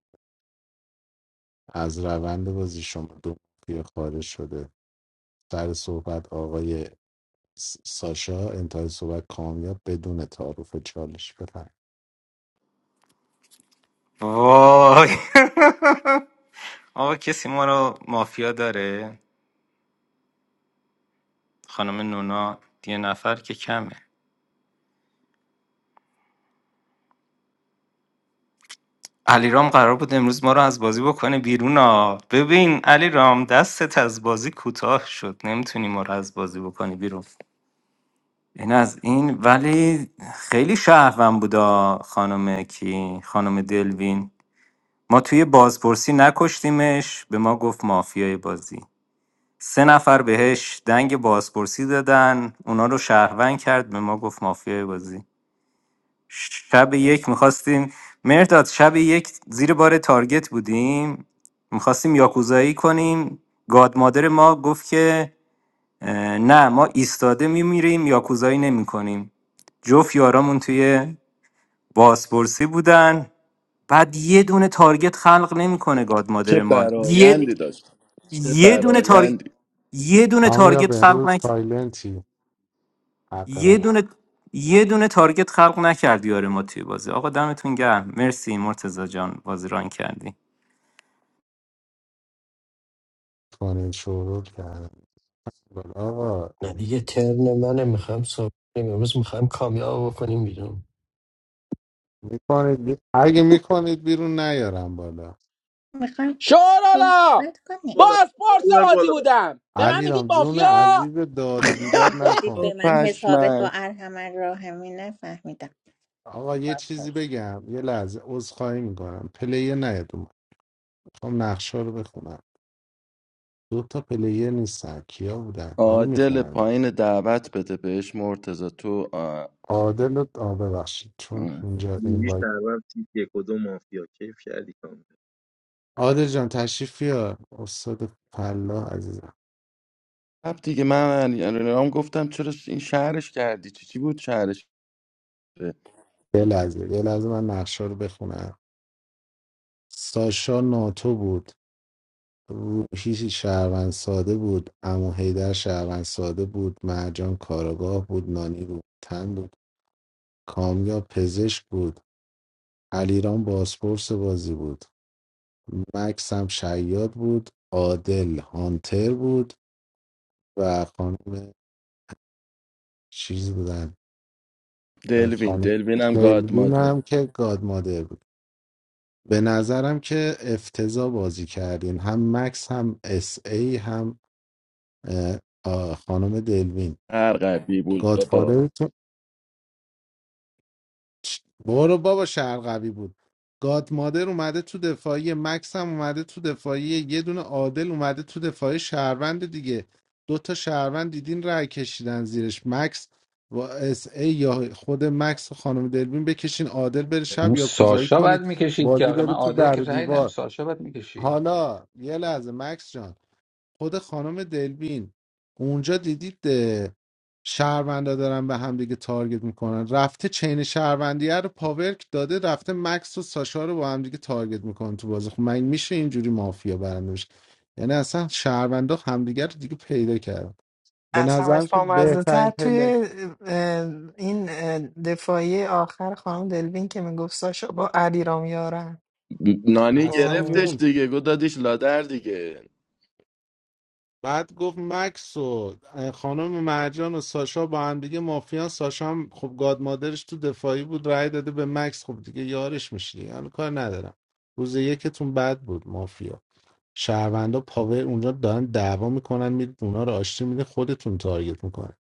از روند بازی شما دو مافیا خارج شده سر صحبت آقای س- ساشا انتهای صحبت کامیاب بدون تعارف چالش بفرم
وای <laughs> آقا کسی ما رو مافیا داره خانم نونا یه نفر که کمه علیرام قرار بود امروز ما رو از بازی بکنه بیرون ها ببین علیرام دستت از بازی کوتاه شد نمیتونی ما رو از بازی بکنی بیرون این از این ولی خیلی شهروند بودا خانم کی خانم دلوین ما توی بازپرسی نکشتیمش به ما گفت مافیای بازی سه نفر بهش دنگ بازپرسی دادن اونا رو شهروند کرد به ما گفت مافیای بازی شب یک میخواستیم مرداد شب یک زیر بار تارگت بودیم میخواستیم یاکوزایی کنیم گاد مادر ما گفت که اه، نه ما ایستاده میمیریم یاکوزایی نمیکنیم جفت یارامون توی بازپرسی بودن بعد یه دونه تارگت خلق نمیکنه گاد
چه
مادر ما یه
برایندی داشت چه
یه دونه تارگت
برایندی
یه دونه
کامیاب
تارگت خلق
امروز
نکرد
سایلنتی حق
یه
رد
دونه یه دونه تارگت خلق نکردی آره ما توی بازی آقا دمتون گرم مرسی مرتزا جان بازی ران کردی
کنید شروع کردن بالا آقا
نه دیگه ترن منه میخوام صحبت کنیم امروز میخوام کامیاب بکنیم بیرون
میکنید بی... اگه میکنید بیرون نیارم بالا
میخوام
شورالا
صحبت کنیم
بالا
باز پارس
بیار
بازی
بالا
بودم به من میگید
علیرام جون
مافیا
عزیز داد و بیداد
گفتید
نکن
به من حسابت با
پشمک
ارحمن راهمی نفهمیدم
آقا یه
باز
چیزی
پرس
بگم یه لحظه عذرخواهی میکنم پلیر نیاد اومد میخوام نقشه رو بخونم دو تا پلیر نیستن کیا بودن حالا
عادل
میخونم اینا.
پایین دعوت بده بهش مرتضی تو آه.
عادل رو آه ببخشید چون
اه.
اینجا
روحی
این
شهروند تیپ یک و دو مافیا کیف کردی کامل
عادل جان تشریف بیار استاد فلاح عزیزم
خب دیگه من رام گفتم چرا این شهرش کردی چی چی بود شهرش
یه لحظه یه لحظه من نقشه رو بخونم ساشا ناتو بود روحی شهروند ساده بود امو حیدر شهروند ساده بود مرجان کاراگاه بود نانی بود تن بود کامیاب پزشک بود علیرام بازپرس بازی بود مکس هم شیاد بود عادل هانتر بود و خانم چیز بودن
دلوین
خانم
دلوین هم گاد
دلوین
ماده
هم که گاد بود به نظرم که افتضاح بازی کردین هم مکس هم اس ای هم اه، آه، خانم دلوین
هر قبی بود بابا
گادفادر تو چ- برو بابا شهر قوی بود گاد مادر اومده تو دفاعی مکس هم اومده تو دفاعی یه دونه عادل اومده تو دفاعی شهروند دیگه دو تا شهروند دیدین رای کشیدن زیرش مکس و اس ای یا خود مکس و خانم دلوین بکشین عادل بره
اون
شب یا کوزایی
ساشا بعد
کنید
میکشید که
بازی
آقا من
بره تو
عادل
در
که
و
رأی ندم
دیوار
ساشا بعد میکشی
حالا یه لحظه مکس جان خود خانم دلبین اونجا دیدید اه، شهروندا دارن به هم دیگه تارگت میکنن رفته چین شهروندیه رو پاورک داده رفته مکس و ساشا رو با هم دیگه تارگت میکنن تو بازی خب من میشه اینجوری مافیا برنده بشه یعنی اصلا شهروندا همدیگه رو دیگه پیدا کردن به
از
نظرم
همش
که
بامزه
بهترین
تر
پله
توی اه، این اه، دفاعی آخر خانم دلوین که میگفت ساشا با علی رام یارن
نانی
اصلا
گرفتش
موند
دیگه گو دادیش لادر دیگه
بعد گفت مکس و خانم مرجان و ساشا با هم دیگه مافیان ساشا هم خب گاد مادرش تو دفاعی بود رأی داده به مکس خب دیگه یارش میشه دیگه حالا کار ندارم روز یکتون بد بود مافیا شهروندا پاور اونجا دارن دعوا میکنن میرید اونا رو آشتی میده خودتون تارگت میکنن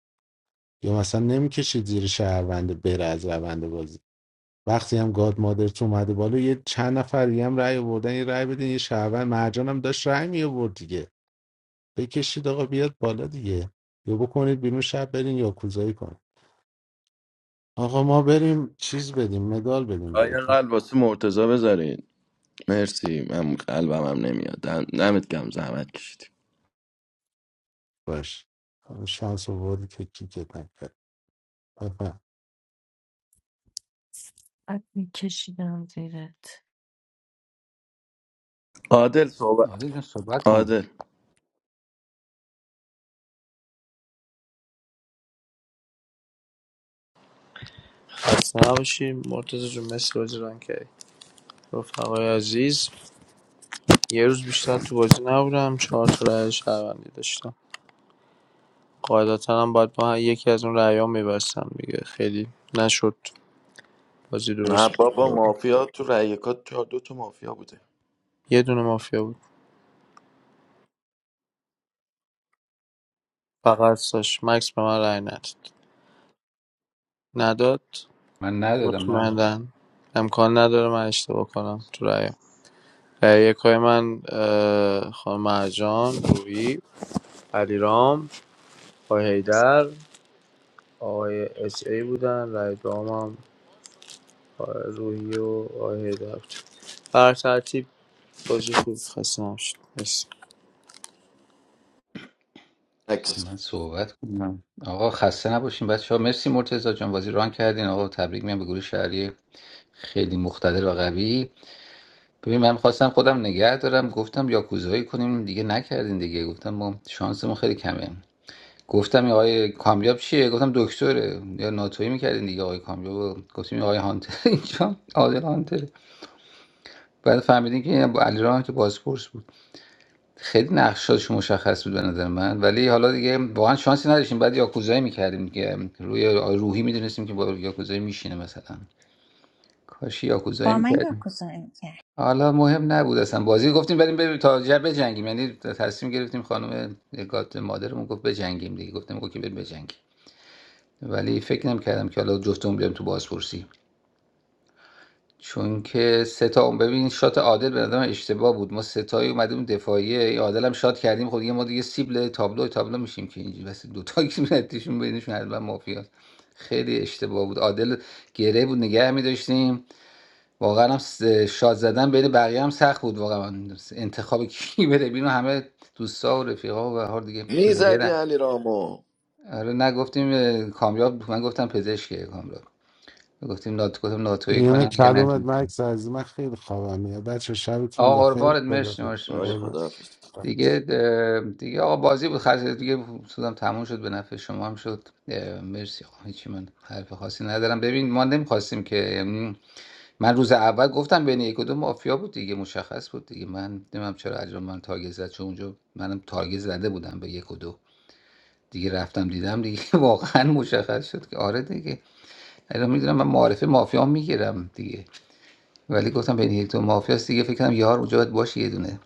یا مثلا نمیکشید زیر شهرونده بره از روند بازی وقتی هم گاد مادرت اومده بالا یه چند نفر دیگه هم رأی آوردن یه رأی بدین یه شهروند مرجان هم داشت رأی می آورد دیگه بکشید آقا بیاد بالا دیگه یا بکنید بیرون شب برین یا کوزایی کنید آقا ما بریم چیز بدیم مدال بدیم
آیا
بهتون
قلب واسه مرتضی بذارین مرسی من قلبم هم نمیاد دم- دمت گم زحمت کشیدی
باش شانس آوردی که کیکت نکرد بفهم
میکشیدم زیرت
عادل صحبت
عادل جان صحبت کن
عادل
خسته نباشیم مرتضی جون مثل بازی ران کردی رفقای عزیز یه روز بیشتر تو بازی نبودم چهار تا رأی شهروندی داشتم قاعدتا هم باید با هر یکی از اون رأیام میبستم دیگه خیلی نشد بازی درست
بابا
بود.
مافیا تو رأیکات چهار دو تا مافیا بوده
یه دونه مافیا بود فقط ساش مکس به من رأی نداد نداد
من ندادم نه
مطمئنا امکان نداره من اشتباه کنم تو رأی رأی یکای من اه، خانم مرجان روحی علیرام آقای حیدر آقای اس ای بودن رأی دوام هم آقای روحی و آقای حیدر بود بر ترتیب بازی خوب خسته نباشید. مرسی.
عکس
من صحبت کنم آقا خسته نباشین بچه ها مرسی مرتضی جان بازی ران کردین آقا تبریک میگم به گروه شهری خیلی مقتدر و قوی ببین من خواستم خودم نگه دارم گفتم یاکوزایی کنیم دیگه نکردین دیگه گفتم ما شانسمون خیلی کمه گفتم این آقای کامیاب چیه گفتم دکتره یا ناتوی میکردین دیگه آقای کامیاب رو. گفتیم این آقای هانتر <laughs> اینجا آقای هانتر بعد فهمیدین که این علیرغم که بازپرس بود خیلی نقشاش مشخص بود به نظر من ولی حالا دیگه واقعا شانسی نداشتیم بعد یاکوزایی میکردیم دیگه روی روحی میدونستیم که با یاکوزایی میشینه مثلا کاش یاکوزایی
با من یا
میکردیم
کوزایی کرد
حالا مهم نبود اصلا بازی گفتیم بریم بریم تا جر بجنگیم یعنی تصمیم گرفتیم خانم گاد مادرمون گفت بجنگیم دیگه گفتم اوکی بریم بجنگیم ولی فکر نمیکردم که حالا جفتمون بیام تو بازپرسی چون که سه تا ببین شات عادل به نظرم اشتباه بود ما سه تایی اومدیم دفاعیه این عادل هم شات کردیم خب دیگه ما دیگه سیبل تابلو تابلو میشیم که اینجوری بس دو تا که <laughs> میرتیشون بینشون حتما مافیاست خیلی اشتباه بود عادل گره بود نگه می‌داشتیم واقعا هم س- شات زدن بین بقیه هم سخت بود واقعا انتخاب کی بره بینو همه دوستا و رفیقا و به هر حال دیگه
میزدی
پلیرن
علی رامو
آره نگفتیم اه، کامیاب من گفتم پزشکه کامیاب گفتیم نات گفتم ناتوی
میون
کنیم دیگه
کلومت
نه
مکس از من خیلی خوابم میاد بچه شبتون
آقا
بخیر
قربانت
خدا
مرسی
حافظ.
مرسی
آری
مرسی
قربونت.
خداحافظ
دیگه اه، دیگه آقا بازی بود خرج دیگه سودم تموم شد به نفع شما هم شد اه، مرسی آقا هیچی من حرف خاصی ندارم ببین ما نمیخواستیم که یعنی من روز اول گفتم بین یک و دو مافیا بود دیگه مشخص بود دیگه من نمیدونم چرا اجرام من تارگت زد چون اونجا منم تارگت زده بودم به یک و دو دیگه رفتم دیدم دیگه <laughs> واقعا مشخص شد که آره دیگه الان میدونم من معارفه مافیا میگیرم دیگه ولی گفتم بین یک و دو مافیاست دیگه فکر کنم یار اونجا باید باشه یه دونه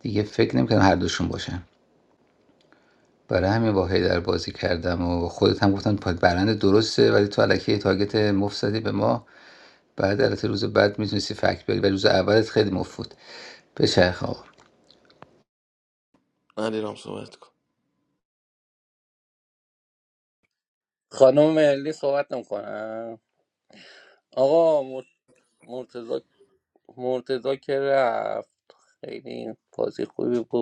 دیگه فکر نمیکنم هر دوشون باشن برای همین با در بازی کردم و خودت هم گفتن پا- برنده درسته ولی تو الکی یه تارگت مفت به ما بعد البته روز بعد میتونستی فکت بیاری ولی روز اولت خیلی مفت بود به چرخ آقا
علی رام صحبت کن
خانم ملی صحبت نمیکنم آقا مرتزا مرتزا که رفت خیلی بازی خوبی بود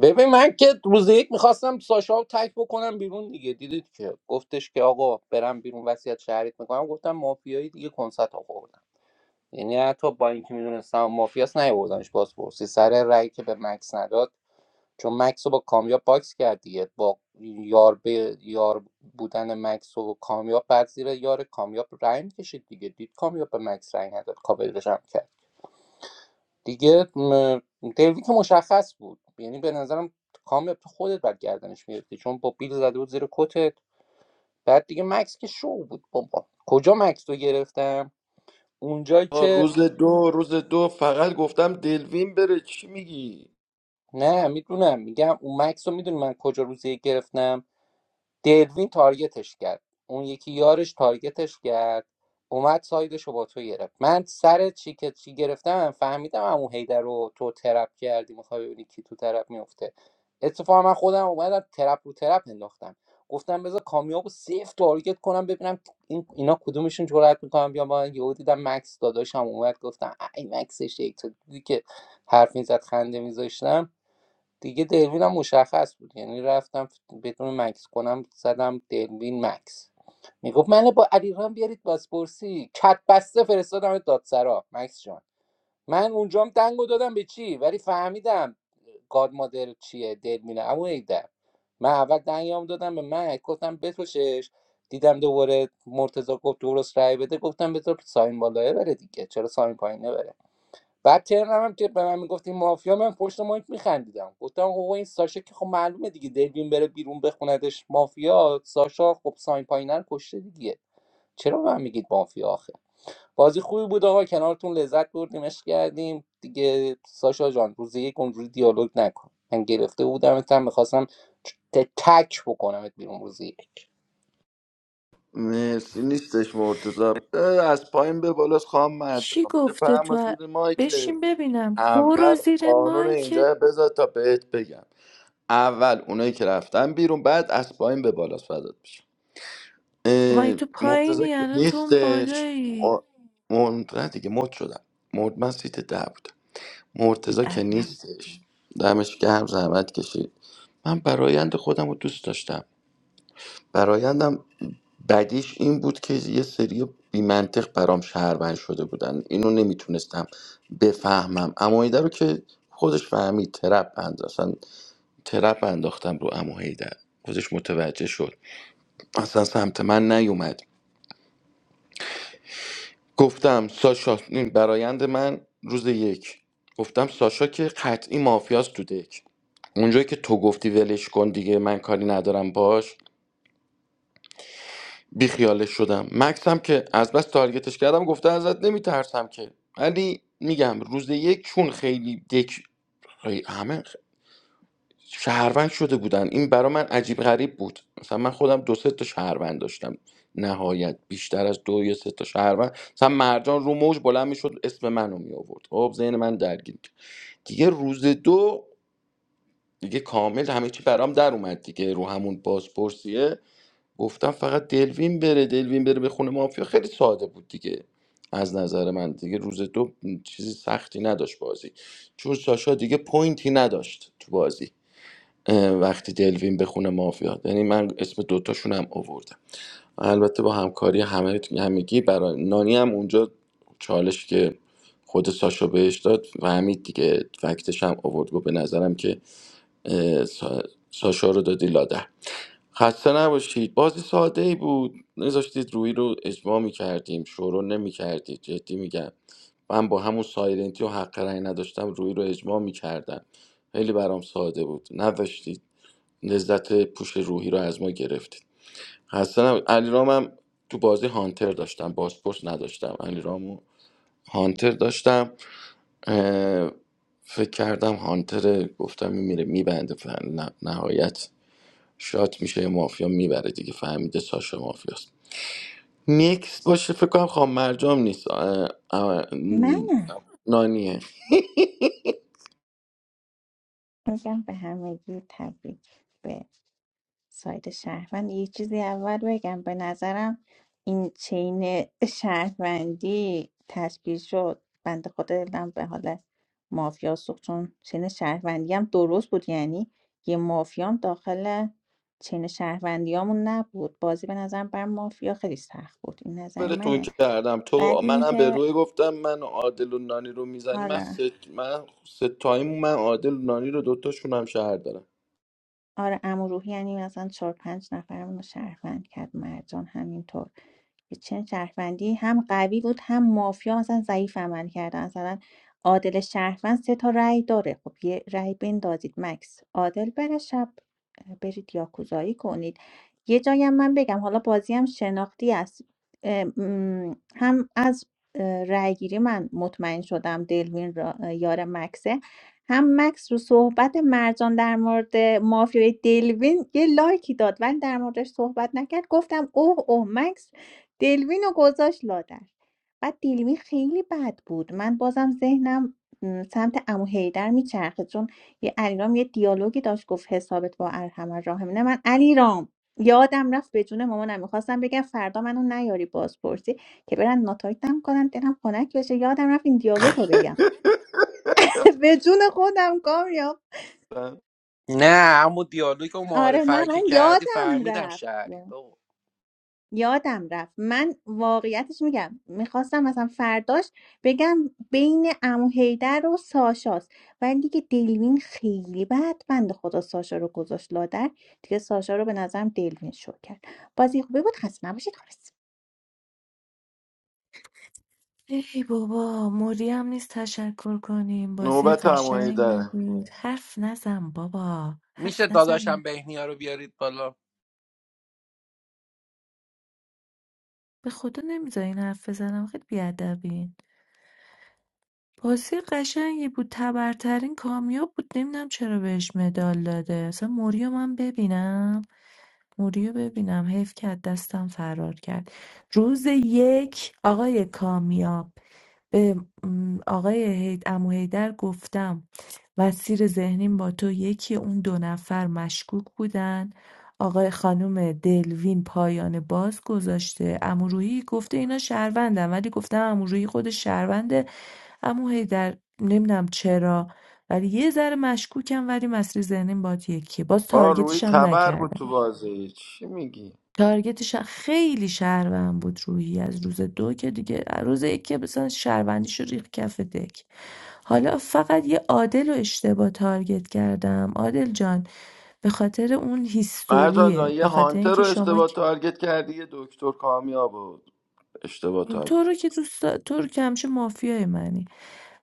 ببین من که روز یک میخواستم ساشا رو تک بکنم بیرون دیگه دیدید که گفتش که آقا برم بیرون وصیت شهریت میکنم گفتم مافیایی دیگه کنسرت آوردم یعنی حتی با اینکه میدونستم مافیاس نیاوردمش باز پرسی سر رأی که به مکس نداد چون مکس رو با کامیاب باکس کرد دیگه با یار به یار بودن مکس و کامیاب بعد زیر یار کامیاب رأی میکشید دیگه دید کامیاب به مکس رأی نداد کاورش هم کرد دیگه م، دیوید که مشخص بود یعنی به نظرم کام تو خودت بعد گردنش میرفتی چون با بیل زده بود زیر کتت بعد دیگه مکس که شو بود بابا کجا مکس رو گرفتم اونجایی
آه،
که
روز دو روز دو فقط گفتم دلوین بره چی میگی
نه میدونم میگم اون مکس رو میدونی من کجا روزی گرفتم دلوین تارگتش کرد اون یکی یارش تارگتش کرد اومد سایدش رو با تو گرفت من سر چی که چی گرفتم فهمیدم امو هیدر رو تو ترپ کردی میخوای ببینی کی تو ترپ میفته اتفاقا من خودم اومدم ترپ رو ترپ انداختم گفتم بذار کامیاب و سیف تارگت کنم ببینم این اینا کدومشون جرأت میکنم بیا با من. یهو دیدم مکس داداشم اومد گفتم ای مکس شیک تو دیدی که حرف میزد خنده میذاشتم دیگه دلوین هم مشخص بود یعنی رفتم بدون مکس کنم زدم دلوین مکس میگفت منو با علیرغم بیارید بازپرسی کت بسته فرستادم دادسرا مکس جان من اونجام دنگو دادم به چی ولی فهمیدم گاد مادر چیه دلوینه اما ایده من اول دنگام دادم به مکس گفتم بتوشش. دیدم دوباره مرتضی گفت درست رای بده گفتم بذار ساین بالایه بره دیگه چرا ساین پایینه بره بعد ترنم هم که به من میگفتیم مافیا من پشت مایک میخندیدم گفتم آقا این ساشا که خب معلومه دیگه دلوین بره بیرون بخوندش مافیا ساشا خب ساین پاینر کشته دیگه چرا به من میگید مافیا آخه بازی خوبی بود آقا کنارتون لذت بردیم عشق کردیم دیگه ساشا جان روز یک اونجوری دیالوگ نکن من گرفته بودم هم میخواستم تک بکنمت بیرون روزی
مرسی نیستش مرتضا اه، از پایین به بالاست خواهم
کی
مردم
گفته
بفهم از
تو
زیر که
بشین ببینم
اول
برو زیر
قانون
مایکت
اینجا بذار تا بهت بگم اول اونایی که رفتن بیرون بعد از پایین به بالاست فضاد بشه
خب مگه تو
مرتضا
پایینی
که
الان تو اون
نیستش
بالایی
م- من نه دیگه مد شدم مرد من سیت ده بودم مرتضی که
بیادم
نیستش دمش گرم زحمت کشید من برایند خودم رو دوست داشتم برایندم بدیش این بود که یه سری بیمنطق برام شهروند شده بودن اینو نمیتونستم بفهمم اما هیدر رو که خودش فهمید ترپ اند اصلا ترپ انداختم رو امو هیدر خودش متوجه شد اصلا سمت من نیومد گفتم ساشا این برایند من روز یک گفتم ساشا که قطعی مافیاست تو دک اونجایی که تو گفتی ولش کن دیگه من کاری ندارم باش بیخیالش شدم مکس هم که از بس تارگتش کردم گفته ازت نمیترسم که ولی میگم روز یک چون خیلی دک خیلی- همه شهروند شده بودن این برا من عجیب غریب بود مثلا من خودم دو سه تا شهروند داشتم نهایت بیشتر از دو یا سه تا شهروند مثلا مرجان رو موج بلند میشد اسم منو می آورد خب ذهن من درگیر بود. دیگه روز دو دیگه کامل همه چی برام در اومد دیگه رو همون بازپرسیه گفتم فقط دلوین بره دلوین بره به خونه مافیا خیلی ساده بود دیگه از نظر من دیگه روز دو چیزی سختی نداشت بازی چون ساشا دیگه پوینتی نداشت تو بازی اه، وقتی دلوین به خونه مافیا یعنی من اسم دوتاشون هم آوردم البته با همکاری همه همگی برای نانی هم اونجا چالش که خود ساشا بهش داد و همین دیگه فکتش هم آورد گفت به نظرم که اه، سا- ساشا رو دادی لاده خسته نباشید بازی ساده ای بود نذاشتید روی رو اجماع میکردیم شروع نمیکردید جدی میگم من با همون سایرنتی و حق رأی نداشتم روی رو اجماع میکردم خیلی برام ساده بود نداشتید لذت پوش روحی رو از ما گرفتید خسته نب... علیرام هم تو بازی هانتر داشتم بازپرس نداشتم علیرامو هانتر داشتم اه، فکر کردم هانتر گفتم این میره میبنده فن نه، نهایت شات میشه مافیا میبره دیگه فهمیده ساشا مافیاست نیکس باشه فکر کنم خواهم مرجام نیست اه، اه،
منم
نانیه
میگم به همگی تبریک به ساید شهروند یه چیزی اول بگم به نظرم این چین شهروندی تشکیل شد بنده خدا دلم به حال مافیا سوخت چون چین شهروندی هم درست بود یعنی یه مافیا هم داخل چین شهروندیامون نبود بازی به نظرم بر مافیا خیلی سخت بود این نظر
بره تو این
منه
کردم تو
بعد
منم به
اینکه
روی گفتم من عادل و نانی رو میزنی من
آره
سه من سه تایم من عادل و نانی رو دوتاشون هم شهر دارم
آره عمو روحی یعنی مثلا چهار پنج نفرمون رو شهروند کرد مرجان همینطور چه شهروندی هم قوی بود هم مافیا مثلا ضعیف عمل کردن مثلا عادل شهروند سه تا رأی داره خب یه رأی بندازید مکس عادل بره شب اه، برید یاکوزایی کنید یه جایی هم من بگم حالا بازی هم شناختی است اه، م، هم از اه، رأی گیری من مطمئن شدم دلوین را- اه، یار مکسه هم مکس رو صحبت مرجان در مورد مافیای دلوین یه لایکی داد ولی در موردش صحبت نکرد گفتم اوه اوه مکس دلوینو گذاشت لادر بعد دلوین خیلی بد بود من بازم ذهنم م، سمت عمو حیدر میچرخید چون یه علیرام یه دیالوگی داشت گفت حسابت با ارحم الراحمین نه من علیرام یادم رفت به جون مامانم میخواستم بگم فردا منو نیاری بازپرسی که برن ناتایتم کنن دلم خنک بشه یادم رفت این دیالوگ رو بگم <laughs> به جون خودم کامیاب
نه اما دیالوگ و
آره
معارفه
نه
رو
من
که کردی
یادم
فهمیدم
رفت
شهری بابا
یادم رفت من واقعیتش میگم میخواستم مثلا فرداش بگم بین عمو حیدر و ساشاست ولی دیگه دلوین خیلی بد بند خدا ساشا رو گذاشت لادر دیگه ساشا رو به نظرم دلوین شو کرد بازی خوبی بود خسته نباشید خالص
ای بابا موری هم نیست تشکر کنیم بازی
نوبت همایی
قشنگی
داره
بود حرف نزن بابا
میشه
حرف نزن
داداشم بهنیا رو بیارید بالا
به خدا نمیذارین حرف بزنم خیلی بیادبین بازی قشنگی بود تبرترین کامیاب بود نمیدونم چرا بهش مدال داده اصلا موریو من ببینم موریو ببینم حیف کرد دستم فرار کرد روز یک آقای کامیاب به م، آقای هید امو هیدر گفتم وسیر ذهنیم با تو یکی اون دو نفر مشکوک بودن آقای خانم دلوین پایان باز گذاشته امو روحی گفته اینا شهروندن ولی گفتم امو روحی خود شهروند اما هی در نمیدونم چرا ولی یه ذره مشکوکم ولی مسیر ذهنیم باد یکیه باز
آه روی
تارگتش هم
تبر بود
نکردم
تو بازی چی میگی
تارگتش هم خیلی شهروند بود روحی از روز دو که دیگه روز یک که مثلا شهروندیش رو ریخ کف دک حالا فقط یه عادل رو اشتباه تارگت کردم عادل جان به خاطر اون
مرجان جان
هیستوریه
یه
به خاطر
هانتر رو
اینکه شما
اشتباه تارگت کردی یه دکتر کامیاب بود اشتباه
تو رو که دوست دا- تو رو که همیشه مافیای منی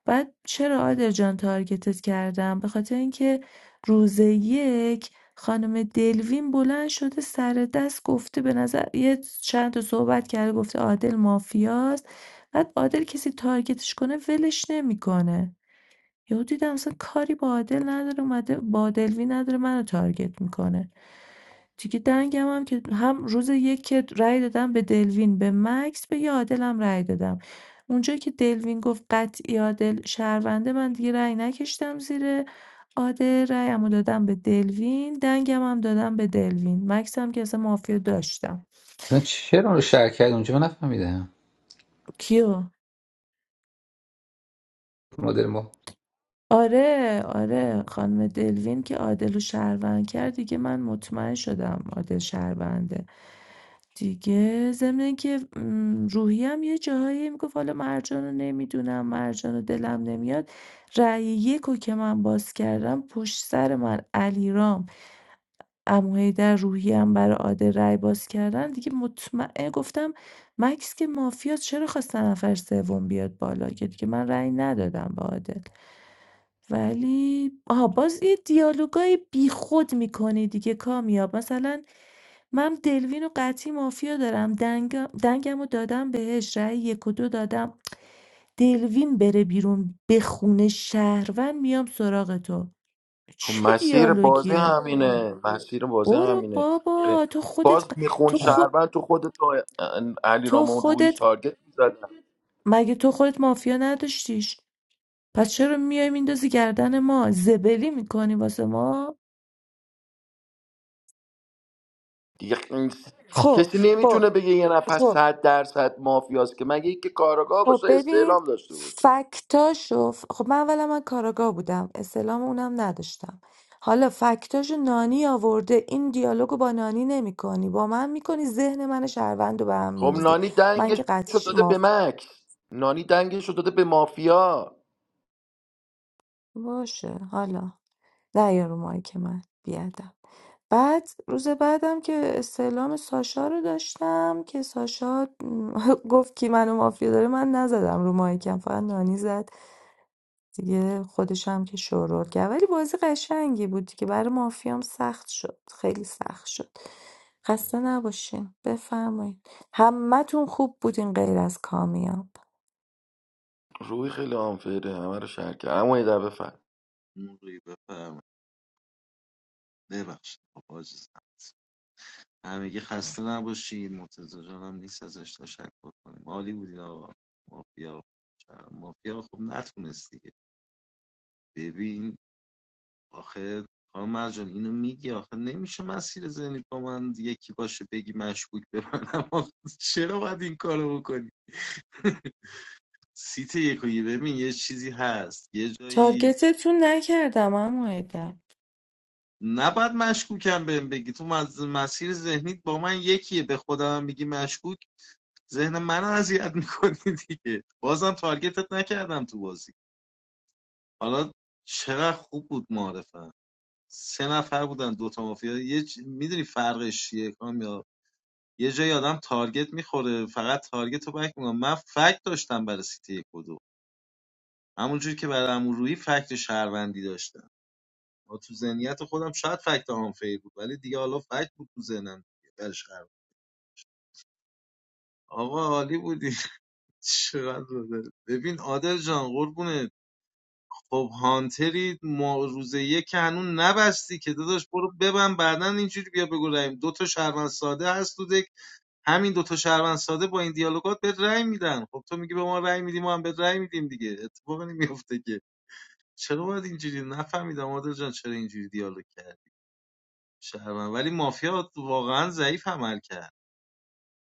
بعد چرا آدل جان تارگتت کردم به خاطر اینکه روز یک خانم دلوین بلند شده سر دست گفته به نظر یه چند تا صحبت کرده گفته عادل مافیاست بعد عادل کسی تارگتش کنه ولش نمیکنه یهو دیدم اصلا کاری با عادل نداره اومده با عادلوی نداره منو تارگت میکنه دیگه دنگم هم که هم روز یک که رأی دادم به دلوین به مکس به یه عادلم رأی دادم اونجا که دلوین گفت قطعی عادل شهرونده من دیگه رأی نکشتم زیر عادل رأیمو دادم به دلوین دنگم هم دادم به دلوین مکس هم که اصلا مافیا داشتم
اصلا چرا اون رو شهر کرد اونجا من نفهمیدم
کیو
مادر ما
آره آره خانم دلوین که عادل رو شهروند کرد دیگه من مطمئن شدم عادل شهرونده دیگه ضمن اینکه م، روحی هم یه جاهایی میگفت حالا مرجان رو نمیدونم مرجان رو دلم نمیاد رأی یکو که من باز کردم پشت سر من علیرام عمو حیدر روحیه‌ام برای عاده رأی باز کردن دیگه مطمئن گفتم مکس که مافیا چرا خواست نفر سوم بیاد بالا که دیگه من رأی ندادم به عادل ولی آها باز یه دیالوگای بیخود میکنی دیگه کامیاب مثلا من دلوین و قطعی مافیا دارم دنگ دنگم رو دادم بهش رأی یک و دو دادم دلوین بره بیرون به خونه شهروند میام سراغ تو
خب
چه
مسیر بازی
دیالوگیه
همینه مسیر بازی
برو
همینه
بابا تو خودت
باز
ق-
میخون
تو خود
شهروند تو خود تو علی
تو
رامون روی
خودت
تارگت میزدن
مگه تو خودت مافیا نداشتیش پس چرا میای میندازی گردن ما زبلی میکنی واسه ما
دیگه این-
خب
کسی نمیتونه
خب
بگه یه نفر
خب
صد درصد مافیاست که مگه اینکه کاراگاه
خب
باشه
ببین
استعلام داشته باشه
فکتاشو ف- خب من اولا من کاراگاه بودم اسلام اونم نداشتم حالا فکتاشو نانی آورده این دیالوگو با نانی نمی کنی با من میکنی ذهن من شهروند رو به هم
خب
میریزی من
دنگش
که
رو
قطعیش
داده به
مافی
مکس نانی دنگش رو داده به مافیا
باشه حالا نه یا رو مایک من بیادم بعد روز بعدم که استعلام ساشا رو داشتم که ساشا م، <laughs> گفت کی منو مافیا داره من نزدم رو مایکم فقط نانی زد دیگه خودش هم که شورور کرد ولی بازی قشنگی بود که برای مافیام سخت شد خیلی سخت شد خسته نباشین بفرمایید همتون خوب بودین غیر از کامیاب
روی خیلی آنفیره همه رو شهر کرد اما یه دفعه فهم
نوری ببخشید آقا عزیزم همگی خسته نباشید مرتضی جانم نیست ازش تشکر کنیم عالی بودید آقا مافیا مافیا خب نتونست دیگه ببین آخه خانم مرجان اینو میگی آخه نمیشه مسیر ذهنی با من یکی باشه بگی مشکوک به منم چرا باید این کارو بکنی سیت یکویی ببین یه چیزی هست یه جایی
تارگتتون نکردم اما
نباید مشکوکم بهم بگی تو مز- مسیر ذهنیت با من یکیه به خودم میگی مشکوک ذهن من رو اذیت میکنی دیگه بازم تارگتت نکردم تو بازی حالا چقدر خوب بود معرفم سه نفر بودن دوتا مافیا یه چ... میدونی فرقش چیه کامیاب یه جای آدم تارگت میخوره فقط تارگت رو بک میکنم من فکت داشتم برای سیتی یک و دو همونجور که برای امورویی فکت شهروندی داشتم ما تو ذهنیت خودم شاید فکت آنفیر بود ولی دیگه حالا فکت بود تو ذهنم دیگه برای شهروند. آقا عالی بودی <laughs> چقدر بوده ببین عادل جان قربونه خب هانتری ما روز یک هنون نبستی که داداش برو ببن بعدا اینجوری بیا بگو رأی دو تا شهروند ساده هست تو دک همین دو تا شهروند ساده با این دیالوگات به رأی میدن خب تو میگی به ما رأی میدیم ما هم به رأی میدیم دیگه اتفاقی نمیفته که چرا باید اینجوری نفهمیدم آدل جان چرا اینجوری دیالوگ کردی شهروند ولی مافیا واقعا ضعیف عمل کرد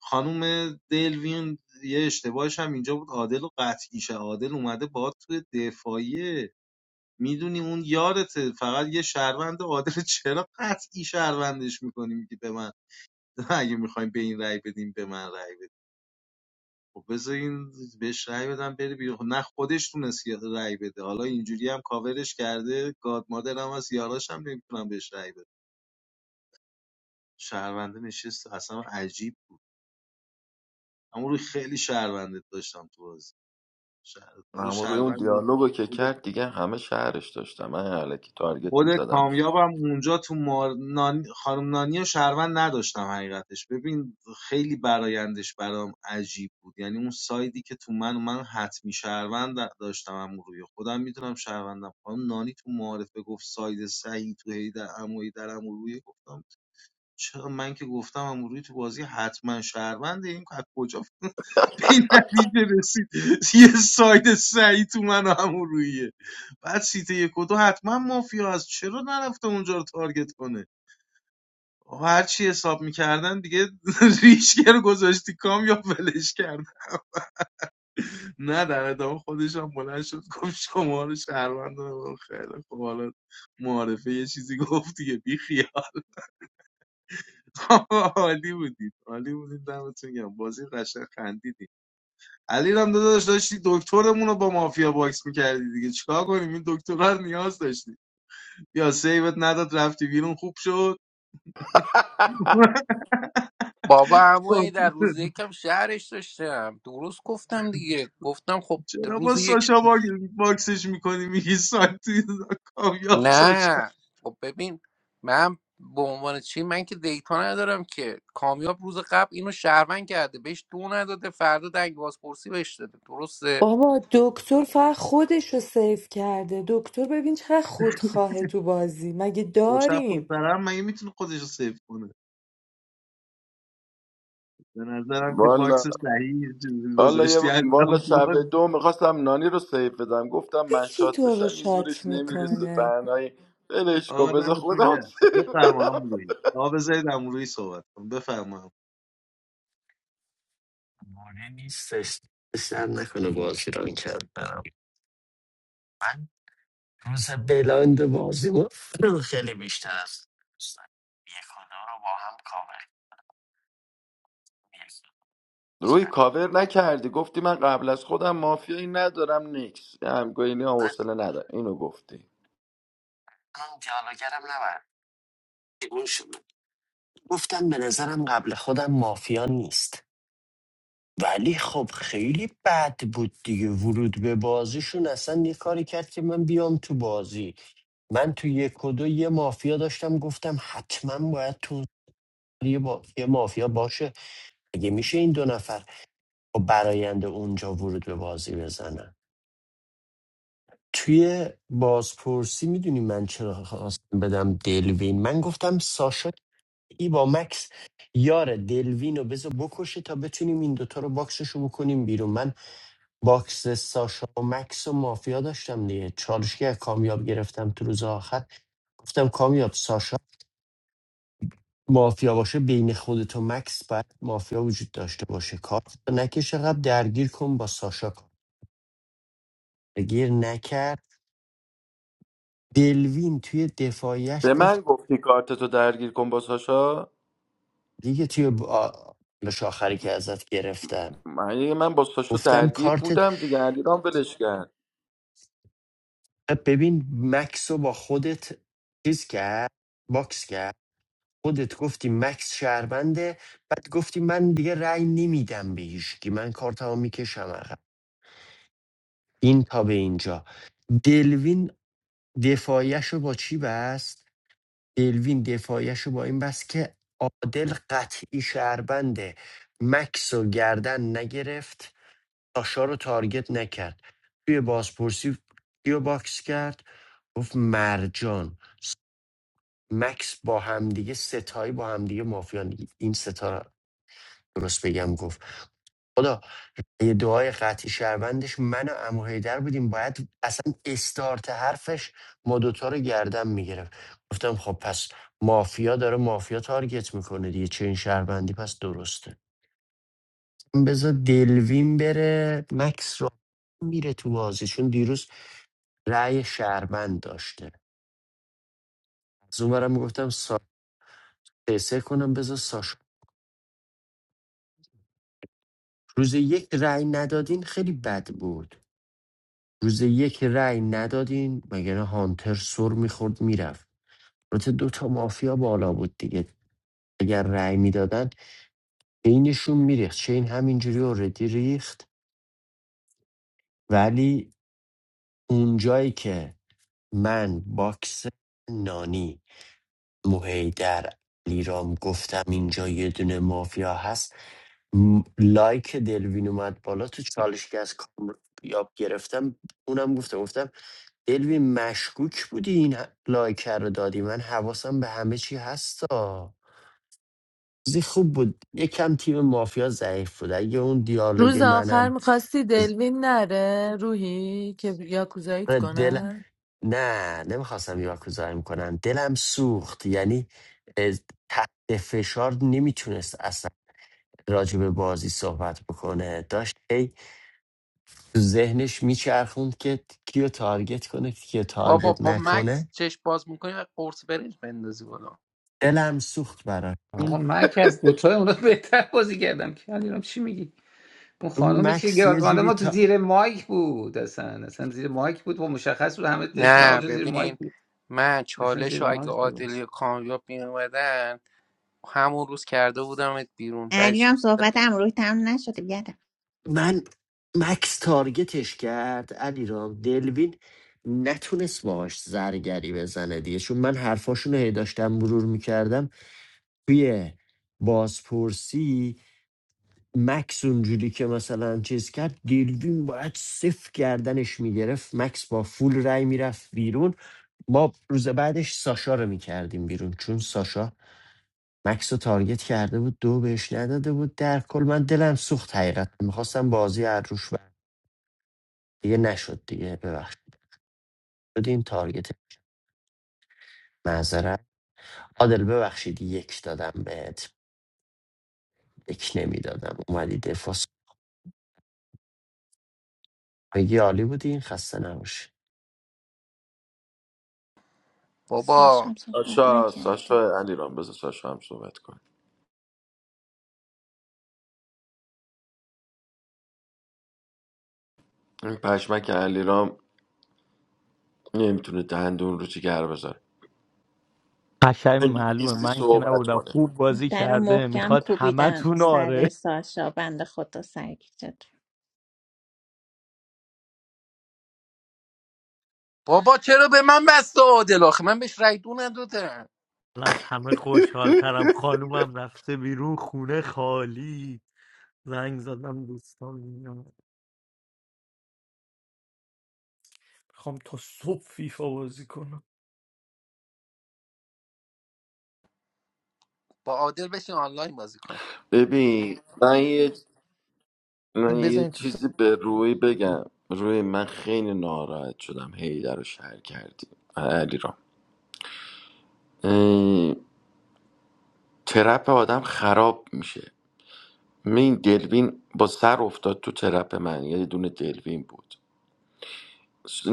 خانم دلوین یه اشتباهش هم اینجا بود عادل و قطعیشه عادل اومده با تو دفاعی میدونی اون یارته فقط یه شهروند عادل <laughs> چرا قطعی شهروندش میکنیم که به من <laughs> اگه میخوایم به این رأی بدیم به من رأی بدیم خب بذار این بهش رأی بدم بره بیرون خب نه خودش تونست رأی بده حالا اینجوری هم کاورش کرده گاد مادرم از یاراش هم نمیتونم بهش رأی بده شهرونده نشست اصلا عجیب بود اما روی خیلی شهرونده داشتم تو بازی شهر... تو
اما روی اون
شهروند
دیالوگو که
داشتم
کرد دیگه همه شهرش داشتم من علکی تارگت
خود
میزدم
کامیابم اونجا تو مار... نانی... خانم نانی و شهروند نداشتم حقیقتش ببین خیلی برایندش برام عجیب بود یعنی اون سایدی که تو من و من حتمی شهروند د- داشتم هم روی خودم میتونم شهروندم خانم نانی تو معارفه گفت ساید صحیح تو هی در اموی در عمو روی گفتم چرا من که گفتم امروی تو بازی حتما شهرونده این از کجا <laughs> به این نتیجه رسید <laughs> یه ساید سعی تو من و امرویه بعد سیت یک و دو حتما مافیا هست چرا نرفته اونجا رو تارگت کنه هر چی حساب میکردن دیگه <laughs> ریشگه رو گذاشتی کام یا ولش کرد نه در ادامه خودش هم بلند شد گفت شما رو شهروند دارم. خیلی خب حالا معارفه یه چیزی گفت دیگه بی خیال. <laughs> عالی بودید عالی بودید دمتون گرم بازی قشنگ خندیدیم علی رام داداش داشتی دکترمون رو با مافیا باکس میکردی دیگه چیکار کنیم این دکتر رو نیاز داشتی یا سیوت نداد رفتی بیرون خوب شد <laughs>
بابا عمویی
خب،
در روز یکم شهرش داشتم درست گفتم دیگه گفتم خب
چرا با
روز یک
ساشا باگ- باکسش میکنی میگی سانتی کامیاب ساشا
نه خب ببین من به عنوان چی من که دیتا ندارم که کامیاب روز قبل اینو شهروند کرده بهش دو نداده فردا دنگ بازپرسی بهش داده درسته
بابا دکتر فقط خودش رو سیف کرده دکتر ببین چقدر خودخواهه تو بازی مگه
دو شب پشت
داریم
سر هم مگه میتونه خودش رو سیو کنه به نظرم که باکس صحیح
حالا یه
گذاشتی علی
والا شب
رام
دو میخواستم نانی رو سیف بدم گفتم
خب
من
کی
شاد
تو رو
بشم این
شات
زورش نمیرسه
میکنه
تنهایی ولش کن
آقا
بذار
دمتون
خودم
گرم
سیف
بفرما
بدم
هم روی آقا بذارید هم روی صحبت کنم بفرما
مانع نیستش سر نکنه بازی رو کرد برم من روز بلاند بازی ما <clears throat> خیلی بیشتر از دوستان. یک و دو رو با هم کامل می‌کنم.
روی کاور نکردی گفتی من قبل از خودم مافیایی ننکس همگوینی هم
من
گفتی
اون دیالوگرم نبرد اون شد گفتم به نظرم قبل خودم مافیا نیست ولی خب خیلی بد بود دیگه ورود به بازیشون اصلا یه کاری کرد که من بیام تو بازی من تو یک و دو یه مافیا داشتم گفتم حتما باید تو یه, با... یه مافیا باشه اگه میشه این دو نفر با براینده اونجا ورود به بازی بزنن توی بازپرسی میدونی من چرا خواستم بدم دلوین من گفتم ساشا ای با مکس یار دلوین رو بذار بکشه تا بتونیم این دوتا رو باکسش رو بکنیم بیرون من باکس ساشا و مکس و مافیا داشتم دیگه چالش که از کامیاب گرفتم تو روز آخر گفتم کامیاب ساشا مافیا باشه بین خودت و مکس باید مافیا وجود داشته باشه کارت نکش قبل درگیر کن با ساشا کن درگیر نکرد دلوین توی دفاعیش
به
گفت
من گفتی کارتتو درگیر کن با ساشا
دیگه توی ب- آ- چالش آخری که ازت گرفتم
من یه- من با ساشا
گفتم
درگیر
کارتت
بودم دیگه علیرام ولش کرد
ببین مکس رو با خودت چیز کرد باکس کرد خودت گفتی مکس شهربنده بعد گفتی من دیگه رأی نمیدم به هیچکی من کارتمو میکشم عقب این تا به اینجا دلوین دفاعیشو با چی بست دلوین دفاعیشو با این بست که عادل قطعی شهربنده مکس و گردن نگرفت تاشا رو تارگت نکرد توی بازپرسی کیو باکس کرد گفت مرجان مکس با همدیگه ستایی با همدیگه مافیان این ستا درست بگم گفت خدا یه دعای قطعی شهروندش من و عمو حیدر بودیم باید اصلا استارت حرفش ما دوتا رو گردن میگرفت گفتم خب پس مافیا داره مافیا تارگت میکنه دیگه چه این شهروندی پس درسته بذار دلوین بره مکس رو میره تو بازی چون دیروز رأی شهروند داشته از اونورم میگفتم سا... سه کنم بذار ساش روز یک رأی ندادین خیلی بد بود روز یک رأی ندادین مگر هانتر سر میخورد میرفت البته دو تا مافیا بالا بود دیگه اگر رأی میدادن بینشون میریخت چین همینجوری اوردی ریخت ولی اونجایی که من باکس نانی موهیدر لیرام گفتم اینجا یه دونه مافیا هست م- لایک دلوین اومد بالا تو چالش که از کامیاب گرفتم اونم گفتم گفتم دلوین مشکوک بودی این ه- لایک رو دادی من حواسم به همه چی هستا بازی خوب بود یکم تیم مافیا ضعیف بود اگه اون دیالوگ
روز آخر
منم
میخواستی
از
دلوین نره روحی که یاکوزاییت
آره، دل
کنن
نه نمیخواستم یاکوزایی کنم دلم سوخت یعنی از- تحت فشار نمیتونست اصلا راجع به بازی صحبت بکنه داشت هی تو ذهنش میچرخوند که کیو تارگت کنه کیو
بابا
تارگت
با مکس
نکنه
چشم باز میکنی و قرص برنج بندازی بالا
دلم سوخت براش
آقا
چون
من که از دوتای اونا بهتر بازی کردم که الانم چی میگی اون
اون
خانم چی
مکس یه
گرفت
جوری
ما تو
تا
زیر مایک بود اصلا اصلا زیر مایک بود و مشخص بود همه تشمون آقا
نه
تو زیر مایک
ببین
بود
من
اصلا زیر
چالش رو اگه
مایک بود
عادلی و کامیاب میومدن همون روز کرده بودمت بیرون برای
علی
چی؟
هم صحبت هم روی تمام نشده بیادم
من مکس تارگتش کرد علیرام دلوین نتونست باهاش زرگری بزنه دیگه چون من حرفاشون رو هی داشتم مرور میکردم توی بازپرسی مکس اونجوری که مثلا چیز کرد دلوین باید صفر گردنش میگرفت مکس با فول رای میرفت بیرون ما روز بعدش ساشا رو میکردیم بیرون چون ساشا مکس رو تارگت کرده بود دو بهش نداده بود در کل من دلم سوخت حقیقت میخواستم بازی از روش دیگه نشد دیگه ببخشید شدیم تارگت معذرت عادل ببخشید یک دادم بهت یک نمیدادم اومدی دفاع میگی عالی بودی خسته نباشی
بابا
ساشا هم صحبت
ساشا
نکرده
ساشا علیرام بذار ساشا هم صحبت کن این پشمک علیرام نمیتونه دندون رو چی گر بذاره
قشنگ
اگه
معلومه
نیستی
من که
صحبت
نبودم
کنه
خوب بازی
در رو
کرده
محکم
میخواد همه
کوبیدم
تون آره
سر ساشا بند خدا سرگیجه
بابا چرا به من بست و عادل آخه من بهش رای دو ندادم
من از همه خوشحالترم خانومم رفته بیرون خونه خالی زنگ زدم دوستان میام میخوام تا صبح فیفا بازی کنم
با عادل بشین آنلاین بازی کن
ببین من یه من
این
یه
بزنید تو
چیزی به روی بگم روی من خیلی ناراحت شدم هیدر رو شهر کردی علی را ترپ آدم خراب میشه من این دلوین با سر افتاد تو ترپ من یه دونه دلوین بود س-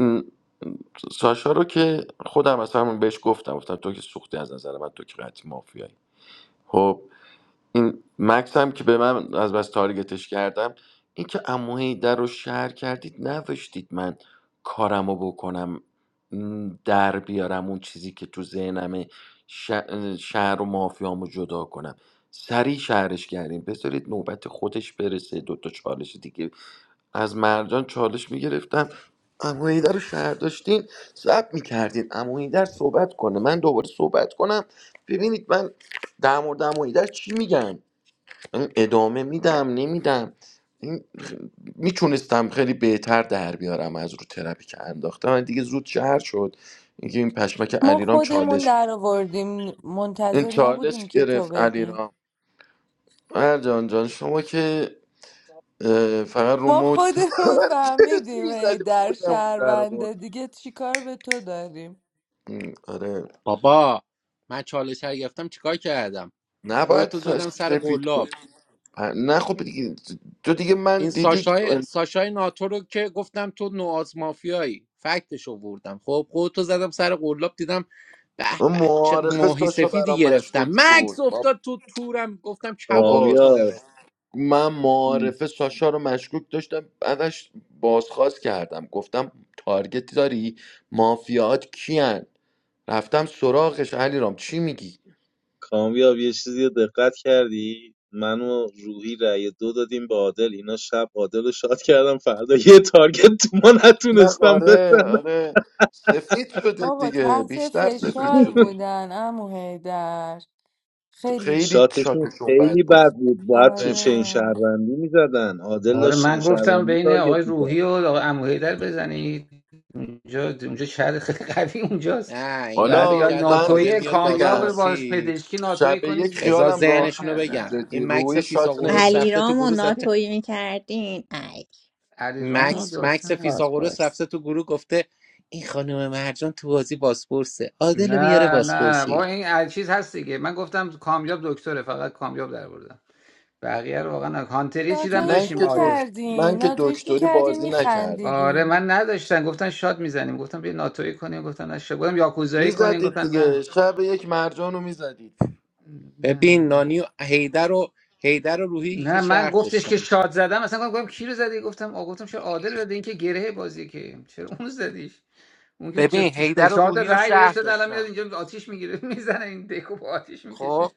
ساشا رو که خودم اصلا بهش گفتم گفتم تو که سوختی از نظر من تو که قطعی مافیایی خب این مکس هم که به من از بس تارگتش کردم این که عمو حیدر رو شهر کردید نوشتید من کارمو بکنم م، در بیارم اون چیزی که تو ذهنمه ش- شهر و مافیامو جدا کنم سریع شهرش کردیم بذارید نوبت خودش برسه دوتا چالش دیگه از مرجان چالش میگرفتم عمو حیدر رو شهر داشتین ضبط میکردین عمو حیدر صحبت کنه من دوباره صحبت کنم ببینید من در مورد عمو حیدر چی میگم من ادامه میدم نمیدم این میتونستم خیلی بهتر در بیارم از رو ترپی که انداختم من دیگه زود شهر شد اینکه این پشمک
ما
علیرام
خودمون
چالش
در آوردیم
این
منتظر
چالش
نبودیم که تو
گرفت
بگی
علیرام مرجان جان شما که اه، فقط رو
ما
موج
خودمون
تمرکز
فهمیدیم ای
میزدی
در
خودمون در
شهرونده
آوردی.
دیگه چیکار به تو داریم
آره
بابا من چالش رو گرفتم چیکار کردم
نباید
خودتو زدم سر
سفید کن
قلاب
نه خب دیگه تو دیگه من
این
دیدی
ساشای ساشای ناتو رو که گفتم تو نواز مافیایی فکتش آوردم خب خودتو زدم سر قلاب دیدم به به چه
معارفه
ماهی
ساشا
سفیدی
برام
گرفتم
مشکوک بود
مکس افتاد تو تورم گفتم کبابی
بابا
کامیاب
کنمت
من معارفه ساشا رو مشکوک داشتم بعدش بازخواست کردم گفتم تارگت داری مافیات کیان رفتم سراغش علی رام. چی میگی
کامیاب یه چیزی رو دقت کردی من و روحی رأی دو دادیم به عادل اینا شب عادل رو شاد کردم فردا یه تارگت تو ما
نه
نتونستم
آره
بزنم
آره سفید شدید
بابا
دیگه
تحت
بیشتر سفید
فشار
شدید
بودن امو هیدر خیلی
خیلی
شاتشون
شاتشون
خیلی
بد بود
بد بود باید تو چین
آره
شهروندی میزدن عادل
آره
داشت چین
من گفتم
شهروندی
بین
تارگت
آقای
میکرد
روحی و آقای اموهیدر بزنید اونجا اونجا شهر خیلی قوی اونجاست
نه اینا
بعد
فکر
حالا
یا
کردن
من یه
عادل
ناتوی
چیزی
میاد
کامیاب
بگم
با
بازپرسی
پزشکی
شب
ناتوی
یک
کنی
بذار
خیالم
ذهنشونو
راحت بود
بگم
نکردم
جدی
این مکس
روی شات
فیساغورس
نمیشه
علی
رفته تو
رام و
گروه زده
ناتویی میکردین ای
علی رام
مکس مکس
میسوخت
فیساغورس
باز
رفته تو گروه گفته این خانم مرجان تو بازی باسپورسه عادل میاره
نه نه با
باسپورسی
این هر چیز هست دیگه من گفتم کامیاب دکتره فقط کامیاب در بردم بقیه رو واقعا نه. هانتری چیدم
من
ناتویش
داشتیم
که
عادل
دکت...
میکردین
من که
ناتویش
دکتری
میکردین
بازی نکردم
آره
میخندیدیم
من نداشتن گفتن شاد میزنیم گفتم بیا ناتوی کنیم گفتن نه شد. گفتم یاکوزایی
این
کنیم گفتن
دیگه
نه
شب یک مرجان رو میزدید
ببین
نه
نانی و هیدر و هیدر و روحی که
نه من
شهر
گفتش که
داشتم
شاد زدم اصلا گفتم کی رو زدی گفتم آ گفتم چرا عادل زدی این که گره بازیه که چرا اون زدیش اون که چه-
ببین
چه- سه
هیدر و
چهار تا
روحی و
رای بهش
شهر
داد الان میاد
داشتم
اینجا آتیش میگیره <laughs> میزنه این دکو با آتیش
خب
میکشه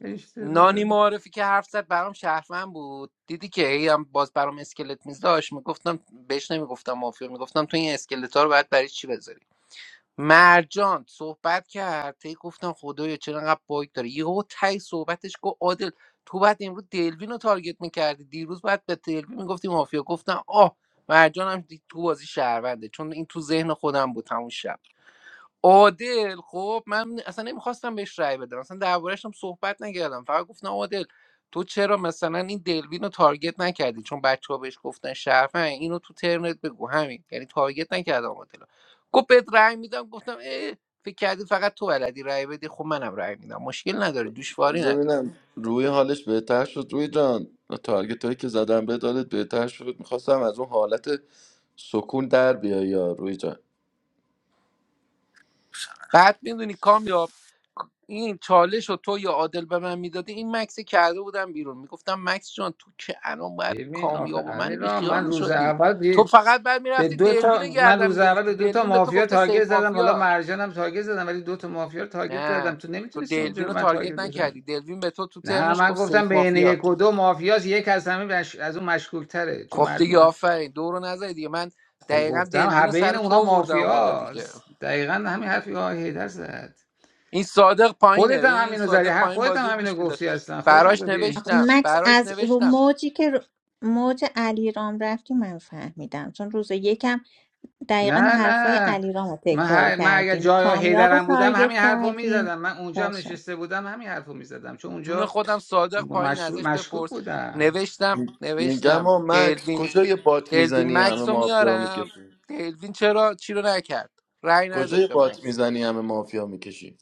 اشتباه
نانی
زدی
معارفی که حرف زد برام شهرمن بود دیدی که هی هم باز برام اسکلت میز میگفتم بهش نمیگفتم مافیا میگفتم تو این اسکلت ها رو باید برای چی بذاری مرجان صحبت کرد تی گفتم خدایا چرا انقدر باگ داره یهو تای صحبتش گفت عادل تو بعد امروز دلوین رو تارگت میکردی دیروز بعد به دلوین میگفتی مافیا گفتم آه مرجان هم دی- تو بازی شهرونده چون این تو ذهن خودم بود همون شب عادل خب من اصلا نمیخواستم بهش رأی بدم اصلا دربارهش هم صحبت نکردم فقط گفتم عادل تو چرا مثلا این دلوین رو تارگت نکردی چون بچه ها بهش گفتن شرفن اینو تو ترنت بگو همین یعنی تارگت نکردم عادل رو. گفت بهت رأی میدم گفتم اه فکر کردی فقط تو بلدی رأی بدی خب منم رأی میدم مشکل نداره دوشواری
بذار
نداره
ببینم روی حالش بهتر شد روی جان تارگت هایی که زدم به دادت بهتر شد میخواستم از اون حالت سکون در بیای یا روی جان
بعد میدونی کامیاب این چالش رو تو یا عادل به من میدادی این مکس کرده بودم بیرون میگفتم مکس جان تو که الان باید
ببین آخه
کامیاب و
علی
من
را
بیخیال
من روز
میشدی
اول
تو
دی-
فقط بعد
به
میرفتی
دو
دلوین
تا
رو
من
گردن
روز اول به
میگرفتی
دو تا
دلوین به تو
مافیا
گفته
تارگت
سیف
زدم حالا
مافیا
مرجانم تارگت زدم ولی دو تا مافیا رو تارگت زدم
نه
تو
تو
نمیتونستی اونجا
دلوین
به
رو
من تارگت
تارگت
بزنی
نکردی دلوین به تو تو
نه
ترنش
من
گفت
گفتم
سیف
بین
مافیا
یک و دو مافیاس یک از همه مش... از اون مشکوک تره چون
خب دیگه
مردم
آفرین دورو نزدی دیگه من
خب
دقیقا
گفتم هر
دلوین رو
بین
سر تو
اونا
آوردم بالا دیگه
مافیاست دقیقا همین حرفی که آقای هیدر زد
این صادق پایینه
خودت
ببین
هم
این
همینو زدی
صادق
ها،
پایین
خودت هم
بازی رو
همینو
گوش میده
گفتی اصلا خودت هم
براش
گفتی
آقا
نوشتم
مکس
براش
از رو
نوشتم
موجی که رو- موج علیرام رفتی من فهمیدم چون روز یکم
نه
دقیقا حرفای
نه
علیرام رو
من,
تکرار
ه... من اگر
کردین
جای
کامیاب رو
هیدرم بودم همین
تارگت
حرفو
کردین
میزدم من اونجا هم
باشه
نشسته بودم همین حرفو میزدم چون
جون
اونجا
خودم صادق پایین
مشغول
ازش
مشکوک
بپرس
بودم
نوشتم
م- میگم
نوشتم
ها مکس
دلوین
کجای بات
دلوین
میزنی همه
مکس رو
مافیا
میارم
میکشی
دلوین چرا چی رو نکرد رأی نداد
کجای
به
بات
مکس
میزنی همه مافیا میکشی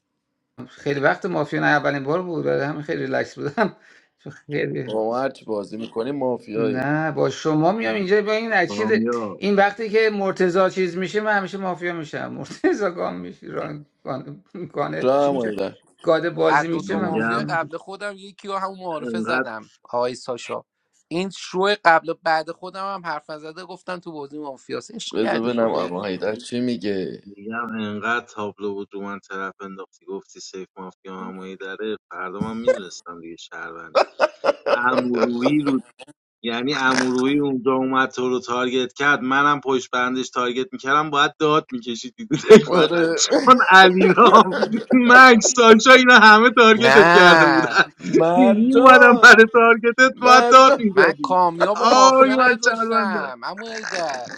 خیلی وقت مافیا نه اولین بار بود برای همین خیلی ریلکس بودم <laughs> خیلی
با ما هرچی بازی میکنی مافیایی
نه با شما میام اینجا با این اکید
کامیاب
این وقتی که مرتزا چیز میشه من همیشه مافیا میشم مرتزا گام میشه ران گان گانه
جا
چی
هم
میشه
هایده
گاده بازی
از دو
میشه من
مافیا
مافیا
میگم
میشم
قبل خودم یکی رو همون معارفه
انقدر
زدم آقای ساشا این شو قبل و بعد خودم هم حرف نزده گفتم تو بازی مافیاس عشق
بذار
کرده
ببینم
خدایی
اما هایده چی میگه
میگم انقدر تابلو بود رو من طرف انداختی گفتی سیف مافیا همونی داره فردا من میدونستم دیگه شهروند اموروی رو یعنی اموروی اونجا اومد تو رو تارگت کرد منم پشت بندش تارگت میکردم باید داد میکشید دیگه <laughs> فقط
آره <laughs>
چون علیرام مکس سانچا اینا همه تارگتت کرده
نه
بودن <laughs> میومدم
مرجان
برای تارگتت باید داد
مرجان
من
میزدی
کامیاب و
آی
مافیا
من شهروندم
نداشتم عمو حیدر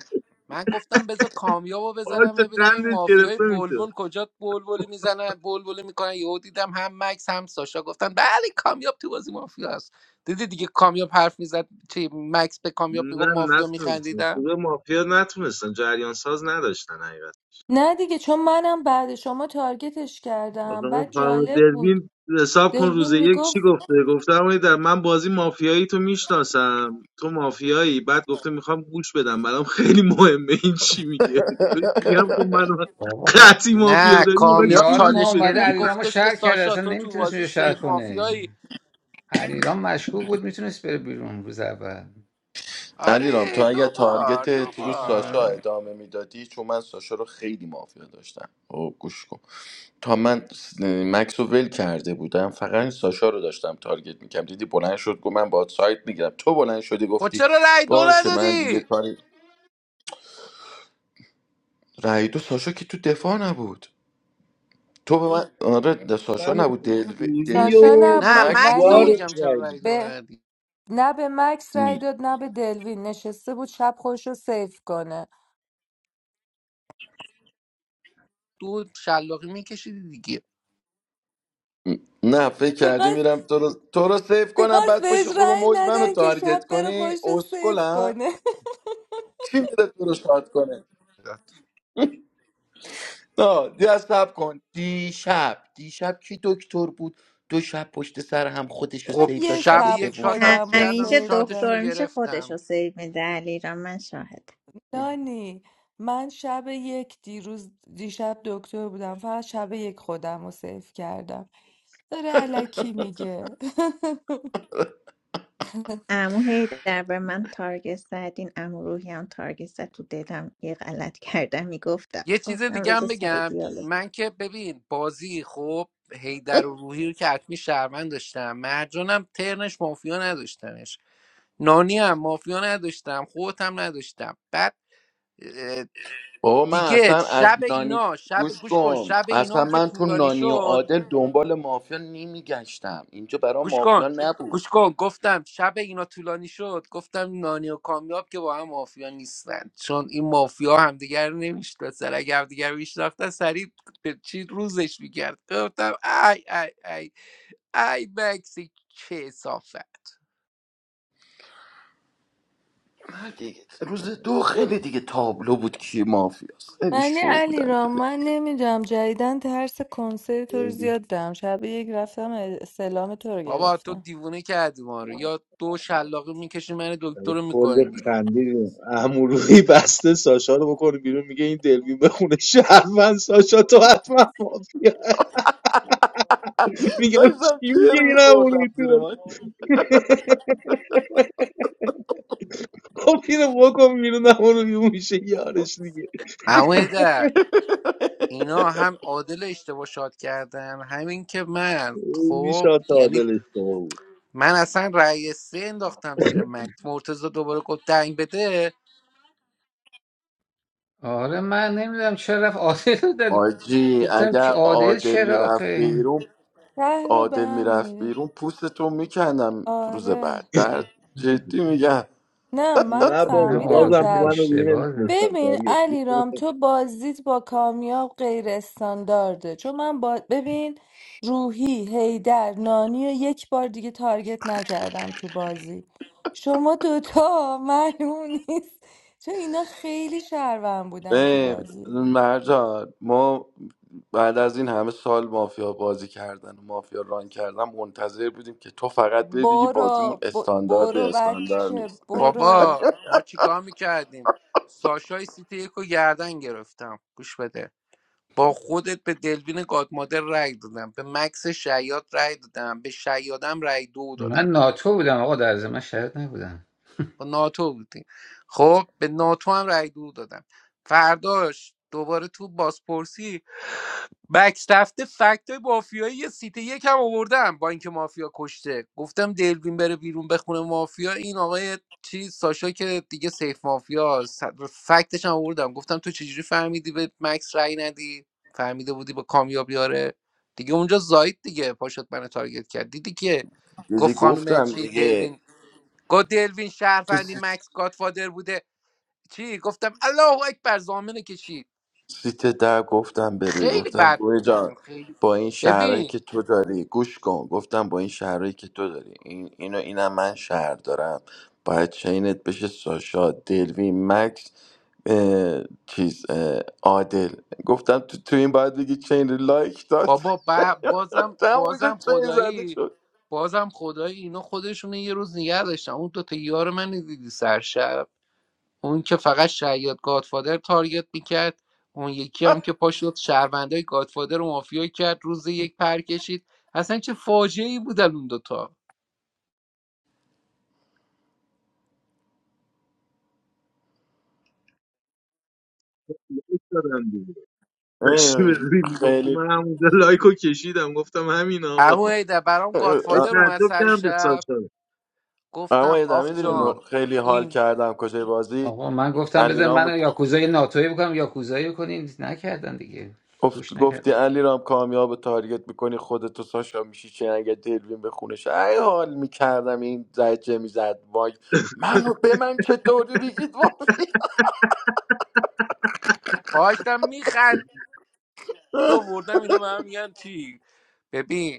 من گفتم بذار کامیابو بزنم
باشه
ببینم این
قندش
مافیای
گرفته میشه
بلبل کجا بلبلی میزنن بلبلی میکنن یهو دیدم هم مکس هم ساشا گفتن بله کامیاب تو بازی مافیا است دیدی دیگه کامیاب حرف میزد چی مکس به کامیاب
نه
میگم مافیا
نتونستن
میخندیدم
گروه مافیا نتونستن جریان ساز نداشتن حقیقت
نه دیگه چون منم بعد شما تارگتش
آخه
کردم
اون
بعد
فرما
جالب بود
دربین حساب کن روز
دلوین
یک چی
میگفت
گفته گفته اما در من بازی مافیایی تو میشناسم تو مافیایی بعد گفته میخوام گوش بدم برام خیلی مهمه این چی میگه بهش میگم خب من
بابا خب
قطعی مافیا
نه
داری
اون
میخوای چی
کامیاب
رو
یار ما
چالش
گوش
اومده
گرفت
بدی
علیرامو
گفتش که
شهر کرده
ساشا
اصلا
تو تو
نمیتونست
بازی
اونجا شهر
سیف
کنه
مافیایی
علیرام مشکوک بود میتونست بره بیرون روز اول
علیرام تو
آره
اگر
دوبار
تارگت تو رو ساشا
دوبار
آره
ادامه میدادی چون من ساشا رو خیلی مافیا داشتم او گوش کن تا من س- مکس رو ول کرده بودم فقط این ساشا رو داشتم تارگت میکردم دیدی بلند شد گفت من باهات سایت میگیرم تو بلند شدی
خود
گفتی
چرا رای دو
باشه من دیگه
ندادی
کاری رای دو ساشا که تو دفاع نبود تو به من آره د- ساشا
من
نبود دلوی...
گویی
ساشا
دلوین
و
بود
نه
نبود
مکس
مکس رو
بود
ولی
یارو
میگم چرا
رای
رای دو
به
ندادی
نه به مکس
م-
رای داد نه به دلوین نشسته بود شب خوش رو سیف کنه
دو شلاقی میکشیدی دیگه
م- نه فکر کردی
میخواست
میرم تو رو, تو رو سیف کنم
میخواست
بعد
بهش
پشت خورو
رای
موز منو
ندن که
تارگت
شب بره
کنی
خوش رو سیف
اسکلم
کنه <laughs>
کی میره تو رو شاد کنه نه یه سب کن دیشب دیشب کی دکتر بود دو شب پشت سر هم خودش رو
خب
من
سیف داد
یه
شب
شب
شب
یک
سوم
شات
شاد
هم
خودم رو
شد
کردن
همیشه
سیف دادم
شاتشو
دکتر میشه خودش
میگرفتم
رو سیو میده علیرام من شاهد
دانی من شب یک دیروز دیشب دکتر بودم فقط شب یک خودم رو سیف کردم داره علکی میگه
امو هی در من تارگت زدین امو روحی هم تارگت زد تو دلم یه غلط کردم میگفتم
یه چیز
گفتم
دیگه هم
بذار سری
بگم
دیالوگ کنم
من که ببین بازی خب هیدر و روحی رو که حتمی شهروند داشتم مرجانم ترنش مافیا نداشتمش نانی هم مافیا نداشتم خودم نداشتم بعد اه،
بابا من
دیگه
اصلا از
شب
نانی
اینا شب
گوش
گوش کن
کن
شب
اصلا
اینام که
من تو
طولانی
نانی و
شد
عادل دنبال مافیا نمیگشتم اینجا برا
گوش کن
مافیا نبود
گوش کن گفتم شب اینا طولانی شد گفتم نانی و کامیاب که با هم مافیا نیستن چون این مافیا همدیگر نمیشناسن اگه همدیگر میشناختن سریع به چی روزش میکرد گفتم ای ای ای ای مکسی چه صافت
من دیگه روز دو خیلی دیگه تابلو بود کی مافیاست
<laughs>
خیلی
ولی
شو
علی
بودن
را
دیگه
من نمیدونم جدیدن ترس کنسرت تو رو
بدی.
زیاد دارم شب یک رفتم سلام تو رو
بابا تو
گرفتم
دیوونه کردی ما رو یا دو شلاقه میکشی من دکتر رو
کلی
میکنی بیرون
خندیدیم امروی بسته ساشا رو بکنه بیرون میگه این دلوین بخونه شهروند ساشا تو حتما مافیا میگم
داشتم
چی میگه
پیر
این امروی
میخوردم زیر
تو
من
خب اینو بکن بیرون امروی میشه یارش دیگه
اما در اینا هم عادل اشتباه شاد کردن همین که من
این
خب
شاد
یعنی
عادل اشتباه بود
من اصلا رأی سه انداختم زیر مکس مرتضی دوباره گفت دنگ بده
آره من نمیدونم چرا رفت عادل رو داد
آجی
گفتم
اگر
که عادل
عادل
چرا
میرفت
آخه
بیرون
ته رو به
عادل
هم
میرفت
میره
بیرون پوستتو میکندم روز
آره
بعد در جدی میگم
نه من
نه
نه
بابا
فهمیدم
بازم تو
عادل
شب
من رو دیگه
اشتباهه
نمیتونستم
ببین
تاریت
علیرام تو بازیت با کامیاب غیر استاندارده چون من با... ببین روحی هیدر نانی رو یک بار دیگه تارگت نکردم تو بازی شما دوتا <laughs> معلوم نیست چون اینا خیلی شهروند بودن تو
ای
بازی
مرجان ما بعد از این همه سال مافیا بازی کردن و مافیا ران کردن منتظر بودیم که تو فقط بگی بازیمون
برو ب-
استاندارد
برو
استاندارد
بچه
نیست
برو
بابا ما چیکار میکردیم ساشای سیتی یک رو گردن گرفتم گوش بده با خودت به دلوین گادمادر رأی دادم به مکس شیاد رأی دادم به شیادم رأی دو
من
دادم
ناتو بودم آقا در ضمن من شهید نبودم
با ناتو بودیم خب به ناتو هم رأی دو دادم فرداش دوباره تو بازپرسی بکس رفته فکت های مافیایی یه سیت یک هم آوردم با اینکه مافیا کشته گفتم دلوین بره بیرون بخونه مافیا این آقای چیز ساشا که دیگه سیف مافیا فکتش هم آوردم گفتم تو چجوری فهمیدی به مکس رأی ندی فهمیده بودی با کامیاب بیاره دیگه اونجا زاید دیگه پاشت منو تارگت کرد دیدی که
دیدی
گفت خانم
گفتم
چی
دیگه
دلوین گفت دلوین
تو
شهروندی مکس گادفادر بوده چی گفتم الله اکبر زامنه کشید
سیت در گفتم به روی
خیلی
گفتم
بد
روی جان
بودن خیلی
با این شهرهایی
ببین
که تو داری گوش کن گفتم با این شهرهایی که تو داری این اینو اینم من شهر دارم باید چینت بشه ساشا دلوی مکس اه، چیز اه، عادل گفتم تو, تو این باید بگی چین لایک داد
بابا با- بازم
<laughs> تا اونجا
بازم
چین زده
خدایی
شد
بازم خدایی اینا خودشون یه روز نگه داشتن اون دوتا یار من دیدی سرشب اون که فقط شیاد گادفادر تارگت میکرد اون یکی هم که پاشد شهروندای گادفادر رو مافیا کرد روز یک پر کشید اصلا چه فاجعه ای بودن اون دوتا
دادم دیگه داشتی
اه،
به روی میگفتی
خیلی
من همونجا لایکو کشیدم گفتم همین
اما
آقا
ایده برام
ولی
گادفادر اومد
تعجب
سر
کردم به
شب
ساشا
اما
گفتم
یه
آخ
میدونی
جان
خیلی حال
این
کردم کجای بازی
آقا من گفتم بذار
علیرام
من یاکوزای ناتوی بکنم یاکوزایی کنین نکردن دیگه
گفت
گوش
گفتی
نکردن
علی رام کامیاب رو تارگت میکنی خودتو ساشا میشی چه اگه دلوین به خونش ای حال میکردم این زجه میزد وای منو به من چطوری بگید وای
پاشتم میخند و بردم اینا به هم میگن چی ببین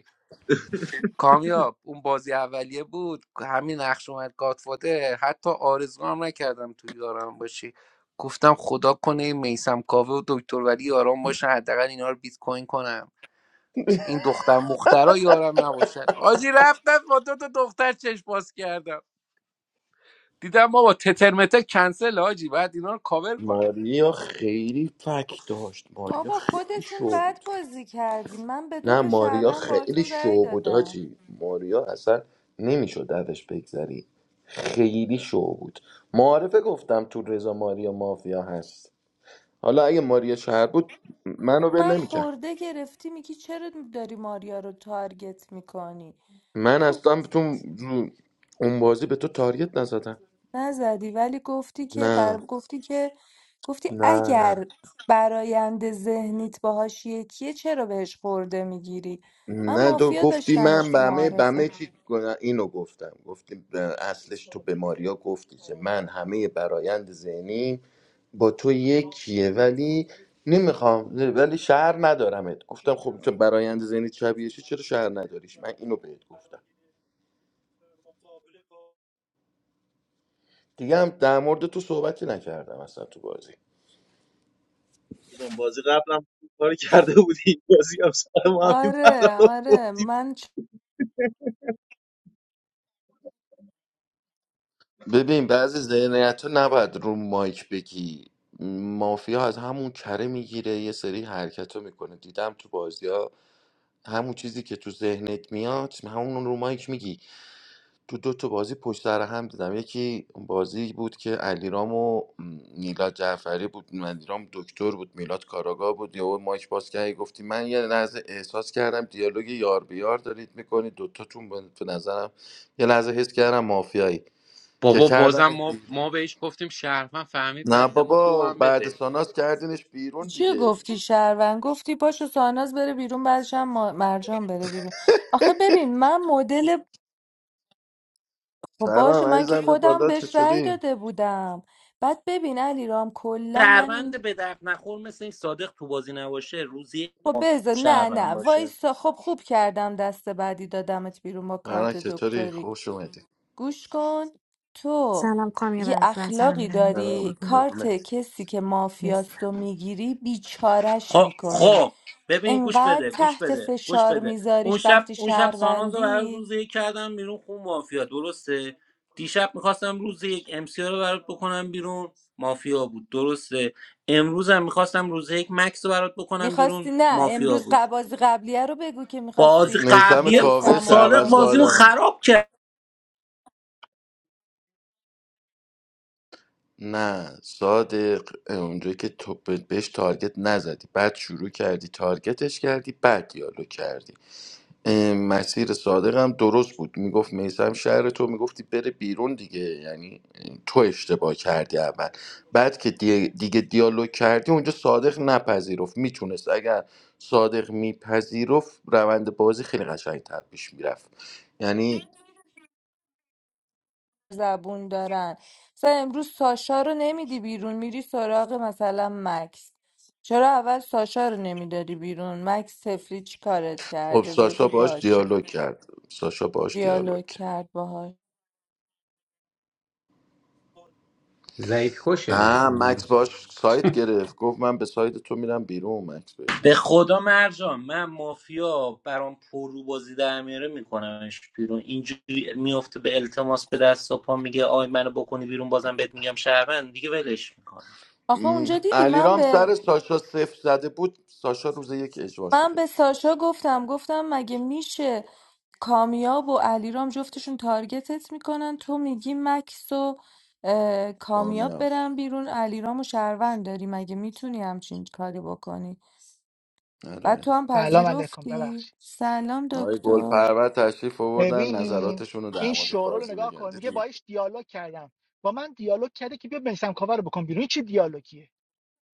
کامیاب اون بازی اولیه بود همین نقش اومد گادفادر حتی آرزو هم نکردم توی یارم باشی گفتم خدا کنه این میسم کاوه و دکتر ولی یارم باشن حداقل اینا رو بیت کوین کنم این دختر مخترا یارم نباشن آجی رفتم با دو تا دختر چشم باز کردم دیدم ما با تترمته کنسل آجی بعد اینا رو کاور کنم
ماریا خیلی فک داشت ماریا
بابا
خیلی
خودتون
شو بود
بد بازی کردین من به دو
نه
تا
ماریا
شهروند
خیلی
باهاتون رأی
شو بود
دادم
آجی ماریا اصلا نمیشد ازش بگذری خیلی شو بود معارفه گفتم تو رضا ماریا مافیا هست حالا اگه ماریا شهر بود منو ول
من
نمیکرد
خورده گرفتی میگی چرا داری ماریا رو تارگت میکنی
من اصلا تو اون بازی به تو تارگت نزدن
نزدی ولی گفتی که بر...
نه
گفتی که گفتی
نه نه
اگر برایند ذهنیت باهاش یکیه چرا بهش خورده میگیری من
نه تو
مافیا
گفتی
داشتمش
من به
تو
همه به همه
معارفه
چی گناه- اینو گفتم گفتی به- اصلش تو به ماریا گفتی که من همه برایند ذهنی با تو یکیه ولی نمیخوام ولی شهر ندارمت گفتم خب تو برایند ذهنی شبیهشه چرا شهر نداریش من اینو بهت گفتم دیگه هم در مورد تو صحبتی نکردم اصلا تو بازی
جان بازی قبلم خوب کار کرده بودی بازی هم سر ما همین بلا
آره
رو
آره
بردیم
من چ...
ببین بعضی ذهنیت تو نباید رو مایک بگی مافیا از همون کره میگیره یه سری حرکت رو میکنه دیدم تو بازی ها همون چیزی که تو ذهنت میاد همون رو مایک میگی تو دو تا بازی پشت سر هم دیدم یکی بازی بود که علیرام و میلاد جعفری بود علیرام دکتر بود میلاد کاراگاه بود یهو مایک باز کردی گفتی من یه لحظه احساس کردم دیالوگ یار بیار دارید میکنید دوتاتون به به نظرم یه لحظه حس کردم مافیایی که
بابا بازم ما
کردن
ما بهش گفتیم شهروند فهمید
نه
بعد به ما دو
بابا
هم
بعد
بده
ساناس کردینش بیرون
چی
دیگه
گفتی شهروند گفتی پاشو ساناز بره بیرون بعدش هم ما- مرجان بره بیرون آخه ببین من مدل خب باشه
سلام
من که
عزیزم به
خودم
بالا
بهش رأی
چطوری؟
داده بودم بعد ببین علیرام کلا من
شهروند
این
به درد نخور مثل این صادق تو بازی نباشه روزی
خب بذار نه
شهرم
نه
باشه
وایسا خب خوب کردم دست بعدی دادمت بیرون با
مرنک
کارت
چطوری؟
دکتری
خوش اومدی
گوش کن تو یه اخلاقی
سلام
داری
Assalamualaikum.
کارت
قربونت.
کسی که مافیاستو میگیری بیچارش
خب
میکنی
خب ببین گوش
انقدر
بده گوش
تحت
بده گوش
فشار
بده اون
میذاریش
شب
وقتی
اون شب ساناز رو برای
شهروندی
روز یک کردم بیرون خون مافیا درسته دیشب میخواستم روز یک امسیا رو برات بکنم بیرون مافیا بود درسته امروز هم میخواستم روز یک مکس رو برات بکنم بیرون
میخواستی نه
مافیا
امروز
بود
ق- بازی قبلیه رو بگو که
بازی
میخواستی
میسم
قبلیه
کاوه
خب
میسم رو
صادق
شهروند
بکنی
بازیمو
سادرم
بیرون
خراب کرد
نه صادق اونجایی که تو بهش تارگت نزدی بعد شروع کردی تارگتش کردی بعد دیالوگ کردی اه، مسیر صادقم درست بود میگفت میسم شهر تو میگفتی بره بیرون دیگه یعنی اه، تو اشتباه کردی اول بعد که دی- دیگه دیالوگ کردی اونجا صادق نپذیرفت میتونست اگر صادق میپذیرفت روند بازی خیلی قشنگتر پیش میرفت یعنی
زبون دارن مثلا امروز ساشا رو نمیدی بیرون میری سراغ مثلا مکس چرا اول ساشا رو نمیداری بیرون مکس تفلی چی کارت
خب
کرده
ساشا
بذار
باش
باشه
دیالوگ کرد ساشا باش دیالوگ
دیالوگ
کرد
کرد باهاش
ضعیف کشه
نه مکس باش سایت گرفت گفت من به سایت تو میرم بیرون مکس بهش
به خدا مرجان من مافیا برام پرو بازی در میاره میکنمش بیرون اینجوری میفته به التماس به دست و پا میگه آی منو بکنی بیرون بازم بهت میگم شهروند دیگه ولش میکنه
آخه اونجا دیدی من
علیرام
به
سر ساشا صفر زده بود ساشا روز یک اجوا
من
شده
به
بود
ساشا گفتم گفتم مگه میشه کامیاب و علیرام جفتشون تارگتت میکنن تو میگی مکس و اه، کامیاب
کامیاب
برن بیرون علیرام و شهروند داری مگه میتونی همچین کاری بکنی و
آره
تو هم
سلام علیکم
پذیرفتی
ببخشید
سلام
آقای
دکتر
گلپرور تشریف آوردن
ببین
نظراتشون رو در
این
مورد
شورا رو
بازی
نگاه
بگن
کن میگه
دیدی
باش دیالوگ کردم با من دیالوگ کرده که بیا بنویسم کاور رو بکن بیرون این چه دیالوگیه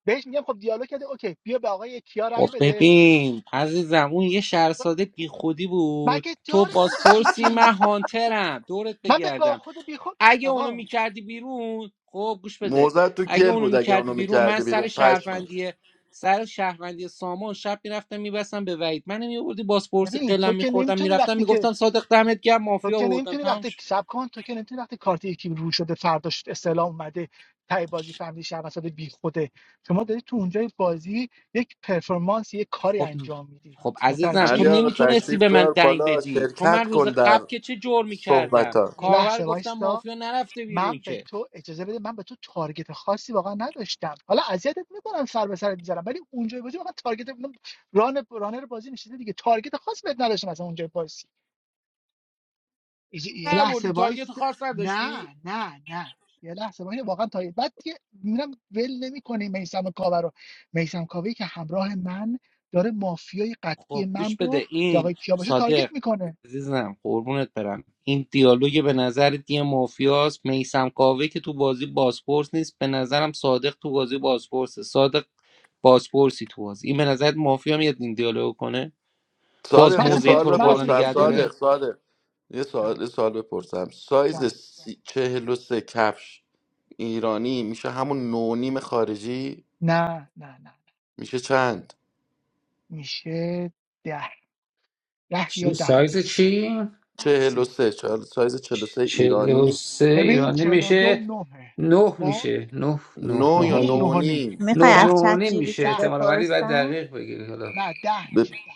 بهش میگم خب دیالوگ کرده اوکی بیا به آقای کیا رأی
خب
بده
ببین عزیزم اون یه شهرساده بی خودی بود
مگه
تو
داریم هم
بازپرسی
چیزی
من هانترم دورت
من به
بگردم
باخود و بیخود
اگه اونو
آقا
میکردی بیرون خب گوش بده
موزت تو
اگه
گل
اونو
بود اگه
میکردی
اونو
بیرون من
میکرده
سر
بیرون پشمک
شهروندی سر شهروندی سامان شب میرفتم میبستم به وعید من میآوردی بازپرسی
ببین تو
قلم
که
میخوردم
نمیتونی
میرفتم
وقتی که
میگفتم صادق دمت گرم
تو
مافیا
که
بردم
نمیتونی
تمام
وقتی
شد.
سب کن تو که نمیتونی وقتی کارت یکی رو شده فرداش استعلام اومده تای بازی فهمیدی شهر وسط بی خوده شما داری تو اونجای بازی یک پرفورمنس یک کاری
خب
انجام میدی
خب عزیزم تو
علی
متوجهی
آقا
نمیتونستی
تشریف
به من
بیار
دنگ
بالا
بدی تو من
شرکت
روز
کن در
قبل که چه جرمی
صحبت
کردم
ها
یه
کارور
لحظه
گفتم
وایستا
مافیا نرفته
من
بیرون
به
که
تو اجازه بده من به تو تارگت خاصی واقعا نداشتم حالا اذیتت میکنم سر به سرت میذارم ولی اونجای بازی واقعا تارگت ران رانر بازی نشده دیگه تارگت خاصی بهت نداشتم از اونجای بازی یه یه لحظه
بردی تارگت
وایست
خاص نداشتی
نه نه نه یه لحظه وایست واقعا تا بعد که میرم ول نمیکنه میسم کاوه رو میسم کاوه که همراه من داره مافیای قطعی
خب
من
گوش
رو
بده
که
این
آقای کیا باشه
صادق
تارگت میکنه
عزیزم قربونت برم این دیالوگ به نظر دی مافیاس میسم کاوه که تو بازی بازپرس نیست به نظرم صادق تو بازی بازپرسه صادق بازپرسی تو بازی این به نظر مافیا میاد این دیالوگ کنه باز
صادق
من
یه
اصلا
موزه
کاری
سوال
تو رو
من
بالا
اصلا
بپرسم
کاری
نگه
صادق
داره
ببین
صادق یه سوال
جان
یه سوال بپرسم سایز
جان
سی... چهل و سه کفش ایرانی میشه همون نونیم خارجی
نه نه نه نه.
میشه چند
میشه ده ده یا
چی سایز
دهونی
چی
چهل و
سی-
سه چهل- سایز
چ-
43
چهل و
ایرانی
سه
ببین
ایرانی
چلو دو
میشه
نهه
نه
خب
میشه نه نه نه
نو یا
نه
و
نو
نه
و
و
نیم.
نیم
نیم
میخوای
نه نه
ده
از
و
چت
نیم
جی بی
میشه
تی
ده
احتمالا
میشه
ولی باید
بپرسم
دقیق بگیری حالا
نه ده
به
میشه ده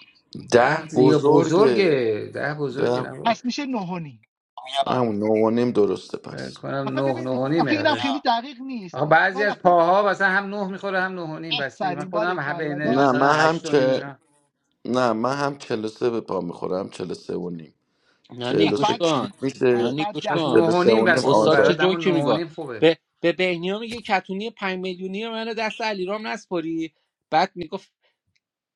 ده
ده
ده
یا بزرگه
بزرگه
ده بزرگه
ده
نبود
پس میشه نه و نیم.
همون نو و نیم درسته
فکر
پس
کنم
آخه
نه
ببین
نه و
آخه اینم
نیمه
خیلی دقیق نیست
آخه بعضی
گاهی
از
وقتا
پاها مثلا هم نه میخوره هم نه و نیم بستگی من
آفرین باره
خودم هم
کلا
بین
گاهی وقت
نه
مثلا
من هم
هشت و نیم
چه
اینا
نه من هم 43 به پا میخورم 43 و سه و نیم
نه نی،
پس
گوش
43
بعد
کیپ
کن نه
میشه
پس
نی،
بعد
گوش
پس
ده
نه
کن
43 و
و
بگیری
سه
نیم
و نیم
بس خوبه
استاد چه
آزاد
برات اما نه
جوکی
و
میگه
نیم خوبه
به به بهنیا میگه کتونی پنج میلیونی منو دست علیرام نسپاری بعد میگفت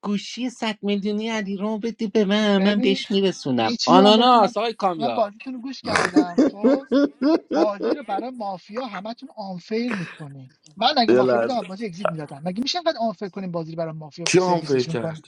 گوشی 100 میلیونی علیرام بده به من من
ببین
بهش میرسونم
یه چیزی من بهتون من,
آناناس آقای
من
کامیاب
بازیتون رو گوش کردم خب
<laughs>
بازی رو برای مافیا همتون آنفیر میکنین من اگه
یه
مافیا بودم
لحظه
از بازی اگزییت میدادم مگه میشه انقدر آنفیر کنیم بازی رو برای مافیا
کی هم فکر
سرویسشون
کرد
کنه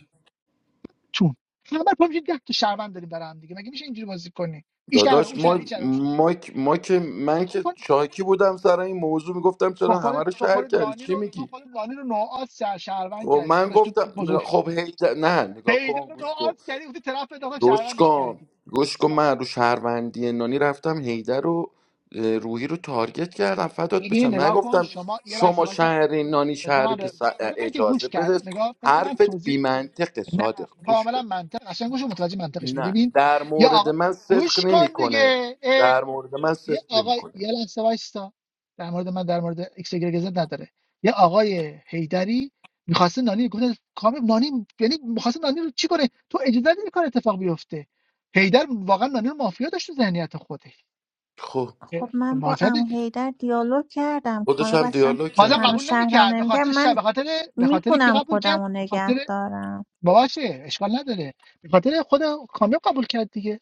چون همه پر میشه ده تا شهروند داریم برای هم دیگه مگه میشه اینجوری بازی کنی این شهر
داداش
اون شهر
ما
این شهر اون شهر.
ما ما که من که
نکن
شاکی بودم سر این موضوع میگفتم
با
چرا همه
خودت
رو
تو
شهر
خودت
کردی
نانی
چی
رو تو
میگی
خودت نانی رو نوعات شهروند
خب
کردی
من
داداش
گفتم
تو
خب هی د- نه نگاه
پیدا
کن
رو
گوش کن
نوعات کردی اون طرف انداخت
گوش
شهروندش
کن
کردی
گوش کن
جان
من رو شهروندی نانی رفتم هیدر رو اه، روحی رو تارگت کردم فدات
این
بشم
نگاه کن
نگفتم
شما یه لحظه
شما
وایسا
شهری نانی
بذار
شهری
من
که
رو-
س-
بذار من که
اجازه
گوش کرد
بده
نگاه بذار من
حرفت بی
توضیح
منطقه
نه
صادق گوش
کاملا
کن
منطق قشنگ گوش و متوجه منطقش می
نه
ببین
در
یا
مورد
آقا
من صدق
گوش کن
نمیکنه
دیگه اه.
در مورد من
یه
صدق
آقای یه
نمیکنه
لحظه وایسا در مورد من در مورد ایکس گرگزت نداره یه آقای حیدری میخواسته نانی گفت کامل نانی یعنی میخواسته نانی رو چی کنه تو اجازه ندی این کار اتفاق بیفته حیدر واقعا نانی رو مافیا داشت تو ذهنیت خودش
خب
خب من با
مازدی
عمو حیدر دیالوگ کردم
خودش
کامیاب
هم
اصلا
دیالوگ
بازم
کرد
منو
باش
قبول
شهرم
نمیکرد به
نمیکرد
خاطر شب
من
به خاطر به خاطر کی
میتونم
قبول
خودم
کرد
رو
به
نگه
خاطر
دارم
باباشه اشکال نداره به خاطر خود کامیاب قبول کرد دیگه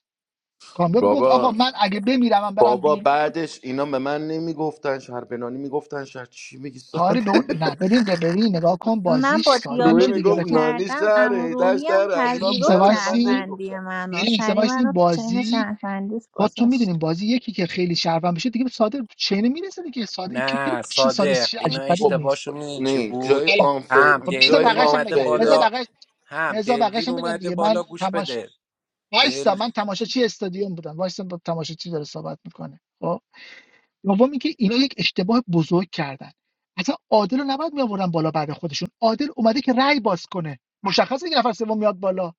کامیاب گفت آقا
بابا
من اگه بمیرم من برم
بابا
بیرون
بعدش اینا به من نمیگفتن شهر به نانی میگفتن شهر چی میگی
کاری
ساده
به اون نه ببین ببین نگاه کن
من
بازیش
با
<laughs>
ساده
روی
میشه
دیالوگی
دیگه
میگفت
که
رفیق
نانی
کردم عمو
شهره در
روحی هم
شهر
یه
علیرام
لحظه
پذیرفت
شهره به من
وایسین
نمیگفت
شهروندی
شهر
یه
منو
لحظه
سری
وایسین
منو تو چین
بازی
شهروندیش
خودتون میدونیم
گذاشت
بازی یکی که خیلی شرفم بشه دیگه ساده چینه میرسه دیگه ساده این که خیلی
نه
چیز ساده
صادق
چیز
اینا
عجیب غریبی
خب
نیست
اشتباهشون میدونی چی
نه
بود
جای
حالا
آنفیر
هم
خب بذار
جای
دلوین
بقیه‌ش هم
اومده
بگم بذار
بالا
آنفیره
بقیه‌ش
هم
بذار بقیه‌ش
دلوین
هم بگم
اومده
دیگه
بالا
من
گوش
تماش
بده دل
وایسا من تماشاچی استادیوم بودم وایسا با تماشاچی داره صحبت میکنه خب دومی که اینا یک اشتباه بزرگ کردن اصلا عادل رو نباید میآوردن بالا بعد خودشون عادل اومده که رأی باز کنه مشخصه که نفر سوم میاد بالا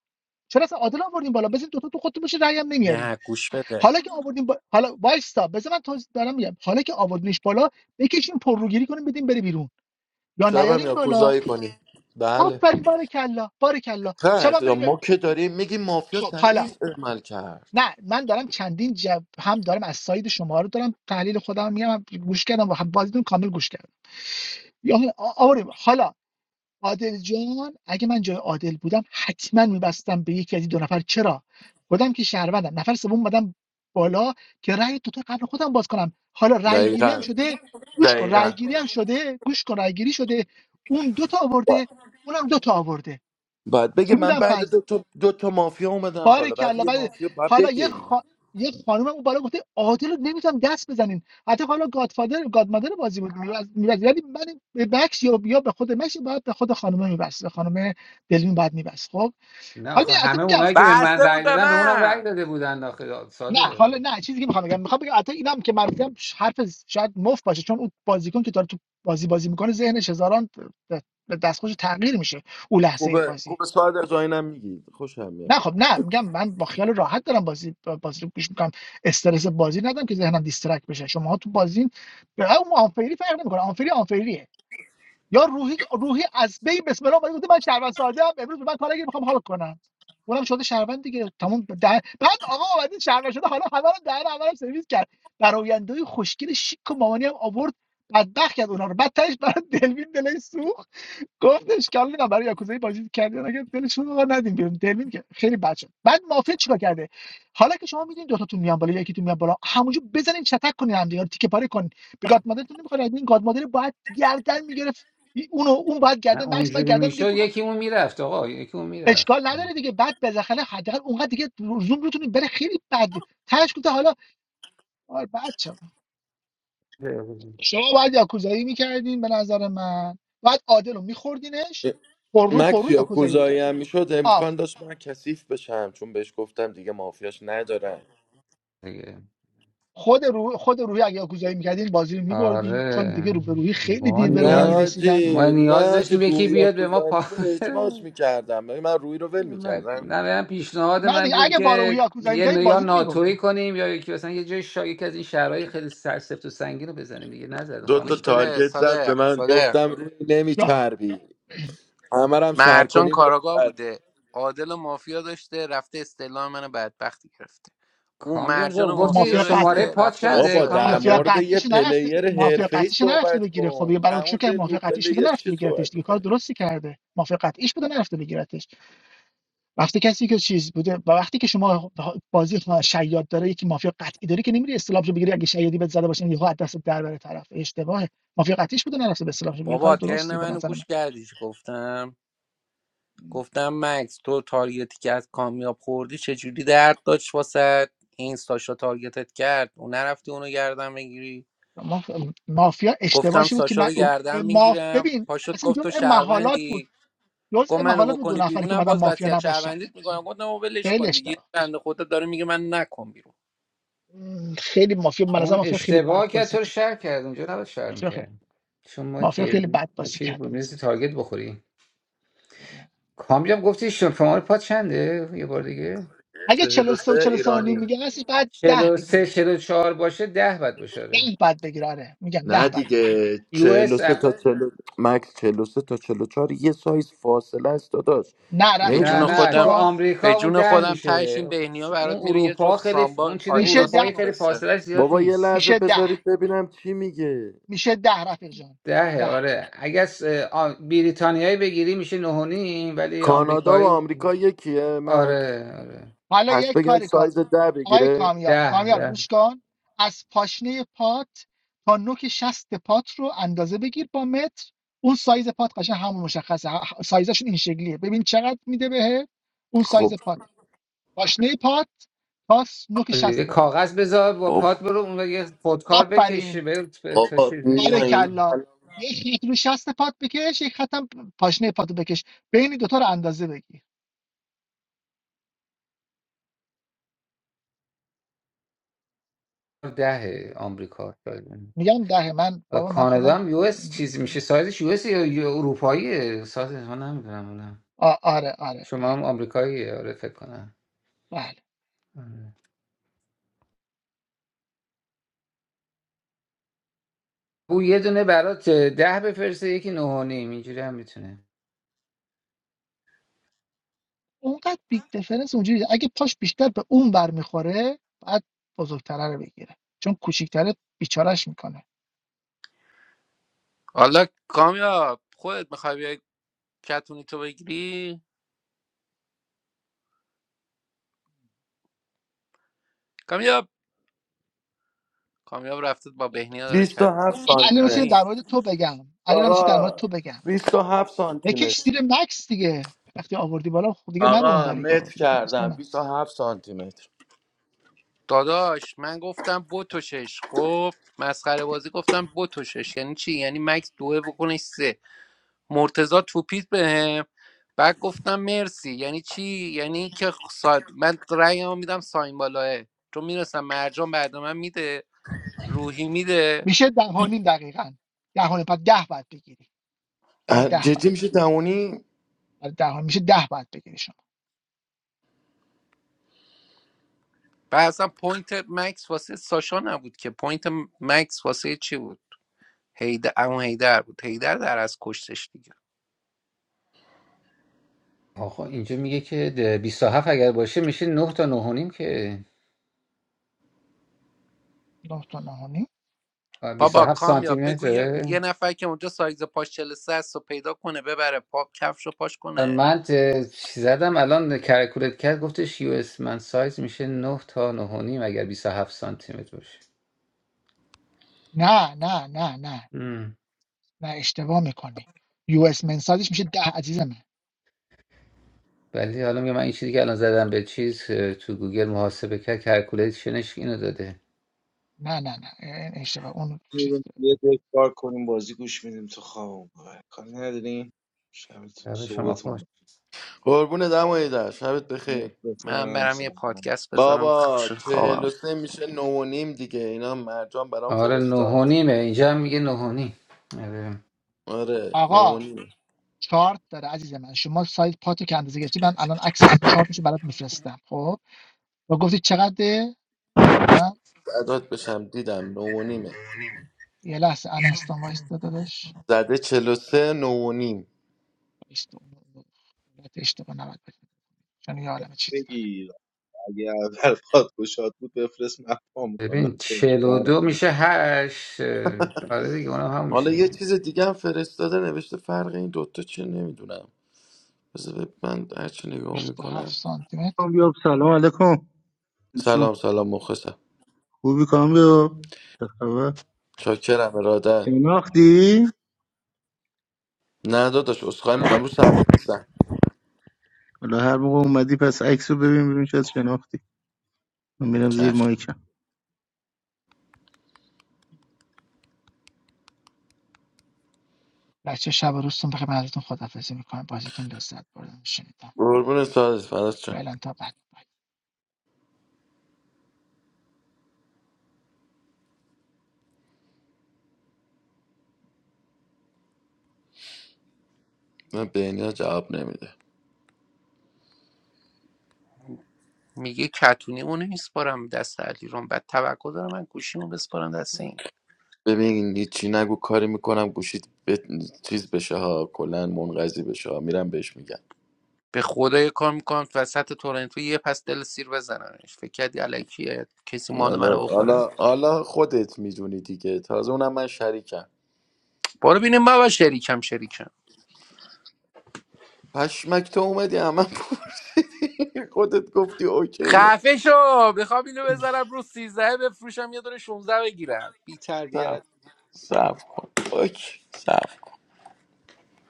چرا اصلا عادل آوردین بالا بزین دوتا تو خودتون بشه رأی هم نمیارین
نه گوش بده
حالا که آوردین با... حالا وایسا بزن من توضیح دارم میگم حالا که آوردینش بالا بکشین پرروگیری کنین بدین بره بیرون یا
شب هم
نیارین بالا
یاکوزایی کنی بله
آفرین بارکلا بارکلا شبم
کرد ما
برین
که داریم میگیم مافیا
خب حالا
ضعیف عمل کرد
نه من دارم چندین جب هم دارم از ساید شما رو دارم تحلیل خودم میگم گوش کردم و خب بازیتون کامل گوش کردم یا آوریم حالا عادل جان اگه من جای عادل بودم حتما میبستم به یکی از دو نفر چرا خودم که شهروندم نفر سوم اومدم بالا که رأی تو قبل خودم باز کنم حالا رأی گیری هم
دقیقا
شده گوش کن رأی
دقیقا
گیری هم شده گوش کن رأی گیری شده اون دو تا آورده اونم دو تا آورده
باید بگه
کی
من
بودم
بعد
پس
دو تا, دو تا مافیا اومدم
باره
بالا بعد
کلا
یه
بعد
مافیا باید
حالا یه
بگه
خا... یه خانم اون بالا گفته عادل رو نمیتونم دست بزنین حتی حالا گادفادر گادمادر بازی بود میراز میراز ولی من به بکس یا یا به خود مکس باید به خود خانم میبست به خانم دلوین باید میبست خب
نه
حالا
آخه
می حتی
همه
میگم
اونایی که به من
بسته بود
رأی
به
دادن به اونم رأی
من
داده بودن آخه
نه
ساده
حالا نه چیزی که میخوام بگم میخوام بگم حتی اینم که من میگم حرف شاید مفت باشه چون اون بازیکن که داره تو بازی بازی میکنه ذهنش هزاران به دستخوش تغییر میشه اون لحظه
خوبه
بازی
خوبه ساعت از آینم میگی خوشم میاد
نه خب نه میگم من با خیال راحت دارم بازی بازی رو پیش میکنم استرس بازی ندارم که ذهنم دیسترکت بشه شما تو بازی به اون آنفری فرق نمیکنه آنفری آنفریه یا روحی روحی از بی بسم الله اومده گفته من شهروند ساده ام امروز به من کاری میخوام حال کنم اونم شده شهروند دیگه تمام در... بعد آقا اومدین شهروند شده حالا همه رو در همه رو سرویس کرد برآیندهای خوشگل شیک و مامانی هم آورد بدبخت کرد اونا رو بعد تهش برای دلوین دلش سوخت گفت اشکال نداره برای یاکوزای بازی کردن اگه دلشون رو ندیم بیرون دلوین که خیلی بد شد بعد مافیا چیکار کرده حالا که شما میدین دو تاتون میان بالا یکیتون میان بالا همونجا بزنین چتک کنین هم دیگه رو تیکه پاره کنین به گاد مادرتون نمیخوره این گاد مادر باید گردن میگرفت اونو اون باید
نه
گردن مکس باید
اونجوری
گردن میگرفت
میشد
اونو
یکی اون میرفت آقا یکی اون میرفت
اشکال نداره دیگه بعد بالاخره حداقل اونقدر دیگه زوم روتون بره خیلی بد تاش گفته حالا آره بچه شما باید یاکوزایی میکردین به نظر من باید عادل رو میخوردینش پر رو پر
مکس
رو
یا
یاکوزایی
کوزایی هم میشد
میکرد
امکان داشت من کثیف بشم چون بهش گفتم دیگه مافیاش ندارم
دیگه.
خود روح خود روحی اگه یاکوزایی میکردین بازی رو میبردین چون
آره
دیگه رو به روحی خیلی
ما
دیر به روحی
نه
نیاز
میرسیدن
ما
آجی نه
نیاز
آجی
داشتیم یکی
روی یا
بیاد به ما
کوزایی
پا
میشد
<laughs>
اجماش میکردم من روی رو ول
من
میکردم
من- پیشنهاد
نه
من
دیگه
بود
اگه با روحی
که
یاکوزایی
یه ن-
میکردین
یا
بازی رو میبردین
ناتوی کنیم یا یکی مثلا یه جای شا... یکی از این شهرهای خیلی سرسفت و سنگین رو بزنیم دیگه نزد
دو تا
خانم
گوش
چیز
بده
تارگت زد به
صادق
من
صادق
گفتم روی
یا
نمیچربی همرم شهر
مرجان
کنی
کاراگاه
نمیچربی
بوده عادل و مافیا داشته رفته استعلام منو بدبختی گرفته اون
کامیاب
مرجان
جان
و
خب
گفتی
مافیا
مافیا قطعی
شماره
داشته
پا
رفته
چنده
بسته
بابا
به
در
من
کامیاب
مافیا
جان
مورد یه
قطعیش نرفته
پلیر
مافیا
حرفه ای
قطعیش نرفته
صحبت
بگیره خب دیگه
کن
برای
در
چون
مورد
که
یه نو
مافیا قطعیش بوده
پلیر
نرفته
چی
بگیرتش
صحبت
دیگه کار
میکنی
درستی کرده مافیا قطعیش بوده نرفته بگیرتش وقتی کسی که چیز بوده و وقتی که شما بازی شما شیاد داره یکی مافیا قطعی داره که نمیری استلامشو بگیری اگه شیادی بهت زده باشه یهو از دست در بره طرف اشتباهه مافیا قطعیش بوده نرفته به استلامشو بگیره کار
بابا ترن
درستی به
منو
نظر
گوش کردی چی گفتم
من
گفتم مکس تو تارگتی که از کامیاب خوردی چجوری درد داشت واسه این ساشا تارگتت کرد اون نرفتی اونو گردن بگیری
ما- مافیا
گفتم
اشتباهی بود که
ساشا
نه
رو
اون-
گردن
ماف
میگیرم
ببین
پاشد
اصلا
گفت تو
جزء محالات بود
شهروندی گفت
جزء
منو
محالات بود دو
بکنی
نفری که
بیرونم
اومدن
باز
مافیا
وصیت
نباشن
شهروندیت میکنم گفتم او ولش
خیلی
کن دیگه این
اشتباه
بنده خدا داره میگه من نکن بیرون
م، خیلی مافیا من نظر
اون
مافیا خیلی بد
اشتباه که
بازی
تو رو
کرد
شهر کرد اونجا نباید شهر
مافیا خیلی
میکرد شما
مافیا
گیر...
خیلی بد بازی
چی
کرد به
بود
نظر
میرسی تارگت بخوری کامیاب گفتی شم- شماره پا چنده یه بار دیگه
اگه چهل و 43 و
43
چهل و سه و
ایرانی
نیم میگه هستش بعد ده بگیره
43 چهار باشه 10 بعد باشه
ده
آره.
بعد بگیره آره میگم
نه
ده بعد بگیره
دیگه
یو اس
43 تا 40 مکس 43 تا 44 یه سایز فاصله است داداش
نه
به
رفیق
نه
جان
جون
نمیتونی
گوش
نه تو
خودم
کن
آمریکا
به
اون
جون
ده
خودم
میشه
تهش این بهنیا
اون
برات میره یه
اروپا
جفت
خیلی
سامبا
اون چیز
میشه
آدیداس
اروپایی
ده
خیلی
میفرسته
فاصلش زیاد
بابا یه
نیست
لحظه
میشه ده
بذارید ببینم چی میگه
میشه ده رفیق جان
دهه
ده
آره اگه از آ، بریتانیایی بگیری میشه نه و نیم ولی
کانادا و
آمریکایی
آمریکا یکیه مکس
آره آره
حالا
پس
یک
بگم
کاری کن
سایز ده
آقای
بگیره
کامیار
ده
کامیار
ده
گوش کن از پاشنه پات تا نوک شست پات رو اندازه بگیر با متر اون سایز پات قشنگ همون مشخصه ه- سایزشون این شکلیه ببین چقدر میده بهت اون سایز
خب
پات پاشنه پات تا س- نوک
آره، یه
شست پات
کاغذ بذار با
بابا
پات برو اون رو یه خودکار بکشه
آفرین
به تا
بابا
شیرین چند
بیا اینا
میشه
بارکلا یه خط رو شست پات بکش یک خطم پاشنه پات رو بکش بین دوتا رو اندازه بگیر
دهه آمریکا شاید.
میگم ده من
حالا
بابا من
کانادا
خودم
هم یو
خ-
اس
این این
چیز
کارو
میشه سایزش یو اس یا یا اروپاییه سایزش من نمیدونم اونم
آ- آره آره
شما
بله
هم آمریکاییه آره فکر کنم
بله
آره. او یه دونه برات ده بفرسته یکی نه و نیم اینجوری هم میتونه
اونقدر بیگ دیفرنس اونجوری نیست. اگه پاش بیشتر به اون برمیخوره میخوره بعد بزرگتره رو بگیره چون کوچیکتره بیچارش میکنه
حالا کامیاب خودت میخوای بیای کتونی تو بگیری کامیاب کامیاب رفته با بهنیا داره چت
27
میکنه
بعد علی
سانتی
رامسی
نانی
متر
در مورد تو بگم علی رامسی در مورد
آقا
تو بگم
27 سانتی
بکش
متر
زیر مکس دیگه وقتی آوردی بالا خب دیگه نرو
آقا
اونوری برو
متر
دیگه بکش زیر
کردم
مکس
27 سانتی متر
داداش من گفتم بوتوشش خب مسخره بازی گفتم بوتوشش یعنی چی یعنی مکس دوه بکنش سه مرتضا توپیت بهم بعد گفتم مرسی یعنی چی یعنی که سا... من رأیمو میدم ساین بالاه چون میرسم مرجان بعد من میده روحی میده
میشه ده و نیم دقیقاً ده و نیم. بعد ده بعد بگیری شما
اه،
ده بعد
جدی میشه دمونی
بعد ده و نیم. میشه ده بعد بگیری شما
و اصلا پوینت مکس واسه ساشا نبود که پوینت مکس واسه چی بود هیدر اون هیدر بود هیدر در از کشتش دیگه
آخه اینجا میگه که ده- 27 اگر باشه میشه 9 تا نه و نیم که
نه تا نه و نیم.
آه،
بابا
27 سانتی
کامیاب بگو یه, یه
متره
نفر که اونجا سایز پاش 43 است و پیدا کنه ببره پا کفش رو پاش
آه،
کنه
من ت- زدم الان کرکولت کرد گفتش یو اس من سایز میشه 9 تا نه و نیم اگر 27 سانتی متر باشه
نه نه نه نه
ام.
نه اشتباه میکنی یو اس منسادش میشه ده عزیزم
ولی حالا میگم من این چیزی که الان زدم به چیز اه، تو گوگل محاسبه کرد کرکولیشنش اینو داده
نه نه نه این اشتباه اون چیز
می‌ریم
داره.
یه دل کار کنیم بازی گوش میدیم تو خواب آره، کاری نداریم شبتون
شب شما
صبحتون
خوش
قربون
بخیر.
دمایی در شبت بخیر
من
مخلصم
برم یه
سلام
پادکست بذارم
بابا
خوش
چهل و
خوابم
سه میشه نو و نیم دیگه اینا مرجان برام
آره نه و
فرستاد
نیمه اینجا هم میگه نه و نیم آره.
آره نو و
آقا
نیم
چارت داره عزیز من شما سایت پاتو که اندازه گرفتی من الان عکس چارتشو برات میفرستم خب و گفتی چقدره به من
بعدات بشم دیدم نو و نیمه
یه لحظه انستان وایس داداش
زده چهل و سه نو و نیم
وایستا. اون علت اشتباه نباید بدیم چون یه عالم چیزی داره
بگیر اگه اول پاد گشاد بود بفرست من پا میکنم من
ببین
چه
چهل و دو میشه هشت اه، آره دیگه اونم همون
حالا
میشه
یه
دیگه
چیز دیگه هم فرستاده نوشته فرق این دوتا چیه نمیدونم بذار بب- من هرچی نگاه
27
میکنم
سانتی متر
کامیاب سلام علیکم دوستان
سلام سلام مخلصم
خوبی کامیاب چه خبر
چاکرم ارادت
شناختی
نه داداش اسخای میکنم رو صفحه نیستم
حالا هر موقع اومدی پس عکس رو ببین ببین شاید شناختی من میرم زیر
چشم
مایکم
بچه شب و روزتون بخیر من ازتون خدافظی میکنم بازیتون لذت بردم شنیدم
قربون سازت فراز چم
فعلا تا بعد
من به اینا جواب نمیده
میگه کتونی اونو میسپارم دست علی رو بعد توقع دارم من گوشیمو بسپارم دست این
ببین هیچی نگو کاری میکنم گوشید به چیز بشه ها کلا منقضی بشه ها میرم بهش میگم
به خدا یه کار میکنم وسط تورنتو یه پس دل سیر بزننش فکر کردی الکی کسی مال
حالا
منو بخوره
حالا حالا خودت میدونی دیگه تازه اونم من شریکم
برو ببینیم بابا شریکم شریکم
پشمک تو اومدی همه بودی <laughs> خودت گفتی اوکیه
خفه شو میخوام اینو بذارم رو 13 بفروشم یه دونه 16 بگیرم بی
صف صف کن اوکی صف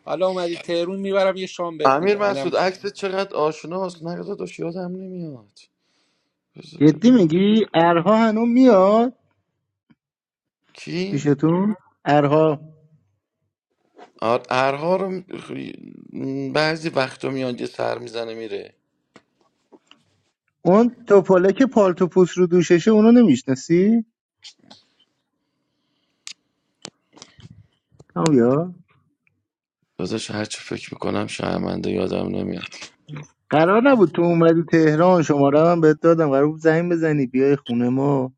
حالا اومدی تهرون میبرم یه شام بهت
امیر
میدم اینم
مسعود عکس چقدر آشناست نه داداش یادم نمیاد بذار
جدی
ببینم
میگی ارها هنوز میاد
کی
پیشتون ارها
آر- ارها رو م- بعضی وقتا میاد یه سر میزنه میره
اون توپاله که پالتو پوست رو دوششه اونو نمیشناسی کامیاب
داداش هر چی فکر میکنم شرمنده یادم نمیاد
قرار نبود تو اومدی تهران شماره من بهت دادم قرار بود زنگ بزنی بیای خونه ما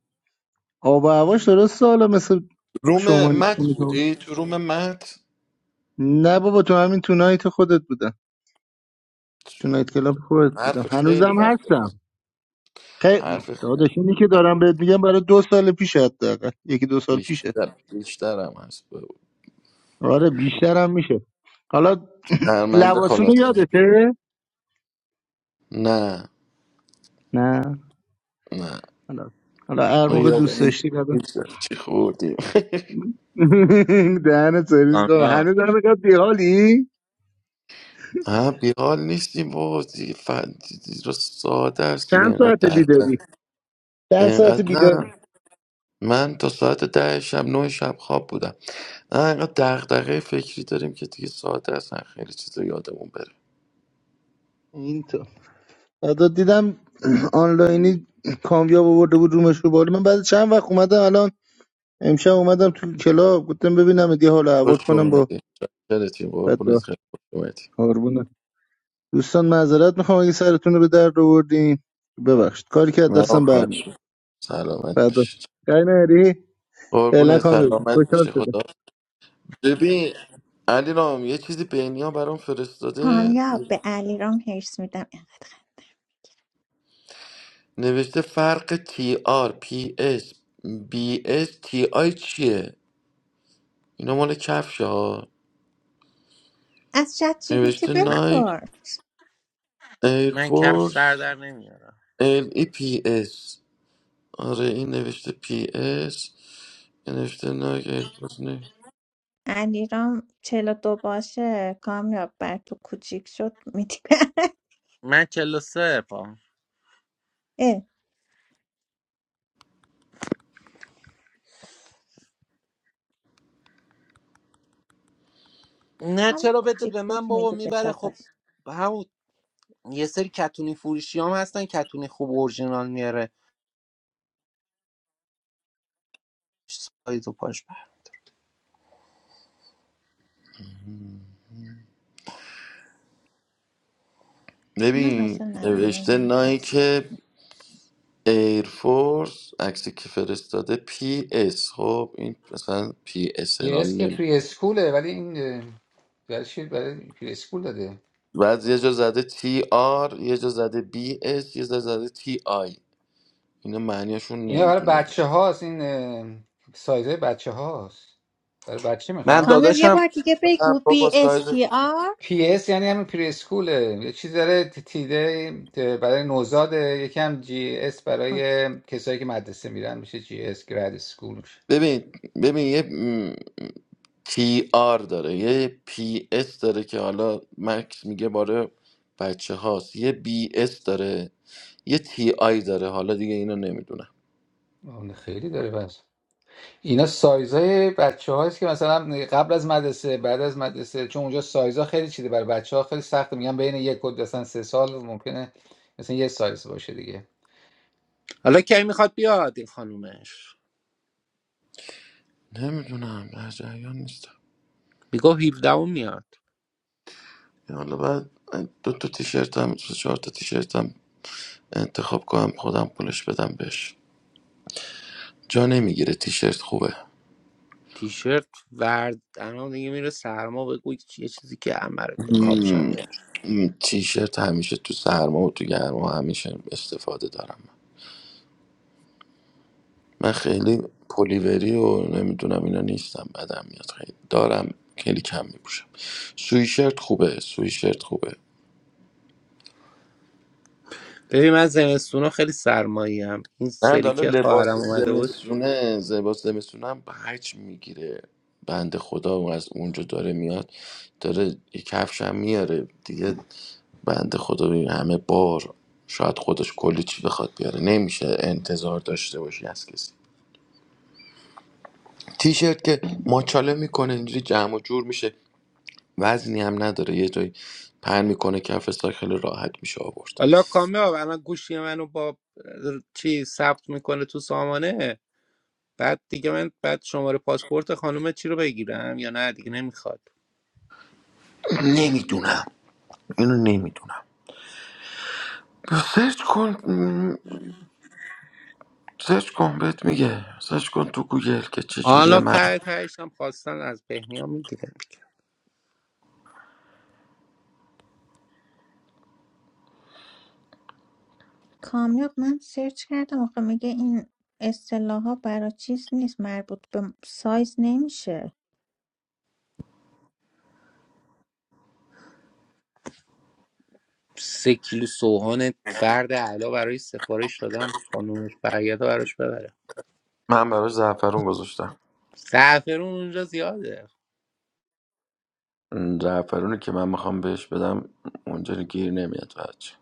آب و هواش درست سالا مثل
روم
شما
مت
خونه شما
بودی تو روم مت
نه بابا تو همین تو نایت خودت بودم تو نایت کلاب خودت
حرف
بودم
خیلی
هنوزم
وقت بود.
هستم خیلی
حرف خیلی
داداش اینی که دارم بهت میگم برای دو سال پیشه حداقل یکی دو سال پیشه
بیشتر بیشترم هست بگو
آره بیشترم میشه حالا <clears throat>
شرمنده
لباسونو
خلاصه
یادته
نه
نه
نه
حالا حالا هر
ما
موقع دوست
یادم
داشتی بده
نیست چی خوردیم
<laughs> دهن سرویس کنم
کامیاب
هنوز هم اینقدر بیحالی
ها بیحال نیستیم بابا دیگه ف... دیگه ساده است دیگه
چند
اینقدر
ساعت
در در
بیداری چند ساعت
اینقدر
بیداری
نه من تا ساعت ده شب نه شب خواب بودم نه اینقدر دغدغه فکری داریم که دیگه ساده است نه خیلی چیزا یادمون بره
این تو بعدا دیدم <clears throat> آنلاینی کامیاب آورده بود رومش رو بالا من بعد چند وقت اومدم الان امشب اومدم تو کلاب گفتم ببینم یه حال و احوال
خوش
کنم با
اومدی خیلیتیم قربونت
فدا
خیلی خوش اومدی
قربونه دوستان معذرت میخوام اگه سرتون رو به درد آوردیم ببخشید کاری که از
نه
دستم
خوش
برمی
سلامت
فدا
باشید
جای نری
قربونت
فعلا کامل
سلامت
خوشحال
بشه
شدم
خدا ببین علی رام یه چیزی بینیا برام فرستاده
کامیاب به علیرام هرس میدم اینقدر خنده
نوشته فرق تی آر پی اس بی اس تی آی چیه اینا مال کفشه ها
از چت جیبیتی
نوشته
من,
نایک
بپرس
من کفش سر
ایرفورس
در نمیارم
ال ای پی اس آره این نوشته پی اس نوشته نایک ایرفورس نه
علیرام چلو دو باشه کامیاب بر تو کوچیک شد میدی <laughs>
من چلو سه پا
اه،
نه
حالا
چرا بده
کوچیک
به
شد
من بابا
میدی به
میبره خب
داداش
همون یه سری کتونی فروشی هم هستن کتونی خوب اورجینال میاره سایز و پاش بر
من
ببین
حوصله ندارم من
نوشته
اینو بس
نایک ایرفورس عکسی که فرستاده پی اس خب این مثلا پی اس
پی اس که
نمی
پری اسکوله ولی این اه، برای چی برای پری اسکول داده
بعد یه جا زده تی آر یه جا زده بی اس یه جا زده تی آی اینا معنیشون
اینا برای
نمیدونه
بچه هاست این اه، سایزه بچه هاست برای بچه
من
کامیاب
میخوان
یه
داداشم
بار دیگه
نه
بگو
بابا
بی اس
سایز
تی آر
پی اس یعنی همین پری اسکوله یه چیز داره ت- تیده برای نوزاد یکی هم جی اس برای
اوکی.
کسایی که مدرسه میرن میشه جی اس گراد اسکول میشه
ببین ببین یه تی آر داره یه پی اس داره که حالا مکس میگه باره بچه هاست یه بی اس داره یه تی آی داره حالا دیگه اینو نمیدونم
آه، خیلی داره بس اینا سایزای بچه هاست که مثلا قبل از مدرسه بعد از مدرسه چون اونجا سایزا خیلی چیده برای بچه ها خیلی سخته میگن بین یک و مثلا سه سال ممکنه مثلا یه سایز باشه دیگه
حالا کی میخواد بیاد این خانومش
نمیدونم در جریان نیستم
میگو 17 میاد
حالا بعد دو تا تیشرت هم دو چهار تا تیشرت هم انتخاب کنم خودم پولش بدم بهش جا نمیگیره تیشرت خوبه
تیشرت ورد الان دیگه میره سرما بگو یه چیزی که عمره به کاپشن
مم، تیشرت همیشه تو سرما و تو گرما همیشه استفاده دارم من خیلی پلیوری و نمیدونم اینا نیستم بدم میاد خیلی دارم خیلی کم میپوشم سویشرت خوبه سویشرت خوبه
ببین من زمستونا خیلی سرمایی هم. این
نه
سری
حالا
که
لباس
خواهرم اومده بود
زمستونه لباس زمستونه هم هرچی میگیره بند خدا و از اونجا داره میاد داره یه کفش هم میاره دیگه بند خدا ببین همه بار شاید خودش کلی چی بخواد بیاره نمیشه انتظار داشته باشی از کسی تیشرت که ماچاله میکنه اینجوری جمع و جور میشه وزنی هم نداره یه جایی پهن میکنه کف ساک خیلی راحت میشه آورد
حالا کامیاب الان گوشی منو با اه، چی ثبت میکنه تو سامانه بعد دیگه من بعد شماره پاسپورت خانم چی رو بگیرم یا نه دیگه نمیخواد
<clears throat> نمیدونم اینو نمیدونم سرچ کن سرچ کن بهت میگه سرچ کن تو گوگل که چه جوریه
حالا
من
ته تهش هم خواستن از بهنیا میگیرم
کامیاب من سرچ کردم آخه میگه این اصطلاح ها برای چیز نیست مربوط به سایز نمیشه
سه کیلو سوهان فرد علا برای سفارش دادم خانومش برگرده براش ببره
من برای زعفرون گذاشتم
زعفرون اونجا زیاده
اون زعفرونی که من میخوام بهش بدم اونجا گیر نمیاد بچه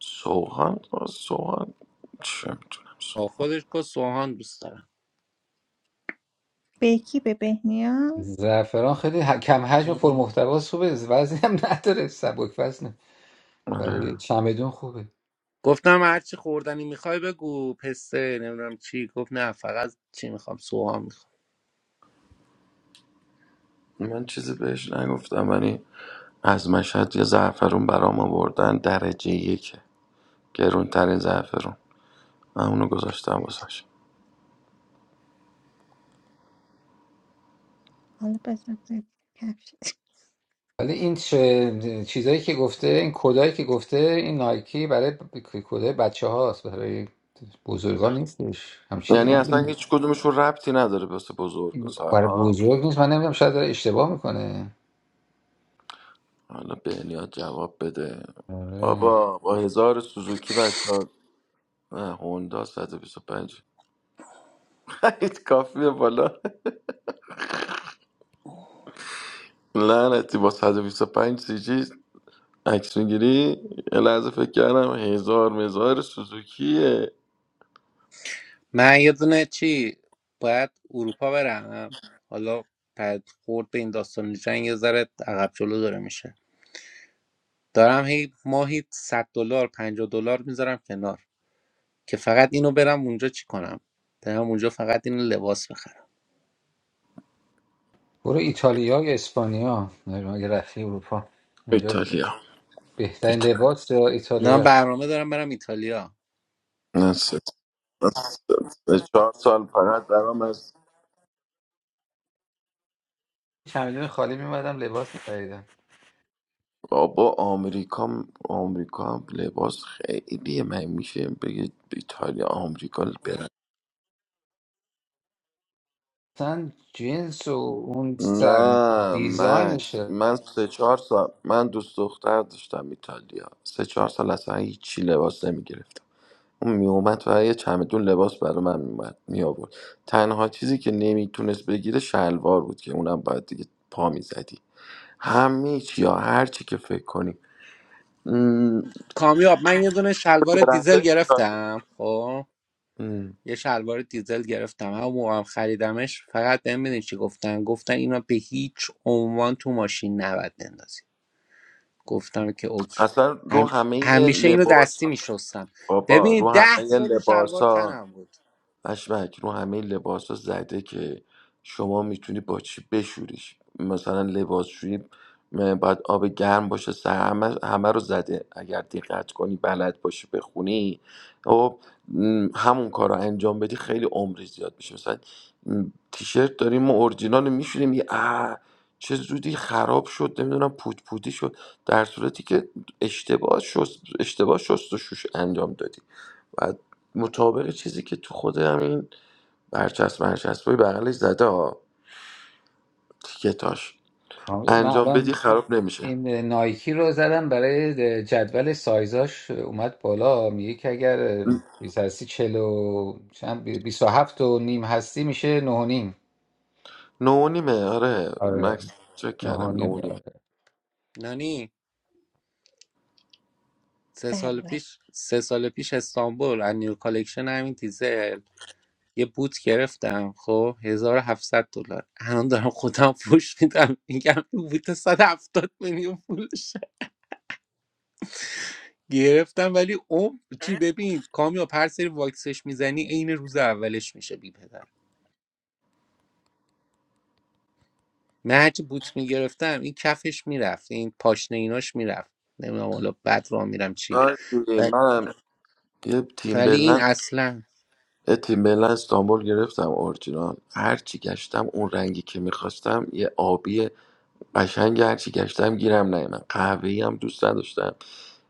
سوهان سوهان چه میتونم
آه،
سوهان.
خودش که سوهان دوست
به کی به بهنیا
زعفران خیلی ه... کم حجم و
دارم
پرمحتواست خوبه وزنی هم نداره سبک وزنه
آره
برای چمدون خوبه
گفتم هرچی خوردنی میخوای بگو پسته نمیدونم چی گفت نه فقط چی میخوام سوها میخوام
من چیزی بهش نگفتم ولی از مشهد یه زعفرون برام آوردن درجه یکه گرونترین زعفرون من اونو گذاشتم واسش
حالا بزن ببینم. کفش
ولی این چه... چیزایی که گفته این کدایی که گفته این نایکی برای ب... کدای بچه هاست برای بزرگان نیستش هم چیزی
یعنی اصلا
نه
هیچ کدومشون ربطی نداره بس بزرگ و
برای
سالها
بزرگ نیست من نمیدونم شاید داره اشتباه میکنه
حالا بهنیاد جواب بده
آره
بابا با هزار سوزوکی بچه ها نه هوندا 125 خرید <laughs> کافیه بالا لعنتی با 125 سی جی عکس میگیری یه لحظه فکر کردم هزار مزار سوزوکیه
من یه دونه چی باید اروپا برم حالا پد خورد به این داستان جنگ یه ذره عقب جلو داره میشه دارم هی ماهی 100 دلار 50 دلار میذارم کنار که فقط اینو برم اونجا چی کنم برم اونجا فقط اینو لباس بخرم
برو ایتالیا یا اسپانیا نمی‌دونم، اگه رفتی اروپا اونجا
ایتالیا
بهترین
ایتالیا
لباس یا
نه
ایتالیا
برنامه دارم برم ایتالیا
نه، سه- سه- چهار سال فقط درام از
چمدون خالی میمدم لباس میخریدم
بابا آمریکا هم- آمریکا هم لباس خیلی من میشه بگید ایتالیا آمریکا
مثلا جنس و اون سر
نه مکس
دیزاینشه
من سه چهار سال من دوست دختر داشتم ایتالیا سه چهار سال اصلا هیچی لباس نمی گرفتم اون می اومد و یه چمدون لباس برای من می, اومد می آورد تنها چیزی که نمیتونست بگیره شلوار بود که اونم باید دیگه پا می زدی همه چی یا هر چی که فکر کنی م،
کامیاب من یه دونه شلوار دیزل
برندهای ایتالیا
گرفتم خب
م،
یه شلوار دیزل گرفتم همون موقع هم خریدمش فقط بهم می‌دونی چی گفتن گفتن اینو به هیچ عنوان تو ماشین نباید بندازی گفتم که اوکی
اصلا رو
هم...
همه
همیشه اینو
لباس
دستی میشستم
بابا رو
ببین
همه
ده سال این
لباس
شلوار تنم بود
پشمک رو همه لباسا زده که شما میتونی با چی بشوریش مثلا لباسشویی م، باید آب گرم باشه سر همه, همه رو زده اگر دقت کنی بلد باشی بخونی و همون کار رو انجام بدی خیلی عمری زیاد میشه مثلا تیشرت داریم ما اورجینال میشونیم یه اه، چه زودی خراب شد نمیدونم پوت پوتی شد در صورتی که اشتباه شست اشتباه شست و شوش انجام دادی و مطابق چیزی که تو خود همین برچسب برچسبای بغلش زده ها تیکتاش
کامل من
انجام بدی
الان
خراب نمیشه
این نایکی رو زدم برای جدول سایزاش اومد بالا میگه که اگر چیز هستی چلو چند بیست و هفت و نیم هستی میشه نه و نیم
نونیمه آره
آره
مکس چک
نه و
کردم
نیم
نونیمه
نانی سه
بله
سال
بله
پیش سه سال پیش استانبول از نیو کالکشن همین دیزل یه بوت گرفتم خب 1700 دلار الان دارم خودم پوش میدم میگم این بوت 170 میلیون پولشه گرفتم ولی اوم چی ببین کامیاب هر سری واکسش میزنی عین روز اولش میشه بی پدر من هرچی بوت میگرفتم این کفش میرفت این پاشنه ایناش میرفت نمیدونم حالا بعد را میرم چی
آره دیدی،
و-
منم یه تیم
ولی این
بلند
اصلا
یه تیم بلند استانبول گرفتم اورجینال هر چی گشتم اون رنگی که میخواستم یه آبی قشنگ هرچی گشتم گیرم نیومد قهوه‌ای هم دوست نداشتم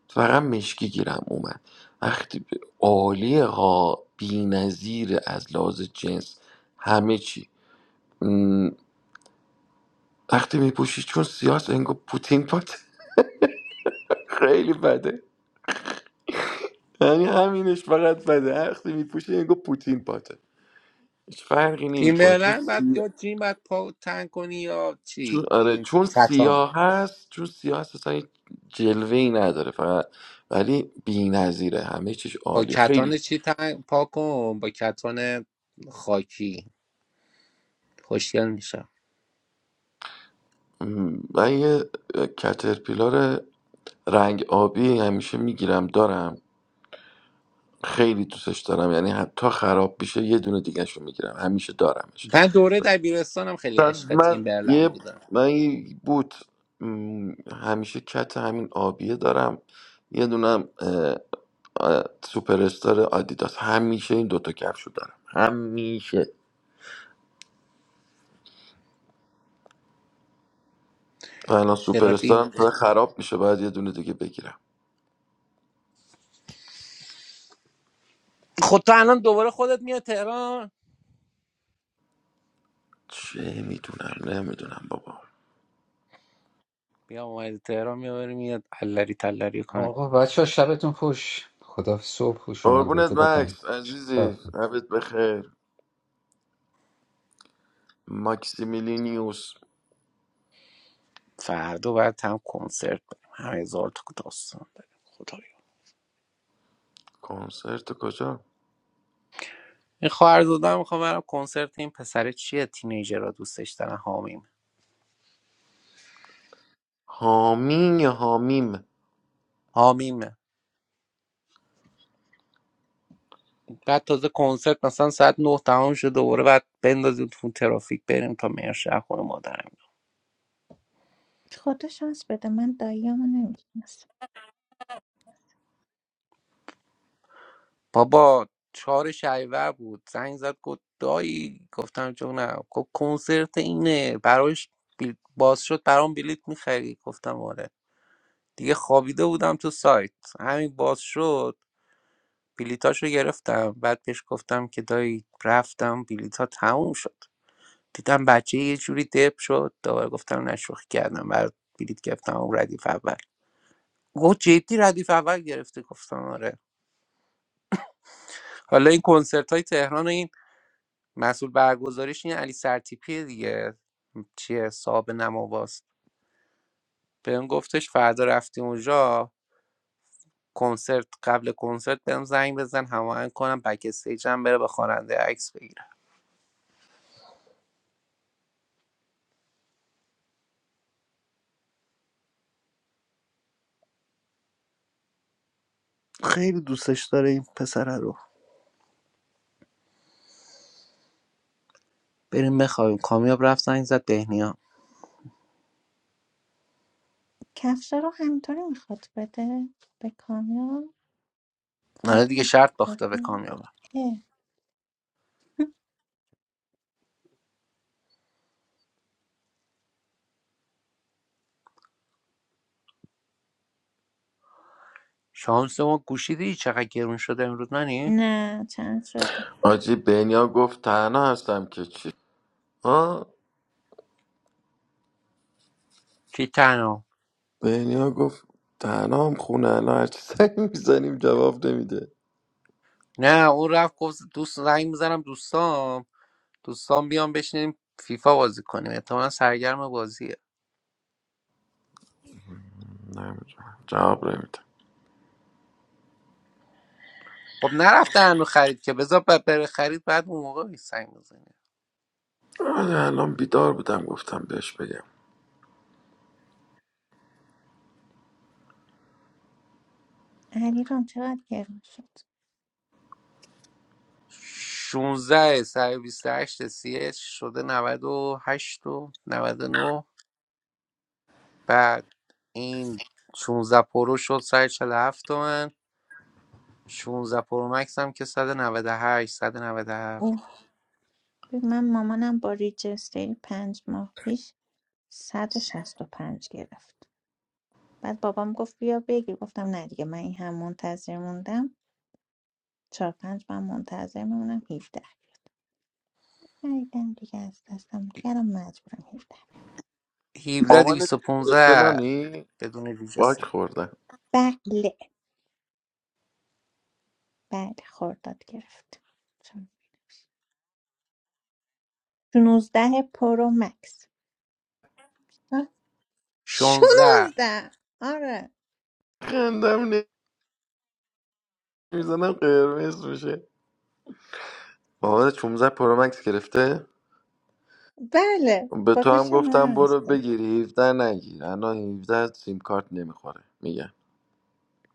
فقط مشکی گیرم اومد وقتی ب- عالیه ها بی‌نظیره از لحاظ جنس همه چی م، وقتی میپوشی چون سیاس انگو پوتین پات <laughs> خیلی بده یعنی همینش فقط بده وقتی میپوشی انگو پوتین پاته هیچ فرقی نمیکنه
تیمبرلند بعد
چون
یا جیم بعد پا تنگ کنی یا چی
چون آره
این
چون
کتان
سیاه هست چون سیاه هست اصلا هیچ جلوه ای نداره فقط ولی بی نظیره همه چیش
با
عالی خیلی
کتان چی تنگ پا کن با کتان خاکی خوشگل میشم
م، من یه اه، کترپیلار رنگ آبی همیشه میگیرم دارم خیلی دوستش دارم یعنی حتی خراب بشه یه دونه دیگهش رو میگیرم همیشه دارمش
من دوره دبیرستانم خیلی
مثلا
عشق
من یه
تیمبرلند بودم
من یه بوت م، همیشه کت همین آبیه دارم یه دونم آره، سوپر استار آدیداس همیشه این دوتا کفشو دارم همیشه و الان سوپر
برم
استارم داره خراب میشه باید یه دونه دیگه بگیرم
خود تو الان دوباره خودت میاد تهران
چه میدونم نمیدونم بابا
بیا اومدی تهران میبری میاد الری تلری کنیم
آقا بچه ها شبتون خوش خدا صبح خوش شما رو
قربونت
بخیر.
مکس
شب
عزیزی عبد بخیر ماکسیمیلینیوس
فردا باید هم کنسرت بریم هم هزار تا داستان داریم خدایا
کنسرت کجا
این خواهر دادم میخوام برم کنسرت این پسره چیه تینیجر را دوستش دارن حامیم
حامین یا حامیم
حامیمه بعد تازه کنسرت مثلا ساعت نه تمام شد دوباره بعد بندازیم تو ترافیک بریم تا مرشه خونه مادر
خدا شانس بده من داییامو نمیشناسم
بابا چهار شهریور بود زنگ زد گفت دایی گفتم جونم گفت کنسرت اینه براش بیل باز شد برام بلیت میخری گفتم آره دیگه خوابیده بودم تو سایت همین باز شد بلیتاشو گرفتم بعد بهش گفتم که دایی رفتم بلیتا تموم شد دیدم بچه یه جوری دپ شد دوباره گفتم نشوخی کردم برات بلیت گرفتم اون ردیف اول گفت جدی ردیف اول گرفتی گفتم آره حالا این کنسرت های تهران مسئول برگزاریش این علی سرتیپی دیگه چیه صاحب نماواست بهم گفتش فردا رفتی اونجا کنسرت قبل کنسرت بهم زنگ بزن هماهنگ کنم بک استیج هم بره به خواننده عکس بگیره خیلی دوستش داره این پسره رو بریم بخوابیم کامیاب رفت زنگ زد بهنیا
کفش رو همینطوری میخواد بده به کامیاب
نه
کادو
دیگه شرط
میخواد
باخته به
بده
کامیاب
اه.
شانس ما گوشیدی چقدر گرون شده امروز نانی
نه چند شد
آجی بنیا گفت تنها هستم که چی ها
کی تنها
بنیا گفت تنها هم خونه الان هرچی زنگ میزنیم جواب نمیده
نه اون رفت گفت دوست زنگ میزنم دوستام دوستان بیان بشینیم فیفا بازی کنیم احتمالا سرگرم بازیه
نمیدونم جواب نمیده
خب نرفته هنو خرید که بذار ب- بره خرید بعد اون موقع بهش سنگ بزنیم
من الان بیدار بودم گفتم بهش بگم
علیرام چقدر گرون شد
16 هشت سی اچ شده 98 و 99 بعد این 16 پرو شد 147 تومن 16 پرو مکس هم که 198 197
ببین، من مامانم با ریجستری پنج ماه پیش 165 گرفت بعد بابام گفت بیا بگیر گفتم نه دیگه من این هم منتظر موندم چهار پنج من منتظر میمونم 17 خریدم دیگه از دستم دیگه الان مجبورم 17
17
مامانت چی گرفته
215
نانی
بدون ویژه
باک
سه.
خوردن
بله بله خورداد گرفت 16 پرو مکس
16
16 آره
خندم نمیزنم قرمز میشه مامانت 16 پرو مکس گرفته
بله
به
با
تو هم
گوش
گفتم
مامانم هست
برو بگیری 17 نگیر الان 17 سیم کارت نمیخوره میگم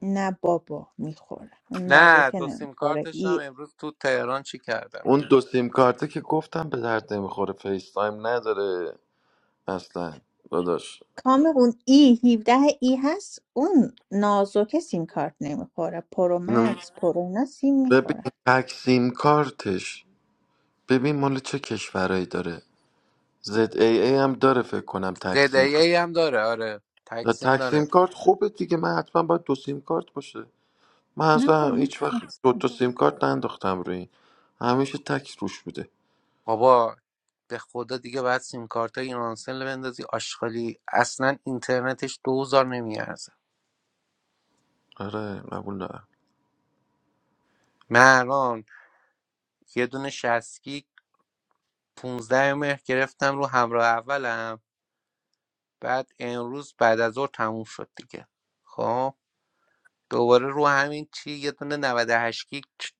نه بابا میخوره اون
نه
نازکه
دو سیم
نمیخوره
کارتش هم امروز تو تهران چی کردم
اون دو سیم کارته که گفتم به درد نمیخوره فیس تایم نداره اصلا داداش
کامی ای 17 ای هست اون نازوکه سیم کارت نمیخوره پرو
اینم-
مکس پرو اینا سیم
ببین
میخوره
تک سیم کارتش ببین مال چه کشورایی داره زد ای ای هم داره فکر کنم تک
زدایی ای هم داره آره
نه
تکسیم
تک سیم
داره
کارت خوبه دیگه من حتما باید دو سیم کارت باشه من
نه با
اصلا
من
هیچ وقت دو
هستم.
تا سیم کارت ننداختم روی این همیشه تک روش بوده
بابا به خدا دیگه باید سیم کارت های ایرانسل بندازی آشغالی اصلا اینترنتش دوزار نمیارزه
آره قبول دارم
من الان یه دونه 60 گیگ 15 مهر گرفتم رو همراه اولم بعد امروز بعد از ظهر تموم شد دیگه خب دوباره رو همین چی یه دونه 98 گیگ چ-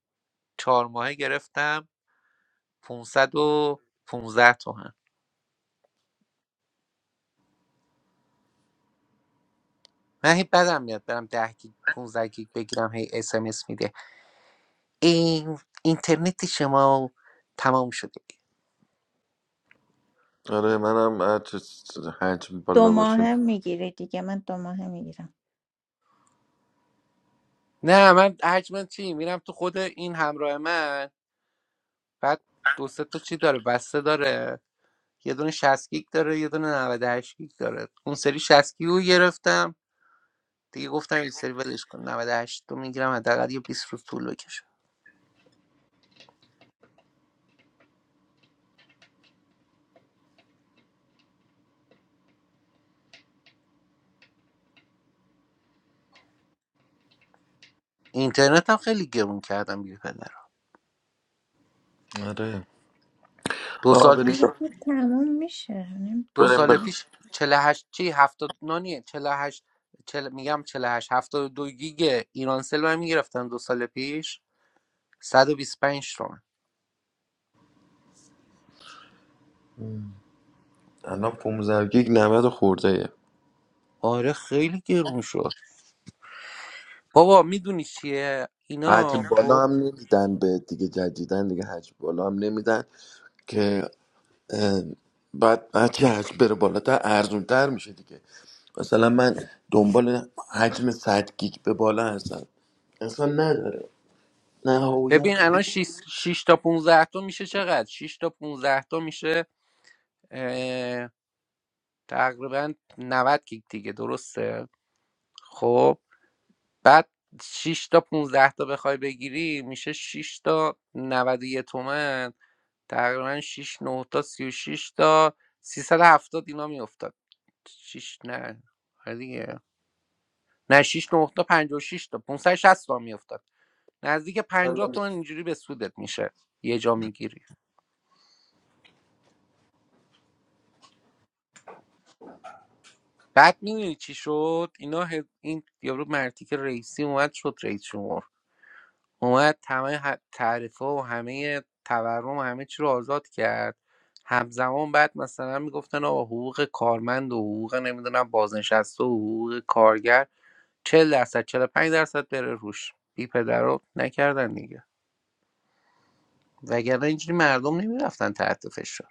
چهار ماهه گرفتم پونصد و پونزده تومن من هی بدم میاد برم 10 گیگ پونزده گیگ بگیرم هی اس ام اس میده این اینترنت شما تمام شده
آره منم هر چه حجم
دو
بالا باشه
ماهه میگیره دیگه من دو ماهه میگیرم
نه من حجم چی میرم تو خود این همراه من بعد دو سه تا چی داره بسته داره یه دونه 60 گیگ داره یه دونه 98 گیگ داره اون سری 60 گیگ رو گرفتم دیگه گفتم این سری ولش کن 98 تو میگیرم حداقل یه 20 روز طول بکشه اینترنت هم خیلی گرون کردم بی پدر
آره
دو
آه
سال
اون
پیش
بریم
دیگه تموم میشه
دو
نمیدونم
بریم
سال
چرا
بخ
پیش چهل و هشت چی 70 نانیه 48 چل... میگم 48 72 گیگ ایرانسل من میگرفتم دو سال پیش 125 تومن
الان 15 گیگ 90 خورده ایه.
آره خیلی گرون شد بابا میدونی چیه اینا
حجم
خب
بالا هم نمیدن به دیگه جدیدن دیگه حجم بالا هم نمیدن که اه، بعد هرچی حجم بره بالاتر ارزون تر میشه دیگه مثلا من دنبال حجم 100 گیگ به بالا هستم انسان نداره نه هویت
ببین الان شش شش تا 15 تا میشه چقدر شش تا 15 تا میشه اه، تقریبا 90 گیگ دیگه درسته خب بعد شش تا 15 تا بخوای بگیری میشه شش تا 91 تومن تقریبا 6 9 تا سی و شش تا 370 اینا میافتاد شش نه آره دیگه نه 6 9 تا پنجاه و شش تا پانصد و شصت تا میافتاد نزدیک
اصلا
پنجاه تومن اینجوری به سودت میشه یه جا میگیری بعد میدونی چی شد اینا ه- این یارو مرتیک رئیسی اومد شد رئیس جمهور اومد تمام ه- تعرفه و همه تورم و همه چی رو آزاد کرد همزمان بعد مثلا میگفتن آقا حقوق کارمند و حقوق نمیدونم بازنشسته و حقوق کارگر چهل درصد چهل و پنج درصد بره روش بی پدر رو نکردن دیگه وگرنه اینجوری مردم نمیرفتن تحت فشار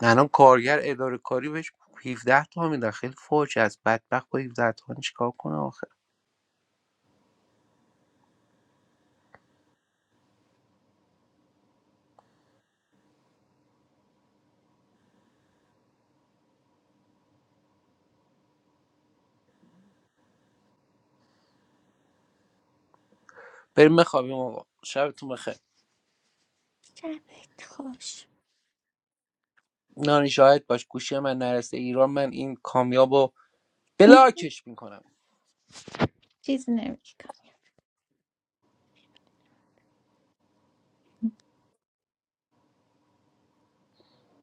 الان کارگر اداره کاری بهش 17 تا میدن خیلی فوج از بدبخت با 17 تا چیکار کنه آخه بریم بخوابیم آقا شبتون بخیر
شبت خوش
نانی شاهد باش گوشی من نرسه ایران من این کامیابو
<laughs>
بلاکش میکنم
چیزی نمیگم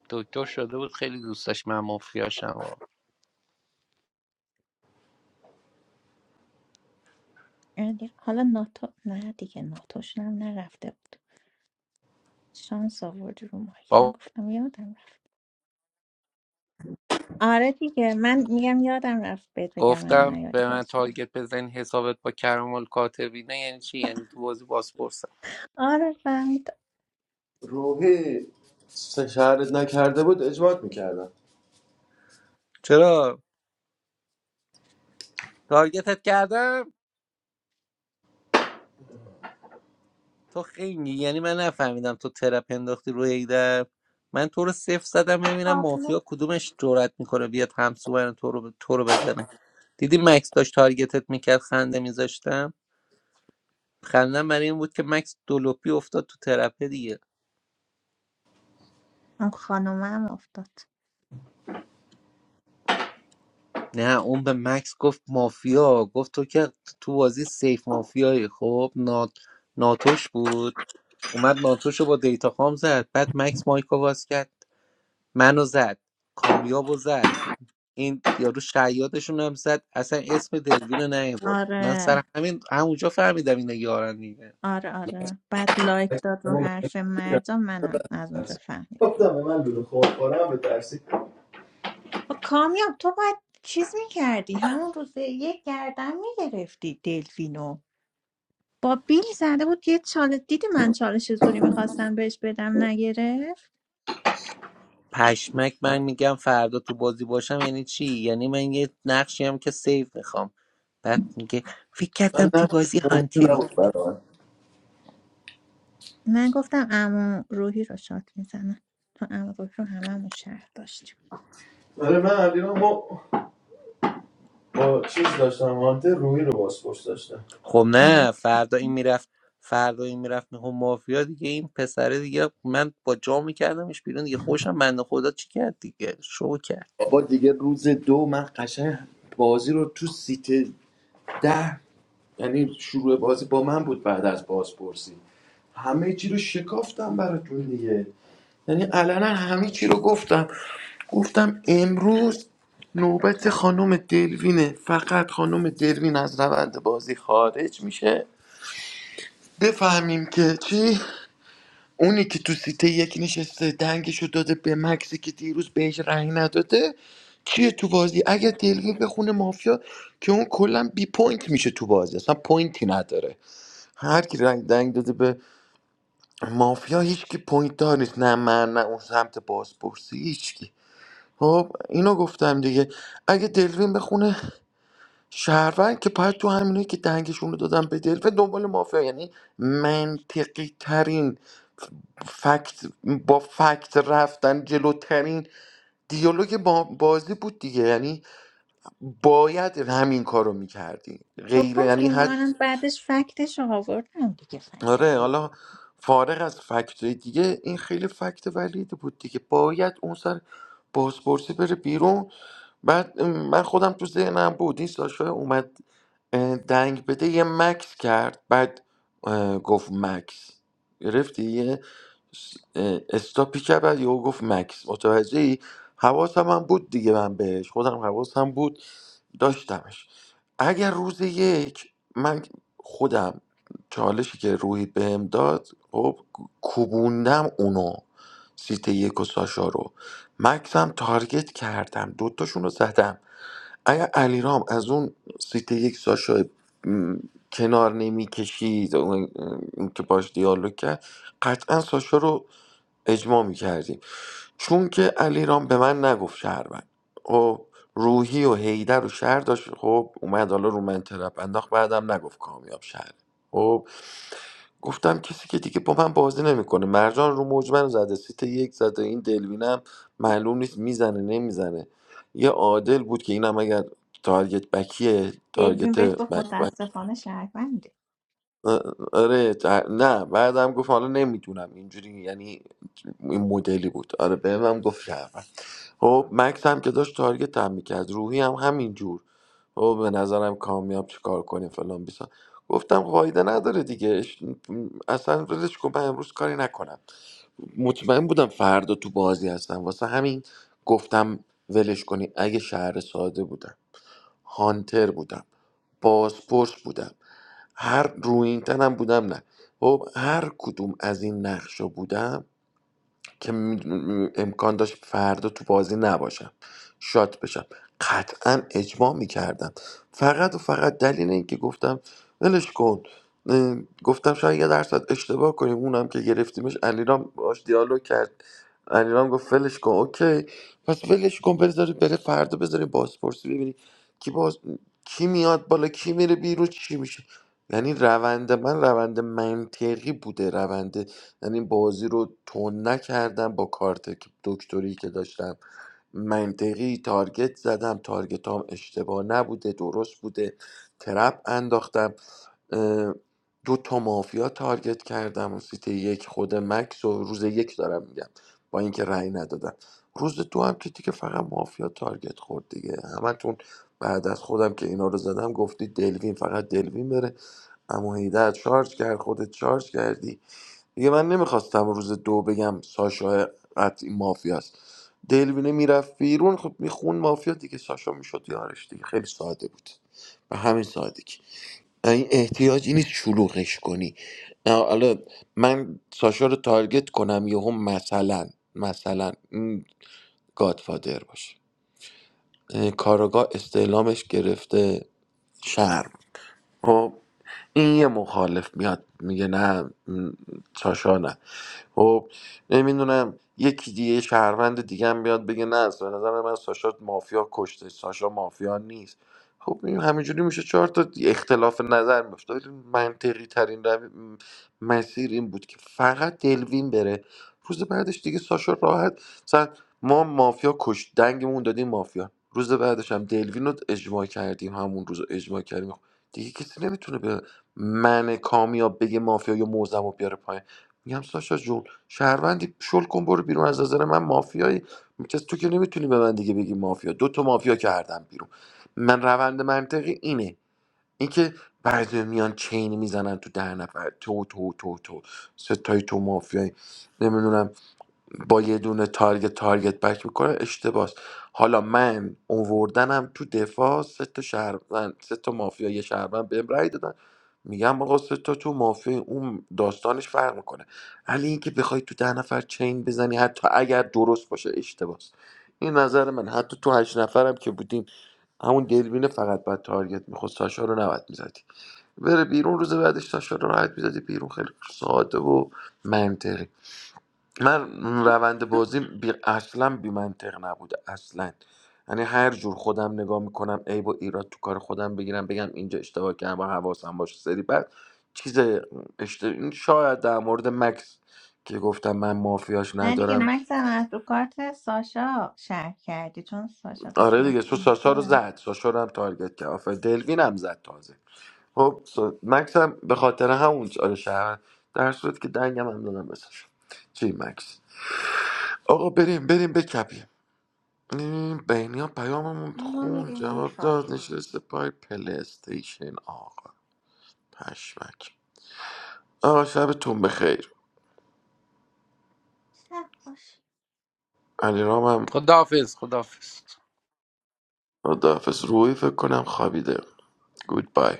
دکتر شده بود خیلی دوست داشت من مافیاشم و
آره دیگه. حالا ناتو نه دیگه ناتوشون هم نرفته بود شانس آوردی رو مایک
بابا
نگفتم یادم رفت آره دیگه من میگم یادم رفت بهت بگم منو
گفتم
نیاری
به من
باز
تارگت بزن حسابت با کرامال کاتبینه یعنی چی یعنی تو بازی باسپورس
آره فهمیدم.
روحی سه شهرت نکرده بود اجواد میکردم
چرا تارگتت کردم تو خنگی یعنی من نفهمیدم تو ترپ انداختی روی ایده من تو رو صفر زدم ببینم
تابلو
مافیا کدومش جرأت میکنه بیاد همسو برن تو رو تو رو بزنه دیدی مکس داشت تارگتت میکرد خنده میذاشتم خندم برای این بود که مکس دولوپی افتاد تو ترپه دیگه
اون خانومم افتاد
نه اون به مکس گفت مافیا گفت تو که تو بازی سیف مافیایی خب نات... ناتوش بود اومد ناتوش رو با دیتا خام زد بعد مکس مایکو باز کرد منو زد کامیاب و زد این یارو شیادشون هم زد اصلا اسم دلوین رو نیورد من
آره
سر همین همونجا فهمیدم اینا یارن دیگه
آره آره بعد لایک داد رو حرف مردا منم از اونجا فهمیدم
گفتم به من لوله خور خورم به ترسی
آه، کامیاب تو باید چیز میکردی همون روز یک گردن میگرفتی دلفینو با بیل زده بود یه چالش دیدی من چالش زوری میخواستم بهش بدم نگرفت
پشمک من میگم فردا تو بازی باشم یعنی چی یعنی من یه نقشی هم که سیف میخوام بعد میگه فکر کردم
من
تو
نقش
بازی
مهم
هانتری
نبود برای من
من گفتم عمو روحی رو شات میزنم تو عمو روحی رو هممون شهر داشتیم
شمانت روی رو باسپورس داشتم
خب
اینقدر
نه فردا این میرفت فردا این میرفت نه مافیا دیگه این پسره دیگه من با جا میکردمش بیرون دیگه خوشم بنده خدا چی کرد دیگه شو کرد
بابا دیگه روز دو من قشنگ بازی رو تو سیت ده یعنی شروع بازی با من بود بعد از بازپرسی همه چی رو شکافتم براتون دیگه یعنی علنا همه چی رو گفتم گفتم امروز نوبت خانم دلوینه فقط خانم دلوین از روند بازی خارج میشه بفهمیم که چی اونی که تو سیته یک نشسته دنگشو داده به مکسی که دیروز بهش رأی نداده چیه تو بازی اگر دلوین بخونه مافیا که اون کلا بی پوینت میشه تو بازی اصلا پوینتی نداره هر کی رنگ دنگ داده به مافیا هیچ کی پوینت دار نیست نه من نه اون سمت بازپرسی هیچ کی خب اینو گفتم دیگه اگه دلوین بخونه شهروند که باید تو همینه که دنگشون رو دادم به دلوین دنبال مافیا یعنی منطقی ترین فکت با فکت رفتن جلوترین دیالوگ با بازی بود دیگه یعنی باید همین کارو میکردی
تو
غیر
گفت اونو
یعنی
منم بعدش فکتش رو آوردم دیگه
آره
فکت
حالا فارغ از فکت دیگه این خیلی فکت ولید بود دیگه باید اون سر بازپرسی بره بیرون بعد ام، من خودم تو ذهنم بود این ساشا اومد اه، دنگ بده یه مکس کرد بعد اه، گفت مکس گرفتی یه س- اه، استاپی کرد بعد یهو گفت مکس متوجه ای حواسم هم بود دیگه من بهش خودم حواسم بود داشتمش اگر روز یک من خودم چالشی که روحی بهم داد خب کوبوندم اونو سیت یک و ساشا رو مکسم تارگت کردم دوتاشون رو زدم اگر علیرام از اون سیت یک ساشا م، کنار نمیکشید اون اون که باش دیالوگ کرد قطعا ساشا رو اجماع میکردیم چون که علیرام به من نگفت شهروند خب روحی و هیدر و شهر داشت خب اومد حالا رو من ترپ انداخت بعدم نگفت کامیاب شهر خب، گفتم کسی که دیگه با من بازی نمیکنه مرجان رو موج منو زده سیت یک زده این دلوینم معلوم نیست میزنه نمیزنه یه عادل بود که اینم اگر تارگت بکیه
دلوین
تارگت
بهت گفت
بک بک
متاسفانه شهروندی
آ- آره تر- نه بعدم گفت حالا نمیدونم اینجوری یعنی این مدلی بود آره بهمم گفت شهروند. خب مکس هم که داشت تارگت هم میکرد روحی هم همینجور خب به نظرم کامیاب چیکار کنیم فلان بیسا گفتم فایده نداره دیگه اش- اصلا ولش کن من امروز کاری نکنم مطمئن بودم فردا تو بازی هستم واسه همین گفتم ولش کنی اگه شهر ساده بودم هانتر بودم بازپرس بودم هر رو این تنم بودم نه خب هر کدوم از این نقشا بودم که می- امکان داشت فردا تو بازی نباشم شات بشم قطعا اجماع میکردم فقط و فقط دلیل اینکه گفتم ولش کن اه، گفتم شاید یه درصد اشتباه کنیم اونم که گرفتیمش علیرام باش دیالوگ کرد علیرام گفت ولش کن اوکی پس ولش کن بذارید بره فردا بذاریم بازپرسی ببینی کی باز کی میاد بالا کی میره بیرون چی میشه یعنی روند من روند منطقی بوده روند یعنی بازی رو تون نکردم با کارت دکتری که داشتم منطقی تارگت زدم تارگت هم اشتباه نبوده درست بوده ترپ انداختم اه، دو تا مافیا تارگت کردم و سیت یک خود مکس و روز یک دارم میگم با اینکه رأی ندادم روز دو هم که دیگه فقط مافیا تارگت خورد دیگه همتون بعد از خودم که اینا رو زدم گفتی دلوین فقط دلوین بره اما هیدر چارج کرد خودت چارج کردی دیگه من نمیخواستم روز دو بگم ساشا قطعی مافیاست دلوینه میرفت بیرون خب میخون مافیا دیگه ساشا میشد یارش دیگه خیلی ساده بود به همین سادگی این احتیاجی نیست شلوغش کنی نه، حالا من ساشا رو تارگت کنم یهو مثلا مثلا این گادفادر باشه اه، کاراگاه استعلامش گرفته شرم خب این یه مخالف میاد میگه نه م، ساشا نه خب نمیدونم یکی دیگه یه شهروند دیگه هم بیاد بگه نه اصلا به نظر من ساشا مافیا کشته ساشا مافیا نیست خب این همینجوری میشه چهار تا اختلاف نظر میفته ولی منطقی ترین روی- م- مسیر این بود که فقط دلوین بره روز بعدش دیگه ساشا راحت مثلا ما مافیا کش دنگمون دادیم مافیا روز بعدش هم دلوین رو اجماع کردیم همون روز رو اجماع کردیم خب، دیگه کسی نمیتونه به من کامیاب بگه مافیا یا موزم رو بیاره میگم ساشا جون شهروندی شل کن برو بیرون از نظر من مافیایی کس تو که نمیتونی به من دیگه بگی مافیا دو تا مافیا کردم بیرون من روند منطقی اینه اینکه بعضی میان چین میزنن تو ده نفر تو تو تو تو ستای تو مافیایی نمیدونم با یه دونه تارگت تارگت بک میکنه اشتباس حالا من اووردنم تو دفاع سه تا شهروند سه تا مافیا یه شهروند بهم رأی دادن میگم آقا سه تا تو مافیا اون داستانش فرق میکنه ولی اینکه بخوای تو ده نفر چین بزنی حتی اگر درست باشه اشتباس این نظر من حتی تو هشت نفرم که بودیم همون دلوینه فقط بعد تارگت میخواست ساشا رو نباید میزدی بره بیرون روز بعدش ساشا رو راحت میزدی بیرون خیلی ساده و منطقی من روند بازی بی... اصلا بی منطق نبوده اصلا یعنی هر جور خودم نگاه میکنم عیب و ایراد تو کار خودم بگیرم بگم اینجا اشتباه کردم با حواسم باشه سری بعد چیز اشت... این شاید در مورد مکس که گفتم من مافیاش
نه دیگه
ندارم
مکس هم از رو کارت ساشا شهر کردی چون ساشا داشت
آره دیگه
مکس
تو
رو
ساشا رو
می‌زد.
زد ساشا رو هم تارگت کرد آفر دلوین هم زد تازه خب سا- مکس هم به خاطر همون آره شهر در صورت که دنگم هم دادم به ساشا. چی مکس آقا بریم بریم بکپیم این بینی پیاممون
این رو
خون
میگه
جواب داد
میخوابی
نشسته پای پلیستیشن آقا پشمک آقا شبتون بخیر
شب باش
علی رامم
خداحافظ خداحافظ
خداحافظ روی فکر کنم خوابیده گود بای